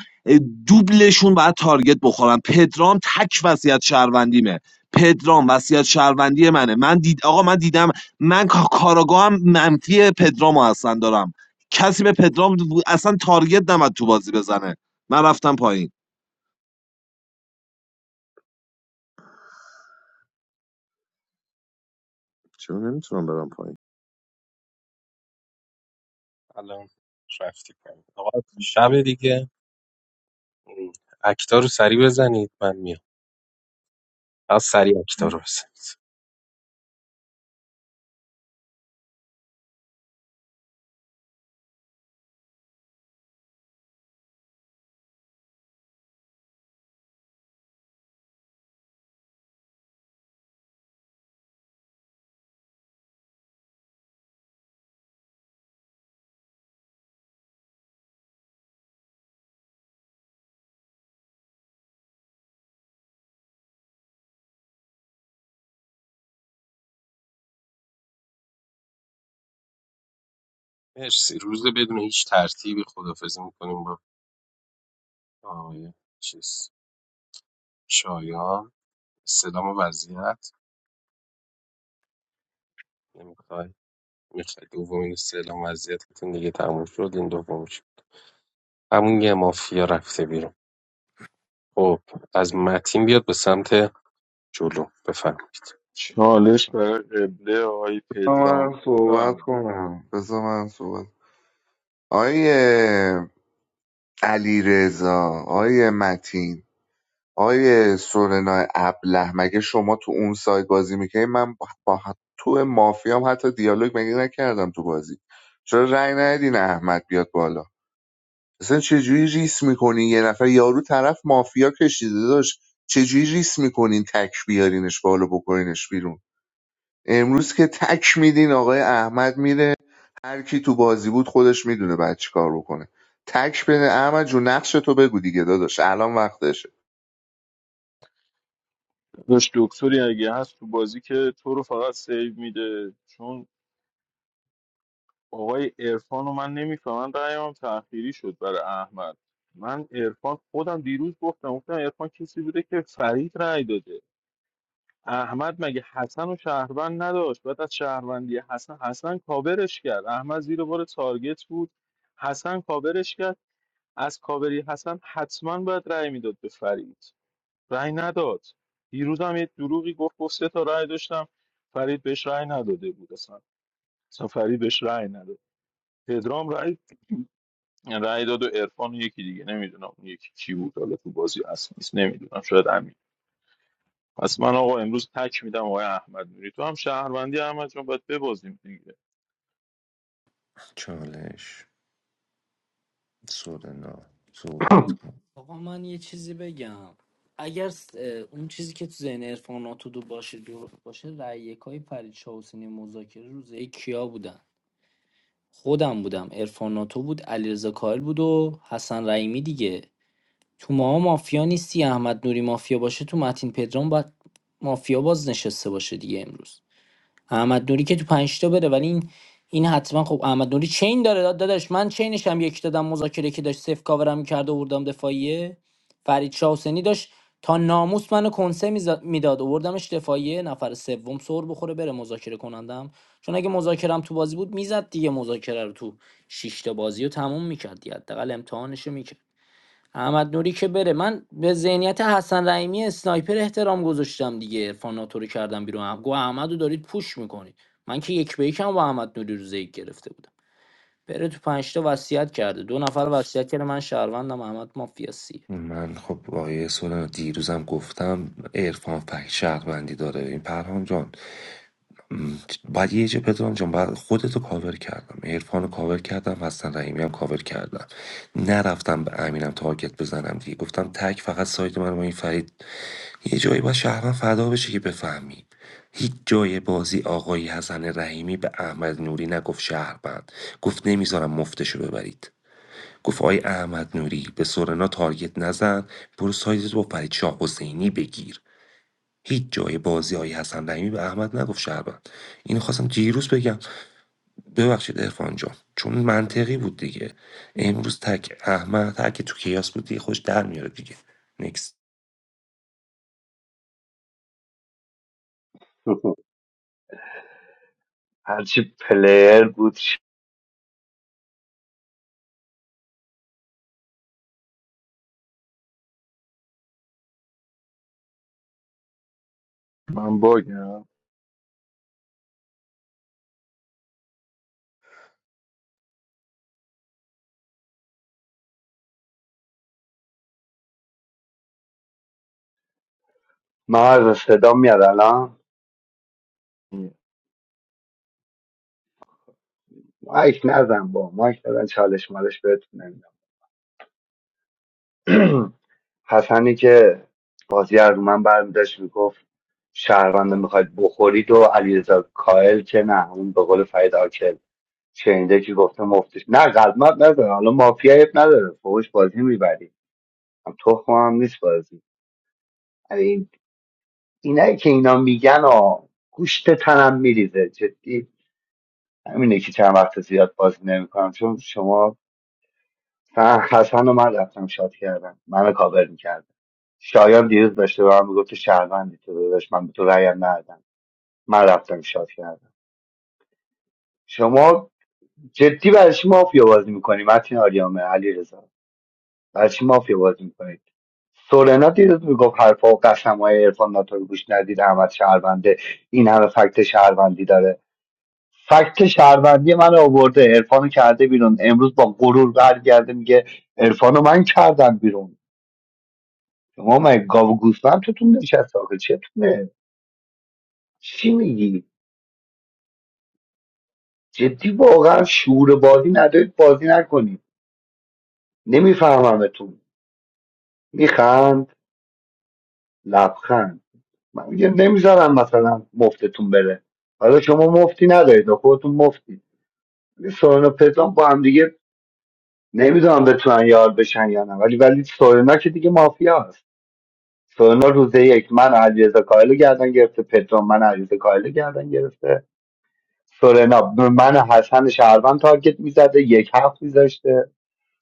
Speaker 13: دوبلشون باید تارگت بخورن پدرام تک وصیت شهروندیمه پدرام وصیت شهروندی منه من دید آقا من دیدم من کا- کاراگاهم منفی پدرامو هستن دارم کسی به پدرام و- اصلا تارگت نمد تو بازی بزنه من رفتم پایین چرا نمیتونم برم پایین
Speaker 8: الان رفتی پایین آقا شب دیگه اکتا رو سریع بزنید من میام از سریع اکتا رو بزنید مرسی روز بدون هیچ ترتیبی خدافزی میکنیم با آقای چیز شایان سلام وضعیت نمیخوای میخوای دومین سلام وضعیتتون دیگه تموم شد این دومش همون یه مافیا رفته بیرون خب از متین بیاد به سمت جلو بفهم
Speaker 14: چالش برای قبله آقای
Speaker 6: بذار
Speaker 14: پدرام
Speaker 6: من صحبت
Speaker 14: بفرمایید.
Speaker 6: کنم بذار من صحبت آیه علی رضا آیه متین آیه سورنا ابله مگه شما تو اون سایت بازی میکنی من با با تو مافیام حتی دیالوگ مگه نکردم تو بازی چرا رأی ندین احمد بیاد بالا اصلا چجوری ریس میکنین یه نفر یارو طرف مافیا کشیده داشت چجوری ریس میکنین تک بیارینش بالا بکنینش بیرون امروز که تک میدین آقای احمد میره هر کی تو بازی بود خودش میدونه بعد چی کار بکنه تک بده احمد جون نقش تو بگو دیگه داداش الان وقتشه
Speaker 14: داشت دکتری اگه هست تو بازی که تو رو فقط سیو میده چون آقای عرفان رو من نمیفهمم رأیمم تأخیری شد برای احمد من عرفان خودم دیروز گفتم گفتم عرفان کسی بوده که فرید رأی داده احمد مگه حسن و شهروند نداشت بعد از شهروندی حسن حسن کاورش کرد احمد زیر بار تارگت بود حسن کاورش کرد از کاوری حسن حتما باید رأی میداد به فرید رأی نداد دیروزم یه دروغی گفت گفت سه تا رأی داشتم فرید بهش رأی نداده بود اصلا اصلا فرید بهش رأی نداد پدرام رأی رأی داد و عرفان و یکی دیگه نمیدونم اون یکی کی بود حالا تو بازی اصل نیست نمیدونم شاید امین پس من آقا امروز تک میدم آقای احمد نوری تو هم شهروندی احمد جان باید ببازیم دیگه
Speaker 12: چالش سورنا صحبت کن
Speaker 11: آقا من یه چیزی بگم اگر س- اه، اون چیزی که تو ذهن عرفان ناتودو باشه درست باشه رأی یکای فرید شاه حسینی مذاکره روزه کیا بودن خودم بودم عرفان ناتو بود علیرضا کاهل بود و حسن رحیمی دیگه تو ما مافیا نیستی احمد نوری مافیا باشه تو متین پدرام باید مافیا باز نشسته باشه دیگه امروز احمد نوری که تو پنج تا بره ولی این این حتما خب احمد نوری چین داره داد- داداش من چینش هم یک دادم مذاکره که داشت صفر کاورم کرد و بردم دفاعیه فرید شاه حسینی داشت تا ناموس منو کنسه میزا- میداد آوردمش دفاعیه نفر سوم سر بخوره بره مذاکره کنندم چون اگه مذاکرم تو بازی بود میزد دیگه مذاکره رو تو شش تا بازی رو تموم میکرد حداقل امتحانش رو میکرد احمد نوری که بره من به ذهنیت حسن رحیمی اسنایپر احترام گذاشتم دیگه عرفان ناتو رو کردم بیرون گو احمد دارید پوش میکنید من که یک به یکم با احمد نوری رو زیگ گرفته بودم بره تو پنجتا وصیت کرده دو نفر وصیت کرده من شهروندم احمد مافیاسیه
Speaker 12: من خب آقای سورنا دیروزم گفتم عرفان فک شهروندی داره این پرهام جان بعد یه جا پدرام جان بعد خودتو کاور کردم عرفانو کاور کردم حسن رحیمی هم کاور کردم نرفتم به امینم تارگت بزنم دیگه گفتم تک فقط سایت من با این فرید یه جایی باید شهروند فدا بشه که بفهمی هیچ جای بازی آقای حسن رحیمی به احمد نوری نگفت شهروند گفت نمیذارم مفتشو ببرید گفت آقای احمد نوری به سورنا تارگت نزن برو سایتت با فرید شاه حسینی بگیر هیچ جای بازی های حسن رحیمی به احمد نگفت شهروند اینو خواستم دیروز بگم ببخشید عرفان جان چون منطقی بود دیگه امروز تک احمد هر که تو کیاس بود دیگه خوش در میاره دیگه نکس
Speaker 10: هرچی پلیر بود
Speaker 14: من باگم
Speaker 10: ما از صدا میاد الان مایک نزن با مایک نزن چالش مالش بهتون نمیدم حسنی که بازی از من برمیداشت میگفت شهرونده میخواید بخورید و علیرضا کائل که نه اون به قول فرید آکل شنیده که گفته مفتش نه قلمت نداره حالا مافیا عیب نداره فوش بازی میبری تخمم هم نیست بازی یعنی این اینایی که اینا میگن و گوشت تنم میریزه جدی همینه که چند وقت زیاد بازی نمیکنم چون شما فقط حسن و من رفتم شاد کردم منو کاور میکردم شایان دیروز داشته به من میگفت تو شهروندی تو داداش من به تو رأیم ندادم من رفتم شاد کردم شما جدی برای شما مافیا بازی میکنی متین آریامه علی برای چی مافیا بازی میکنید سورنا دیروز میگفت حرفا و قسم های عرفان ناتو رو گوش ندید احمد شهرونده این همه فکت شهروندی داره فکت شهروندی من آورده عرفان کرده بیرون امروز با غرور برگرده میگه عرفانو من کردم بیرون شما من گاو و گوسفند توتون نشست آخه چتونه چی میگی جدی واقعا شعور بازی ندارید بازی نکنید نمیفهممتون میخند لبخند من میگه نمیذارم مثلا مفتتون بره حالا شما مفتی ندارید و خودتون مفتی ولی سورنا پدرام با هم دیگه نمیدونم بتونن یار بشن یا نه ولی ولی سورنا که دیگه مافیا هست سورنا روز یک من علیرضا کاهل گردن گرفته پدرام من علیرضا کاهل گردن گرفته سورنا به من حسن شهروند تارگت میزده یک هفت میذاشته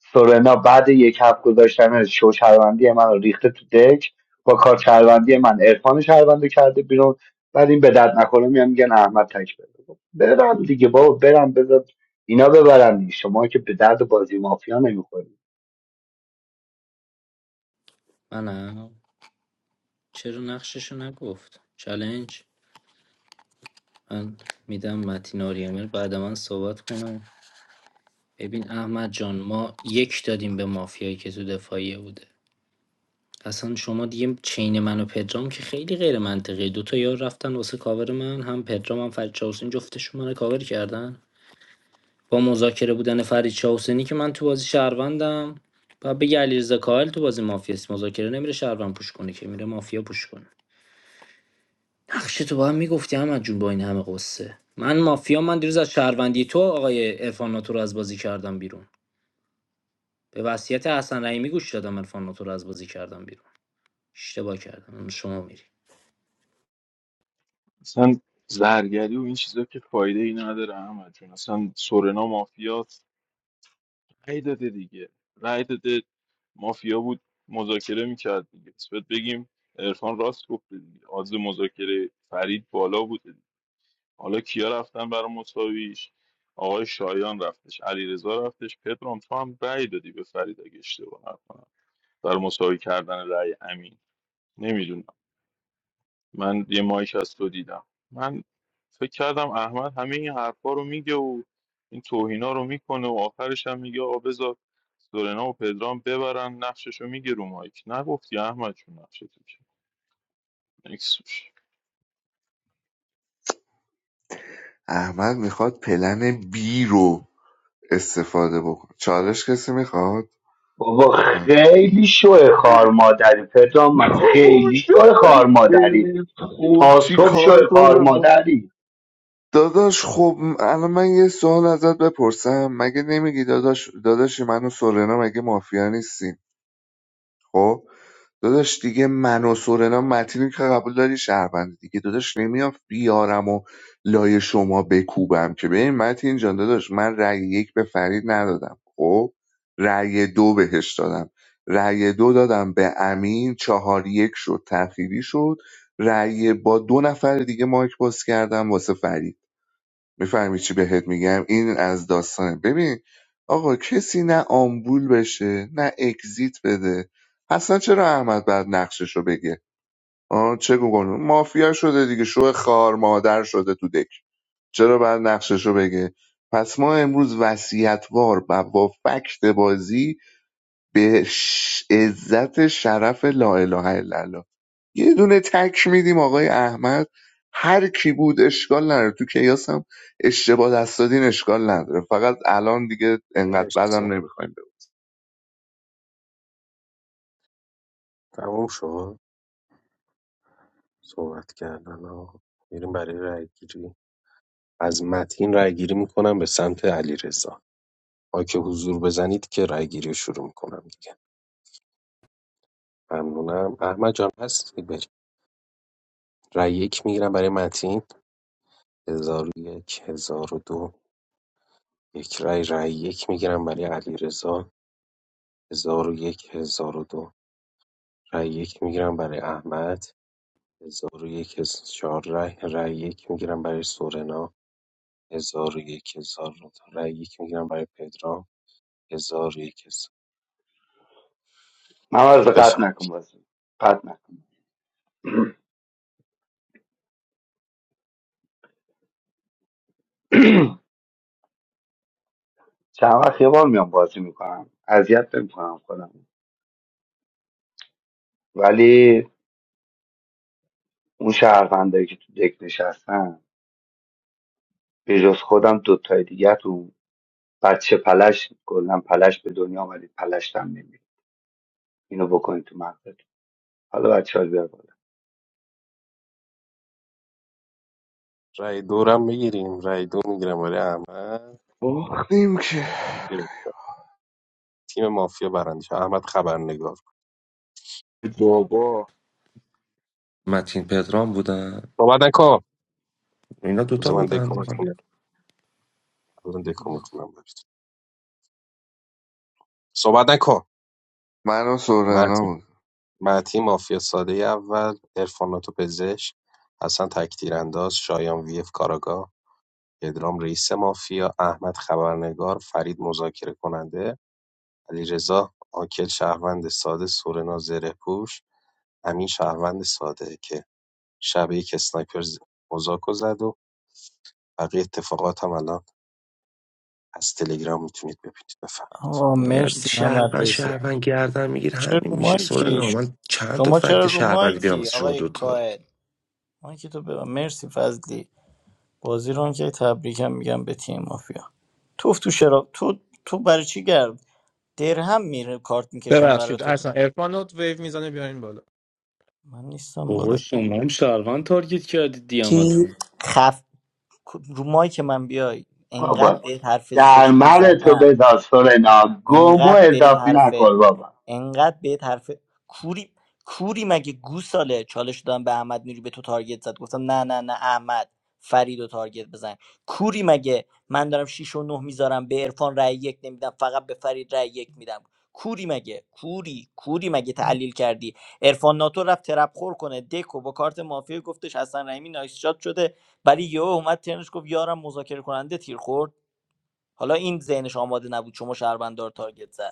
Speaker 10: سورنا بعد یک هفت گذاشتن شو شهروندی من رو ریخته تو دک با کار شهروندی من عرفان شهروند رو کرده بیرون بعد این به درد نخوره میان میگن احمد تک بده برم دیگه بابا برم بذار اینا ببرن دیگه. شما که به درد بازی مافیا نمیخورید
Speaker 11: منم چرا نقششو نگفت چلنج من میدم متین آریامر بعد من صحبت کنم ببین احمد جان ما یک دادیم به مافیایی که تو دفاعیه بوده اصلا شما دیگه چین من و پدرام که خیلی غیر منطقیه دو تا یار رفتن واسه کاور من هم پدرام هم فرید چاوسین جفتشون منو کاور کردن با مذاکره بودن فرید چاوسینی که من تو بازی شهروندم و بگه علیرضا کاهل تو بازی مافیاست مذاکره نمیره شهروند پوش کنه که میره مافیا پوش کنه نقش تو با هم میگفتی احمد جون با این همه قصه من مافیا من دیروز از شهروندی تو آقای عرفان ناتو رو از بازی کردم بیرون به وصیت حسن رحیمی گوش دادم عرفان ناتو رو از بازی کردم بیرون اشتباه کردم شما میری
Speaker 14: اصلا زرگری و این چیزا که فایده ای نداره احمد جون اصلا سورنا مافیاست رأی داده دیگه رأی داده مافیا بود مذاکره میکرد دیگه پس بهت بگیم عرفان راست گفته دیگه آز مذاکره فرید بالا بوده دیگه. حالا کیا رفتن برای مساویش آقای شایان رفتش علیرضا رفتش پدرام تو هم رأی دادی به فرید اگه اشتباه نکنم برای مساوی کردن رأی امین من یه مایک از تو دیدم من فکر کردم احمد همه این حرفا رو میگه و این توهینا رو میکنه و آخرش هم میگه آقا بذار سورنا و پدرام ببرن نقشش رو میگه رو مایک نگفتی احمد چون نقشه تو که نکس باش.
Speaker 6: احمد میخواد پلن بی رو استفاده بکنه چالش کسی میخواد
Speaker 10: بابا خیلی شو خار مادری پدرام من-
Speaker 6: بابا
Speaker 10: خیلی شو خار
Speaker 6: دست
Speaker 10: مادری
Speaker 6: بریز. خب
Speaker 10: تا
Speaker 6: چی
Speaker 10: صبح شو
Speaker 6: کار
Speaker 10: خار
Speaker 6: کنم
Speaker 10: مادری
Speaker 6: داداش خب الان من یه سوال ازت بپرسم مگه نمیگی داداش داداشی من و سورنا مگه مافیا نیستیم خب داداش دیگه من و سورنا متینی که قبول داری شهروند دیگه داداش نمیام بیارم و لای شما بکوبم که ببین متین جان داداش من رأی یک به فرید ندادم خب رأی دو بهش دادم رأی دو دادم به امین چهار یک شد تأخیری شد رأی با دو نفر دیگه مایک باز کردم واسه فرید میفهمی چی بهت میگم این از داستانه ببین آقا کسی نه آمبول بشه نه اگزیت بده اصلا چرا احمد بعد نقشش بگه آه چه گونه مافیا شده دیگه شو خار مادر شده تو دک چرا بعد نقشش بگه پس ما امروز وصیتوار و با فکت بازی به ش- عزت شرف لا اله الا الله یه دونه تک میدیم آقای احمد هر کی بود اشکال نداره تو کیاس هم اشتباه دست دادین اشکال نداره فقط الان دیگه انقدر
Speaker 8: مرسی
Speaker 6: بدم نمیخوایم بگم
Speaker 8: تموم شد صحبت کردن آقا میریم برای رای گیری از متین رأیگیری میکنم به سمت علیرضا ما که حضور بزنید که رأیگیری رو شروع میکنم دیگه ممنونم احمد جان هستی بریم رأی یک میگیرم برای متین هزار و یک هزار و دو یک رأی رأی یک میگیرم برای علیرضا هزار و یک هزار و دو رای یک میگیرم برای احمد هزار و یک هزار چهار رای. رای یک میگیرم برای سورنا هزار و یک هزار و دو رای یک میگیرم برای پدرام هزار و یک هزار
Speaker 10: من
Speaker 8: بفرمایید.
Speaker 10: قطع نکن بازی قطع نکن چند وقت یه بار میام بازی میکنم اذیت نمیکنم خودم ولی اون شهروندایی که تو دک نشستن به جز خودم دوتای دیگه تو بچه پلش گلم پلش به دنیا آمدید پلشتم نمید اینو بکنید تو مغزت حالا بچه ها بیار بالا
Speaker 8: رای دورم میگیریم رای دو میگیرم برای احمد
Speaker 6: باختیم که
Speaker 8: یه تیم مافیا برنده شد. احمد خبرنگار
Speaker 14: بابا
Speaker 12: متین پدرام بودن
Speaker 8: صحبت نکن
Speaker 12: اینا دوتا
Speaker 8: بذار من دکو
Speaker 12: بودن
Speaker 8: بخونم الان دکو میخونم برات صحبت نکن
Speaker 6: من و سورنا
Speaker 8: مرتی
Speaker 6: بود
Speaker 8: مرتی مافیا ساده اول ارفاناتو پزشک حسن تکتیر انداز شایان ویف کاراگاه پدرام رئیس مافیا احمد خبرنگار فرید مذاکره کننده علیرضا آکل شهروند ساده سورنا زره پوش امین شهروند ساده که شب یک اسنایپر ز- قزاکو زد و بقیه اتفاقات هم الان از تلگرام میتونید ببینید بفرمایید
Speaker 3: آقا مرسی محمد
Speaker 12: شهروند
Speaker 3: رضا
Speaker 12: شهروند گردن میگیر
Speaker 3: چه رو
Speaker 12: همین میشه سوال
Speaker 3: مایکی
Speaker 12: من چند تا
Speaker 3: شما چرا
Speaker 12: فکت
Speaker 3: رو
Speaker 12: شهروندی بیارم
Speaker 3: مایکی
Speaker 12: واسه شما
Speaker 3: آقای
Speaker 12: دوتا
Speaker 3: کائل مایکی تو ببن مرسی فضلی بازی رو که تبریکم میگم به تیم مافیا توف تو شراب تو تو برای چی گرد درهم میره کارت میکشم برای
Speaker 4: ببخشید
Speaker 3: تو
Speaker 4: اصلا عرفان رو ویو میزنه بیاین بالا
Speaker 3: من نیستم بالا
Speaker 11: بابا شما هم شهروند تارگت کردید
Speaker 3: کی
Speaker 11: دیامتون
Speaker 3: خف رو مایک من بیای انقدر
Speaker 10: بابا
Speaker 3: بهت حرف
Speaker 10: در
Speaker 3: زشت
Speaker 10: من تو
Speaker 3: میزنم
Speaker 10: به سورنا گم و
Speaker 3: انقدر بهت
Speaker 10: اضافی
Speaker 3: حرف
Speaker 10: نکن بابا
Speaker 3: انقدر به طرف کوری کوری مگه گوساله چالش دادم به احمد نوری به تو تارگت زد گفتم نه نه نه احمد فرید و تارگت بزن کوری مگه من دارم 6 و نه میذارم به عرفان رای یک نمیدم فقط به فرید رای یک میدم کوری مگه کوری کوری مگه تحلیل کردی عرفان ناتو رفت ترپ خور کنه دکو با کارت مافیا گفتش حسن رحیمی نایس شات شده ولی یهو اومد ترنش گفت یارم مذاکره کننده تیر خورد حالا این ذهنش آماده نبود شما شهروندار تارگت زد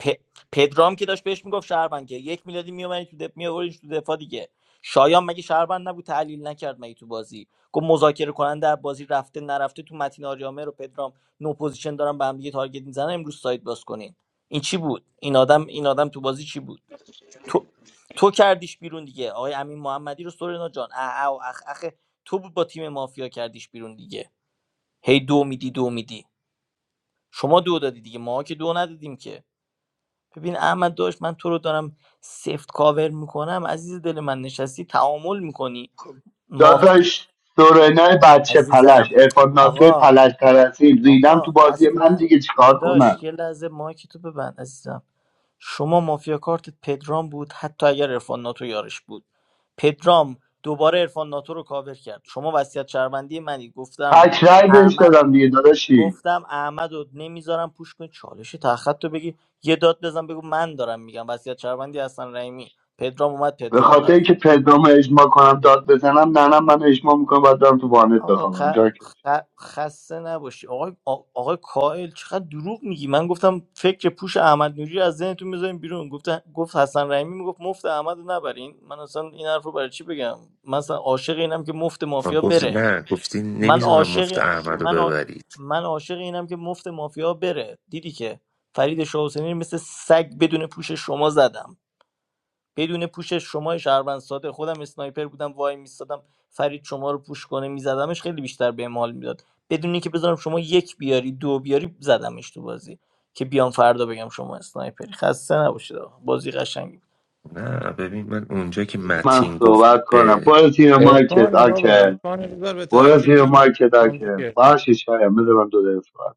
Speaker 3: پ- پدرام که داشت بهش میگفت شهروند که یک میلادی میومدی تو دپ میآوردیش تو دفاع دیگه شایان مگه شهروند نبود تحلیل نکرد مگه تو بازی گفت مذاکره کننده از بازی رفته نرفته تو متین آریامه رو پدرام نو پوزیشن دارن به هم دیگه تارگت میزنن امروز سایت باز کنین این چی بود این آدم این آدم تو بازی چی بود تو تو کردیش بیرون دیگه آقای امین محمدی رو سورنا جان اه اه و اخ اخ تو بود با تیم مافیا کردیش بیرون دیگه هی دو میدی دو میدی شما دو دادی دیگه ما که دو ندادیم که ببین احمد داشت من تو رو دارم سفت کاور میکنم عزیز دل من نشستی تعامل میکنی
Speaker 10: خب،
Speaker 3: ماف
Speaker 10: داداش سورنای بچه پلش
Speaker 3: عزیزم
Speaker 10: ارفان ناتوی
Speaker 3: آقا
Speaker 10: پلش ترسی ریدم
Speaker 3: آقا
Speaker 10: تو بازی من
Speaker 3: اصلا
Speaker 10: دیگه چیکار
Speaker 3: داداش
Speaker 10: کنم
Speaker 3: یه لحظه مایک تو ببند عزیزم شما مافیا کارت پدرام بود حتی اگر عرفان ناتو یارش بود پدرام دوباره عرفان ناتو رو کاور کرد شما وصیت شهروندی منی گفتم
Speaker 10: تک رأی بهش
Speaker 3: احمد
Speaker 10: دادم دیگه داداشی
Speaker 3: گفتم احمد رو نمیذارم پوش کنی چالش تخت تو بگی یه داد بزن بگو من دارم میگم وصیت شهروندی حسن رحیمی پدرام اومد
Speaker 10: به
Speaker 3: پدرام
Speaker 10: خاطر
Speaker 3: رفت
Speaker 10: اینکه پدرام اجماع کنم داد بزنم ننم من اجماع میکنم باید برم تو وانت
Speaker 3: آقا
Speaker 10: بخوابم
Speaker 3: خ...
Speaker 10: جا کش.
Speaker 3: خ- خسته نباشی آقای آ- آقای کائل چقدر دروغ میگی من گفتم فکر پوش احمد نوری رو از ذهنتون میذاریم بیرون گفت گفت حسن رحیمی میگفت مفت احمد رو نبرین من اصلا این حرف رو برای چی بگم من اصلا عاشق اینم که مفت
Speaker 12: من
Speaker 3: مافیا
Speaker 12: گفتی
Speaker 3: بره
Speaker 12: نه گفتی
Speaker 3: من
Speaker 12: نمیذارم مفت
Speaker 3: عاشق
Speaker 12: احمد رو
Speaker 3: من عا-
Speaker 12: ببرید
Speaker 3: من عاشق اینم که مفت مافیا بره دیدی که فرید شاحسینی رو مثل سگ بدون پوش شما زدم بدون پوش شما شهروند ساده خودم اسنایپر بودم وای میستادم فرید شما رو پوش کنه میزدمش خیلی بیشتر به مال میداد بدون اینکه بذارم شما یک بیاری دو بیاری زدمش تو بازی که بیام فردا بگم شما اسنایپری خسته نباشید آقا. بازی قشنگی بود.
Speaker 12: نه ببین من اونجا که
Speaker 10: من
Speaker 12: متین گفت
Speaker 10: صحبت کنم
Speaker 12: به
Speaker 10: برو زیر مارکت
Speaker 4: عرفان بابا
Speaker 10: آکل
Speaker 4: عرفان بذار به
Speaker 10: برو
Speaker 4: ترتیب
Speaker 10: زیر
Speaker 4: بگیم
Speaker 10: مارکت
Speaker 4: عرفان
Speaker 10: آکل
Speaker 4: بگه
Speaker 10: باشه شایم بذار من دو دقیقه صحبت کنم.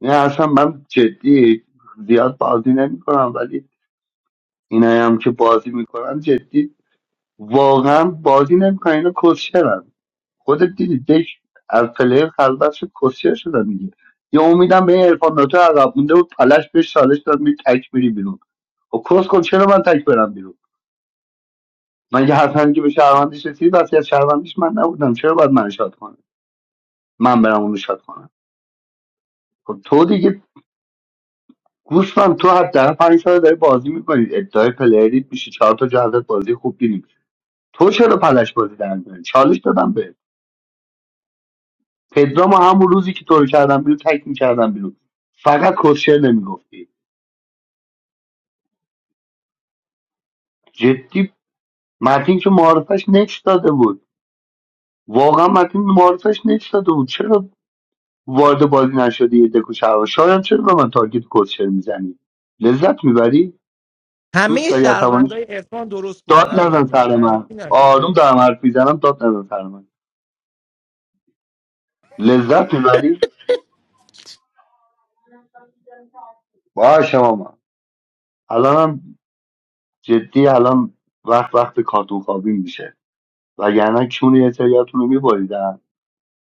Speaker 10: نه اصلا من جدی زیاد بازی نمیکنم ولی اینایی هم که بازی میکنن جدی واقعا بازی نمیکنه اینا کسشرن خودت دیدی دک از پلیر خلوتش کسشر شدن دیگه یه امیدم به این عرفان ناتو عقب مونده بود پلش بهش چالش داد می تک میری بیرون خب کس کن چرا من تک برم بیرون من یه حسن که به شهروندیش رسید بس از شهروندیش من نبودم چرا باید من شاد کنم من برم اونو شاد کنم خب تو دیگه گوشمم تو حداقل پنج سال داری بازی میکنی ادعای پلیریت میشه چهار تا جهازت بازی خوب گیری تو چرا پلش بازی در میاری؟ چالش دادم بهت. پدرامو همون روزی که تو رو کردم بیرون تک میکردم بیرون فقط کسشر نمیگفتی جدی متین که معارفش نچ داده بود واقعا متین معارفش نچ داده بود چرا وارد بازی نشدی یه دکو شهر شاید چرا به من تارگت کسشر میزنی لذت میبری دوست
Speaker 4: همه
Speaker 10: داری عصبانیش
Speaker 4: شهروندای عرفان درست بودن
Speaker 10: داد
Speaker 4: احمد
Speaker 10: نزن
Speaker 4: نوش
Speaker 10: سر من
Speaker 4: درکی نگو
Speaker 10: آروم دارم حرف میزنم داد نزن سر من لذت میبری باشه ماما الانم جدی الان وقت وقت کارتون خوابی میشه وگرنه کون یه سریاتون رو میبریدن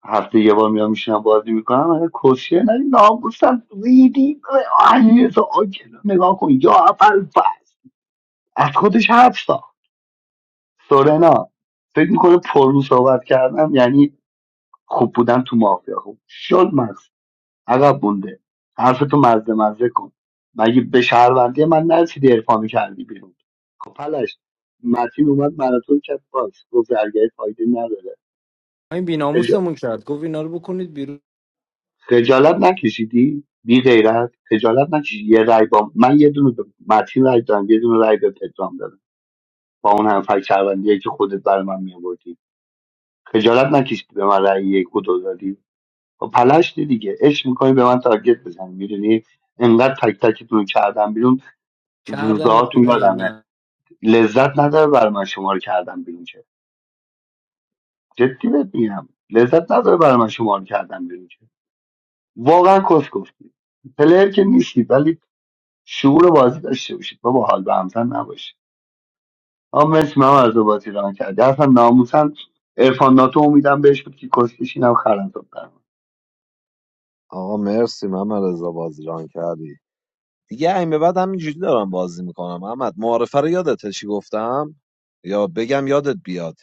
Speaker 10: هفته یه بار میام میشینم بازی میکنم اگه کسیه نری ناموسم ریدی آهیز آکلا نگاه کن یا اول فصل از خودش حرف ساخت سورنا فکر میکنه پرو صحبت کردم یعنی خوب بودن تو مافیا خوب شد مغز عقب بونده حرفتو مزه مزه کن مگه به شهروندی من نرسیدی ارفا کردی بیرون خب پلش متین اومد منو تو کرد باز گفت درگاه فایده نداره
Speaker 11: این
Speaker 10: خجالت نکشیدی بی غیرت خجالت نکشیدی یه رای با من یه دونه به متین رای دادم یه دونه رای به پدرام دادم با اون هم فکر شهروندیه که خودت برای من میآوردی خجالت نکشیدی به من رای یک و دو دادی و پلشتی دیگه عشق میکنی به من تارگت بزنی میدونی انقدر تک تکتون رو کردم بیرون
Speaker 11: دمت
Speaker 10: زوزهاتون
Speaker 11: بیرون یا
Speaker 10: یادمه
Speaker 11: نه
Speaker 10: لذت نداره برای من شما رو کردم بیرون چه جدی بهت میگم لذت نداره برای من شما رو کردم بیرون چه واقعا کس گفتی پلر که نیستی ولی شعور بازی داشته باشید بابا حال به همزن نباشید آقا مرسی من از بازی ران کردی اصلا ناموسن ارفان ناتو امیدم بهش بود که کسکش اینم خرندم برم
Speaker 13: آقا مرسی محمد رضا بازی ران کردی دیگه این به بعد همینجوری دارم بازی میکنم احمد معارفه رو یادته چی گفتم یا بگم یادت بیاد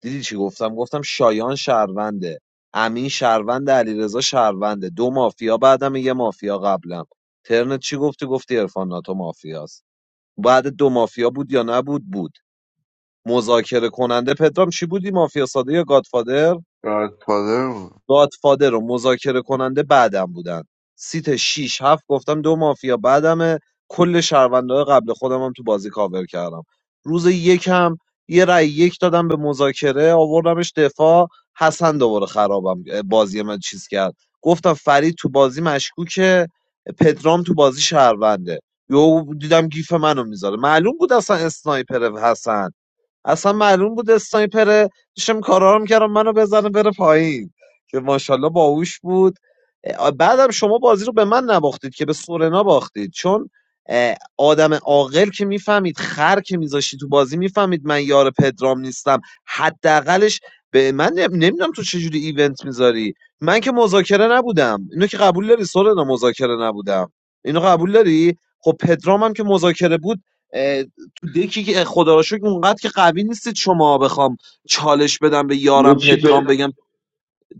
Speaker 13: دیدی چی گفتم گفتم شایان شهرونده امین شهروند علیرضا شهرونده دو مافیا بعدم یه مافیا قبلم ترنت چی گفتی گفتی عرفان ناتو مافیاست بعد دو مافیا بود یا نبود بود مذاکره کننده پدرام چی بودی مافیا ساده یا گادفادر
Speaker 6: گادفادر بود
Speaker 13: گادفادر و مذاکره کننده بعدم بودن سیت 6 7 گفتم دو مافیا بعدمه کل شهروندهای قبل خودم هم تو بازی کاور کردم روز یکم یه رأی یک دادم به مذاکره آوردمش دفاع حسن دوباره خرابم بازی من چیز کرد گفتم فرید تو بازی مشکوکه پدرام تو بازی شهرونده یهو دیدم گیف منو میذاره معلوم بود اصلا اسنایپر حسن اصلا معلوم بود اسنایپره داشتم کارا رو میکردم منو بزنه بره پایین که ماشاءالله باهوش بود اه، بعدم شما بازی رو به من نباختید که به سورنا باختید چون اه، آدم عاقل که میفهمید خر که میذاشتی تو بازی میفهمید من یار پدرام نیستم حداقلش به من نمیدونم تو چجوری ایونت میذاری من که مذاکره نبودم اینو که قبول داری سورنا مذاکره نبودم اینو قبول داری خب پدرام هم که مذاکره بود دکی که خدا رو شکر اونقدر که قوی نیستید شما بخوام چالش بدم به
Speaker 10: یه
Speaker 13: یارم
Speaker 10: چی
Speaker 13: پدرام
Speaker 10: به
Speaker 13: بگم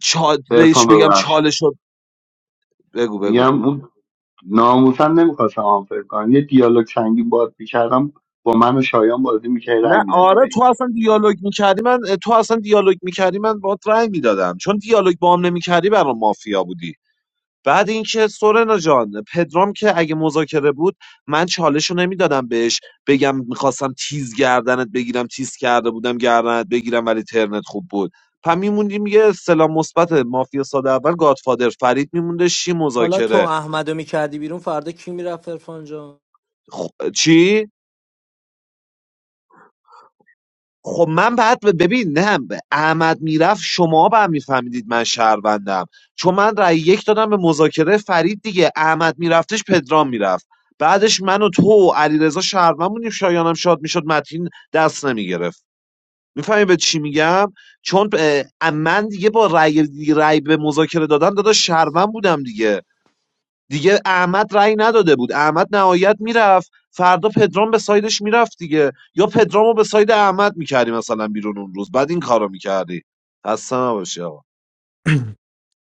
Speaker 13: چا... بهش
Speaker 10: ارفان
Speaker 13: بگم
Speaker 10: ببخشید
Speaker 13: چالش رو بگو بگو
Speaker 10: میگم اون ناموسن نمیخواستم آنفر کنم یه دیالوگ سنگین باد میکردم با من و شایان بازی میکردی رنگ
Speaker 13: نه
Speaker 10: میدادی به
Speaker 13: آره
Speaker 10: این.
Speaker 13: تو اصلا دیالوگ میکردی من تو اصلا دیالوگ میکردی من باهات رأی میدادم چون دیالوگ با هم نمیکردی برام مافیا بودی بعد اینکه سورنا جان پدرام که اگه مذاکره بود من چالش رو نمیدادم بهش بگم میخواستم تیز گردنت بگیرم تیز کرده بودم گردنت بگیرم ولی ترنت خوب بود پس میموندیم یه استلام مثبت مافیا ساده اول گادفادر فرید میمونده شی
Speaker 11: حالا تو
Speaker 13: مذاکره
Speaker 11: احمدو میکردی بیرون فردا کی میرفت ارفان
Speaker 13: خ... چی خب من بعد به- ببین نه به احمد میرفت شما به هم میفهمیدید من شهروندم چون من رأی یک دادم به مذاکره فرید دیگه احمد میرفتش پدرام میرفت بعدش من و تو و علیرضا شهروند بودیم شایانم شاد میشد متین دست نمیگرفت میفهمی به چی میگم چون اه، من دیگه با رأی رأی به مذاکره دادن دادا شهروند بودم دیگه دیگه احمد رأی نداده بود احمد نهایت میرفت فردا پدرام به سایدش میرفت دیگه یا پدرامو به ساید احمد میکردی مثلا بیرون اون روز بعد این کارو میکردی خسته نباشی آقا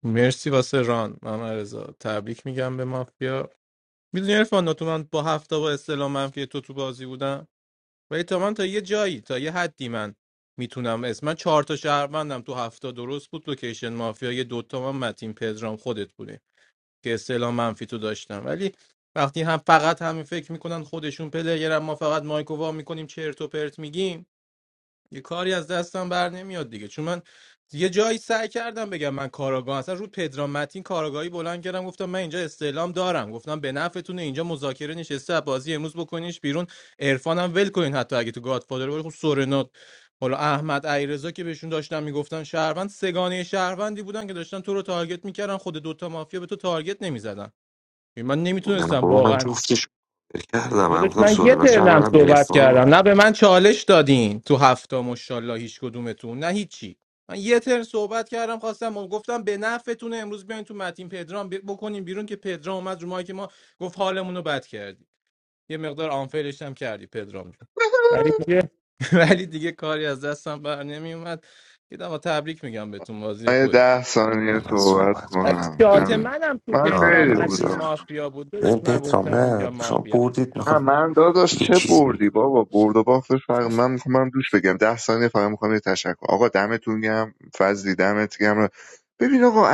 Speaker 4: مرسی واسه ران محمد رضا تبریک میگم به مافیا میدونی عرفان تو من با هفته با استلام منفی تو تو بازی بودم ولی تا من تا یه جایی تا یه حدی من میتونم اسم من چهار تا شهروندم تو هفته درست بود لوکیشن مافیا یه دوتا من متین پدرام خودت بودی. که اصطلاح منفی تو داشتم ولی وقتی هم فقط همین فکر میکنن خودشون پلیر ما فقط مایکو وا میکنیم چرت و پرت میگیم یه کاری از دستم بر نمیاد دیگه چون من یه جایی سعی کردم بگم من کاراگاه اصلا رو پدرام متین کاراگاهی بلند کردم گفتم من اینجا استعلام دارم گفتم به نفعتونه اینجا مذاکره نشسته از بازی امروز بکنیش بیرون عرفانم ول کنین حتی اگه تو گادفادر ولی خب سورنا حالا احمد ایرزا که بهشون داشتن میگفتن شهروند سگانه شهروندی بودن که داشتن تو رو تارگت میکردن خود دوتا مافیا به تو تارگت نمیزدن من
Speaker 12: نه
Speaker 4: نمیتونستم
Speaker 12: بابا من
Speaker 4: واقعا
Speaker 12: جفتش کار کردم من
Speaker 4: داداش
Speaker 12: گفتم
Speaker 4: من یه
Speaker 12: سلیمان شهر
Speaker 4: ترنم
Speaker 12: برم
Speaker 4: صحبت کردم
Speaker 12: ارفان
Speaker 4: نه به من چالش دادین تو هفته مشالله هیچ کدومتون نه هیچی من یه ترن صحبت کردم خواستم گفتم به نفعتون امروز بیاین تو متین پدرام ب- بکنیم بیرون که پدرام اومد رو که ما گفت حالمون رو بد کردی یه مقدار آنفیلش هم کردی پدرام جون ولی دیگه ولی دیگه کاری از دستم بر نمیومد دیدم آقا تبریک میگم بهتون بازی
Speaker 6: من یه
Speaker 4: خوبی بود.
Speaker 6: ده ثانیه
Speaker 12: به من
Speaker 6: صحبت
Speaker 12: صحبت
Speaker 4: بعد
Speaker 12: کنم
Speaker 6: کنم
Speaker 4: شات
Speaker 6: دمت.
Speaker 12: ببین
Speaker 4: منم تو
Speaker 6: من
Speaker 4: پدرام
Speaker 12: آره
Speaker 6: خیلی
Speaker 4: متین
Speaker 12: بذار
Speaker 6: کوتاه
Speaker 4: مافیا بود داداش
Speaker 12: ببین
Speaker 4: من
Speaker 12: پترام
Speaker 4: گفتم اینجا
Speaker 12: نه شما
Speaker 4: مافیاست
Speaker 12: بردید
Speaker 6: نه
Speaker 12: میخوام
Speaker 6: من داداش
Speaker 12: یه
Speaker 6: چه
Speaker 12: چیز بگم
Speaker 6: بردی بابا برد و باختش فرق من میخوام برم دوش بگم ده ثانیه فقط میخوام یه تشکر آقا دمتون گم فضلی دمت گم ببین آقا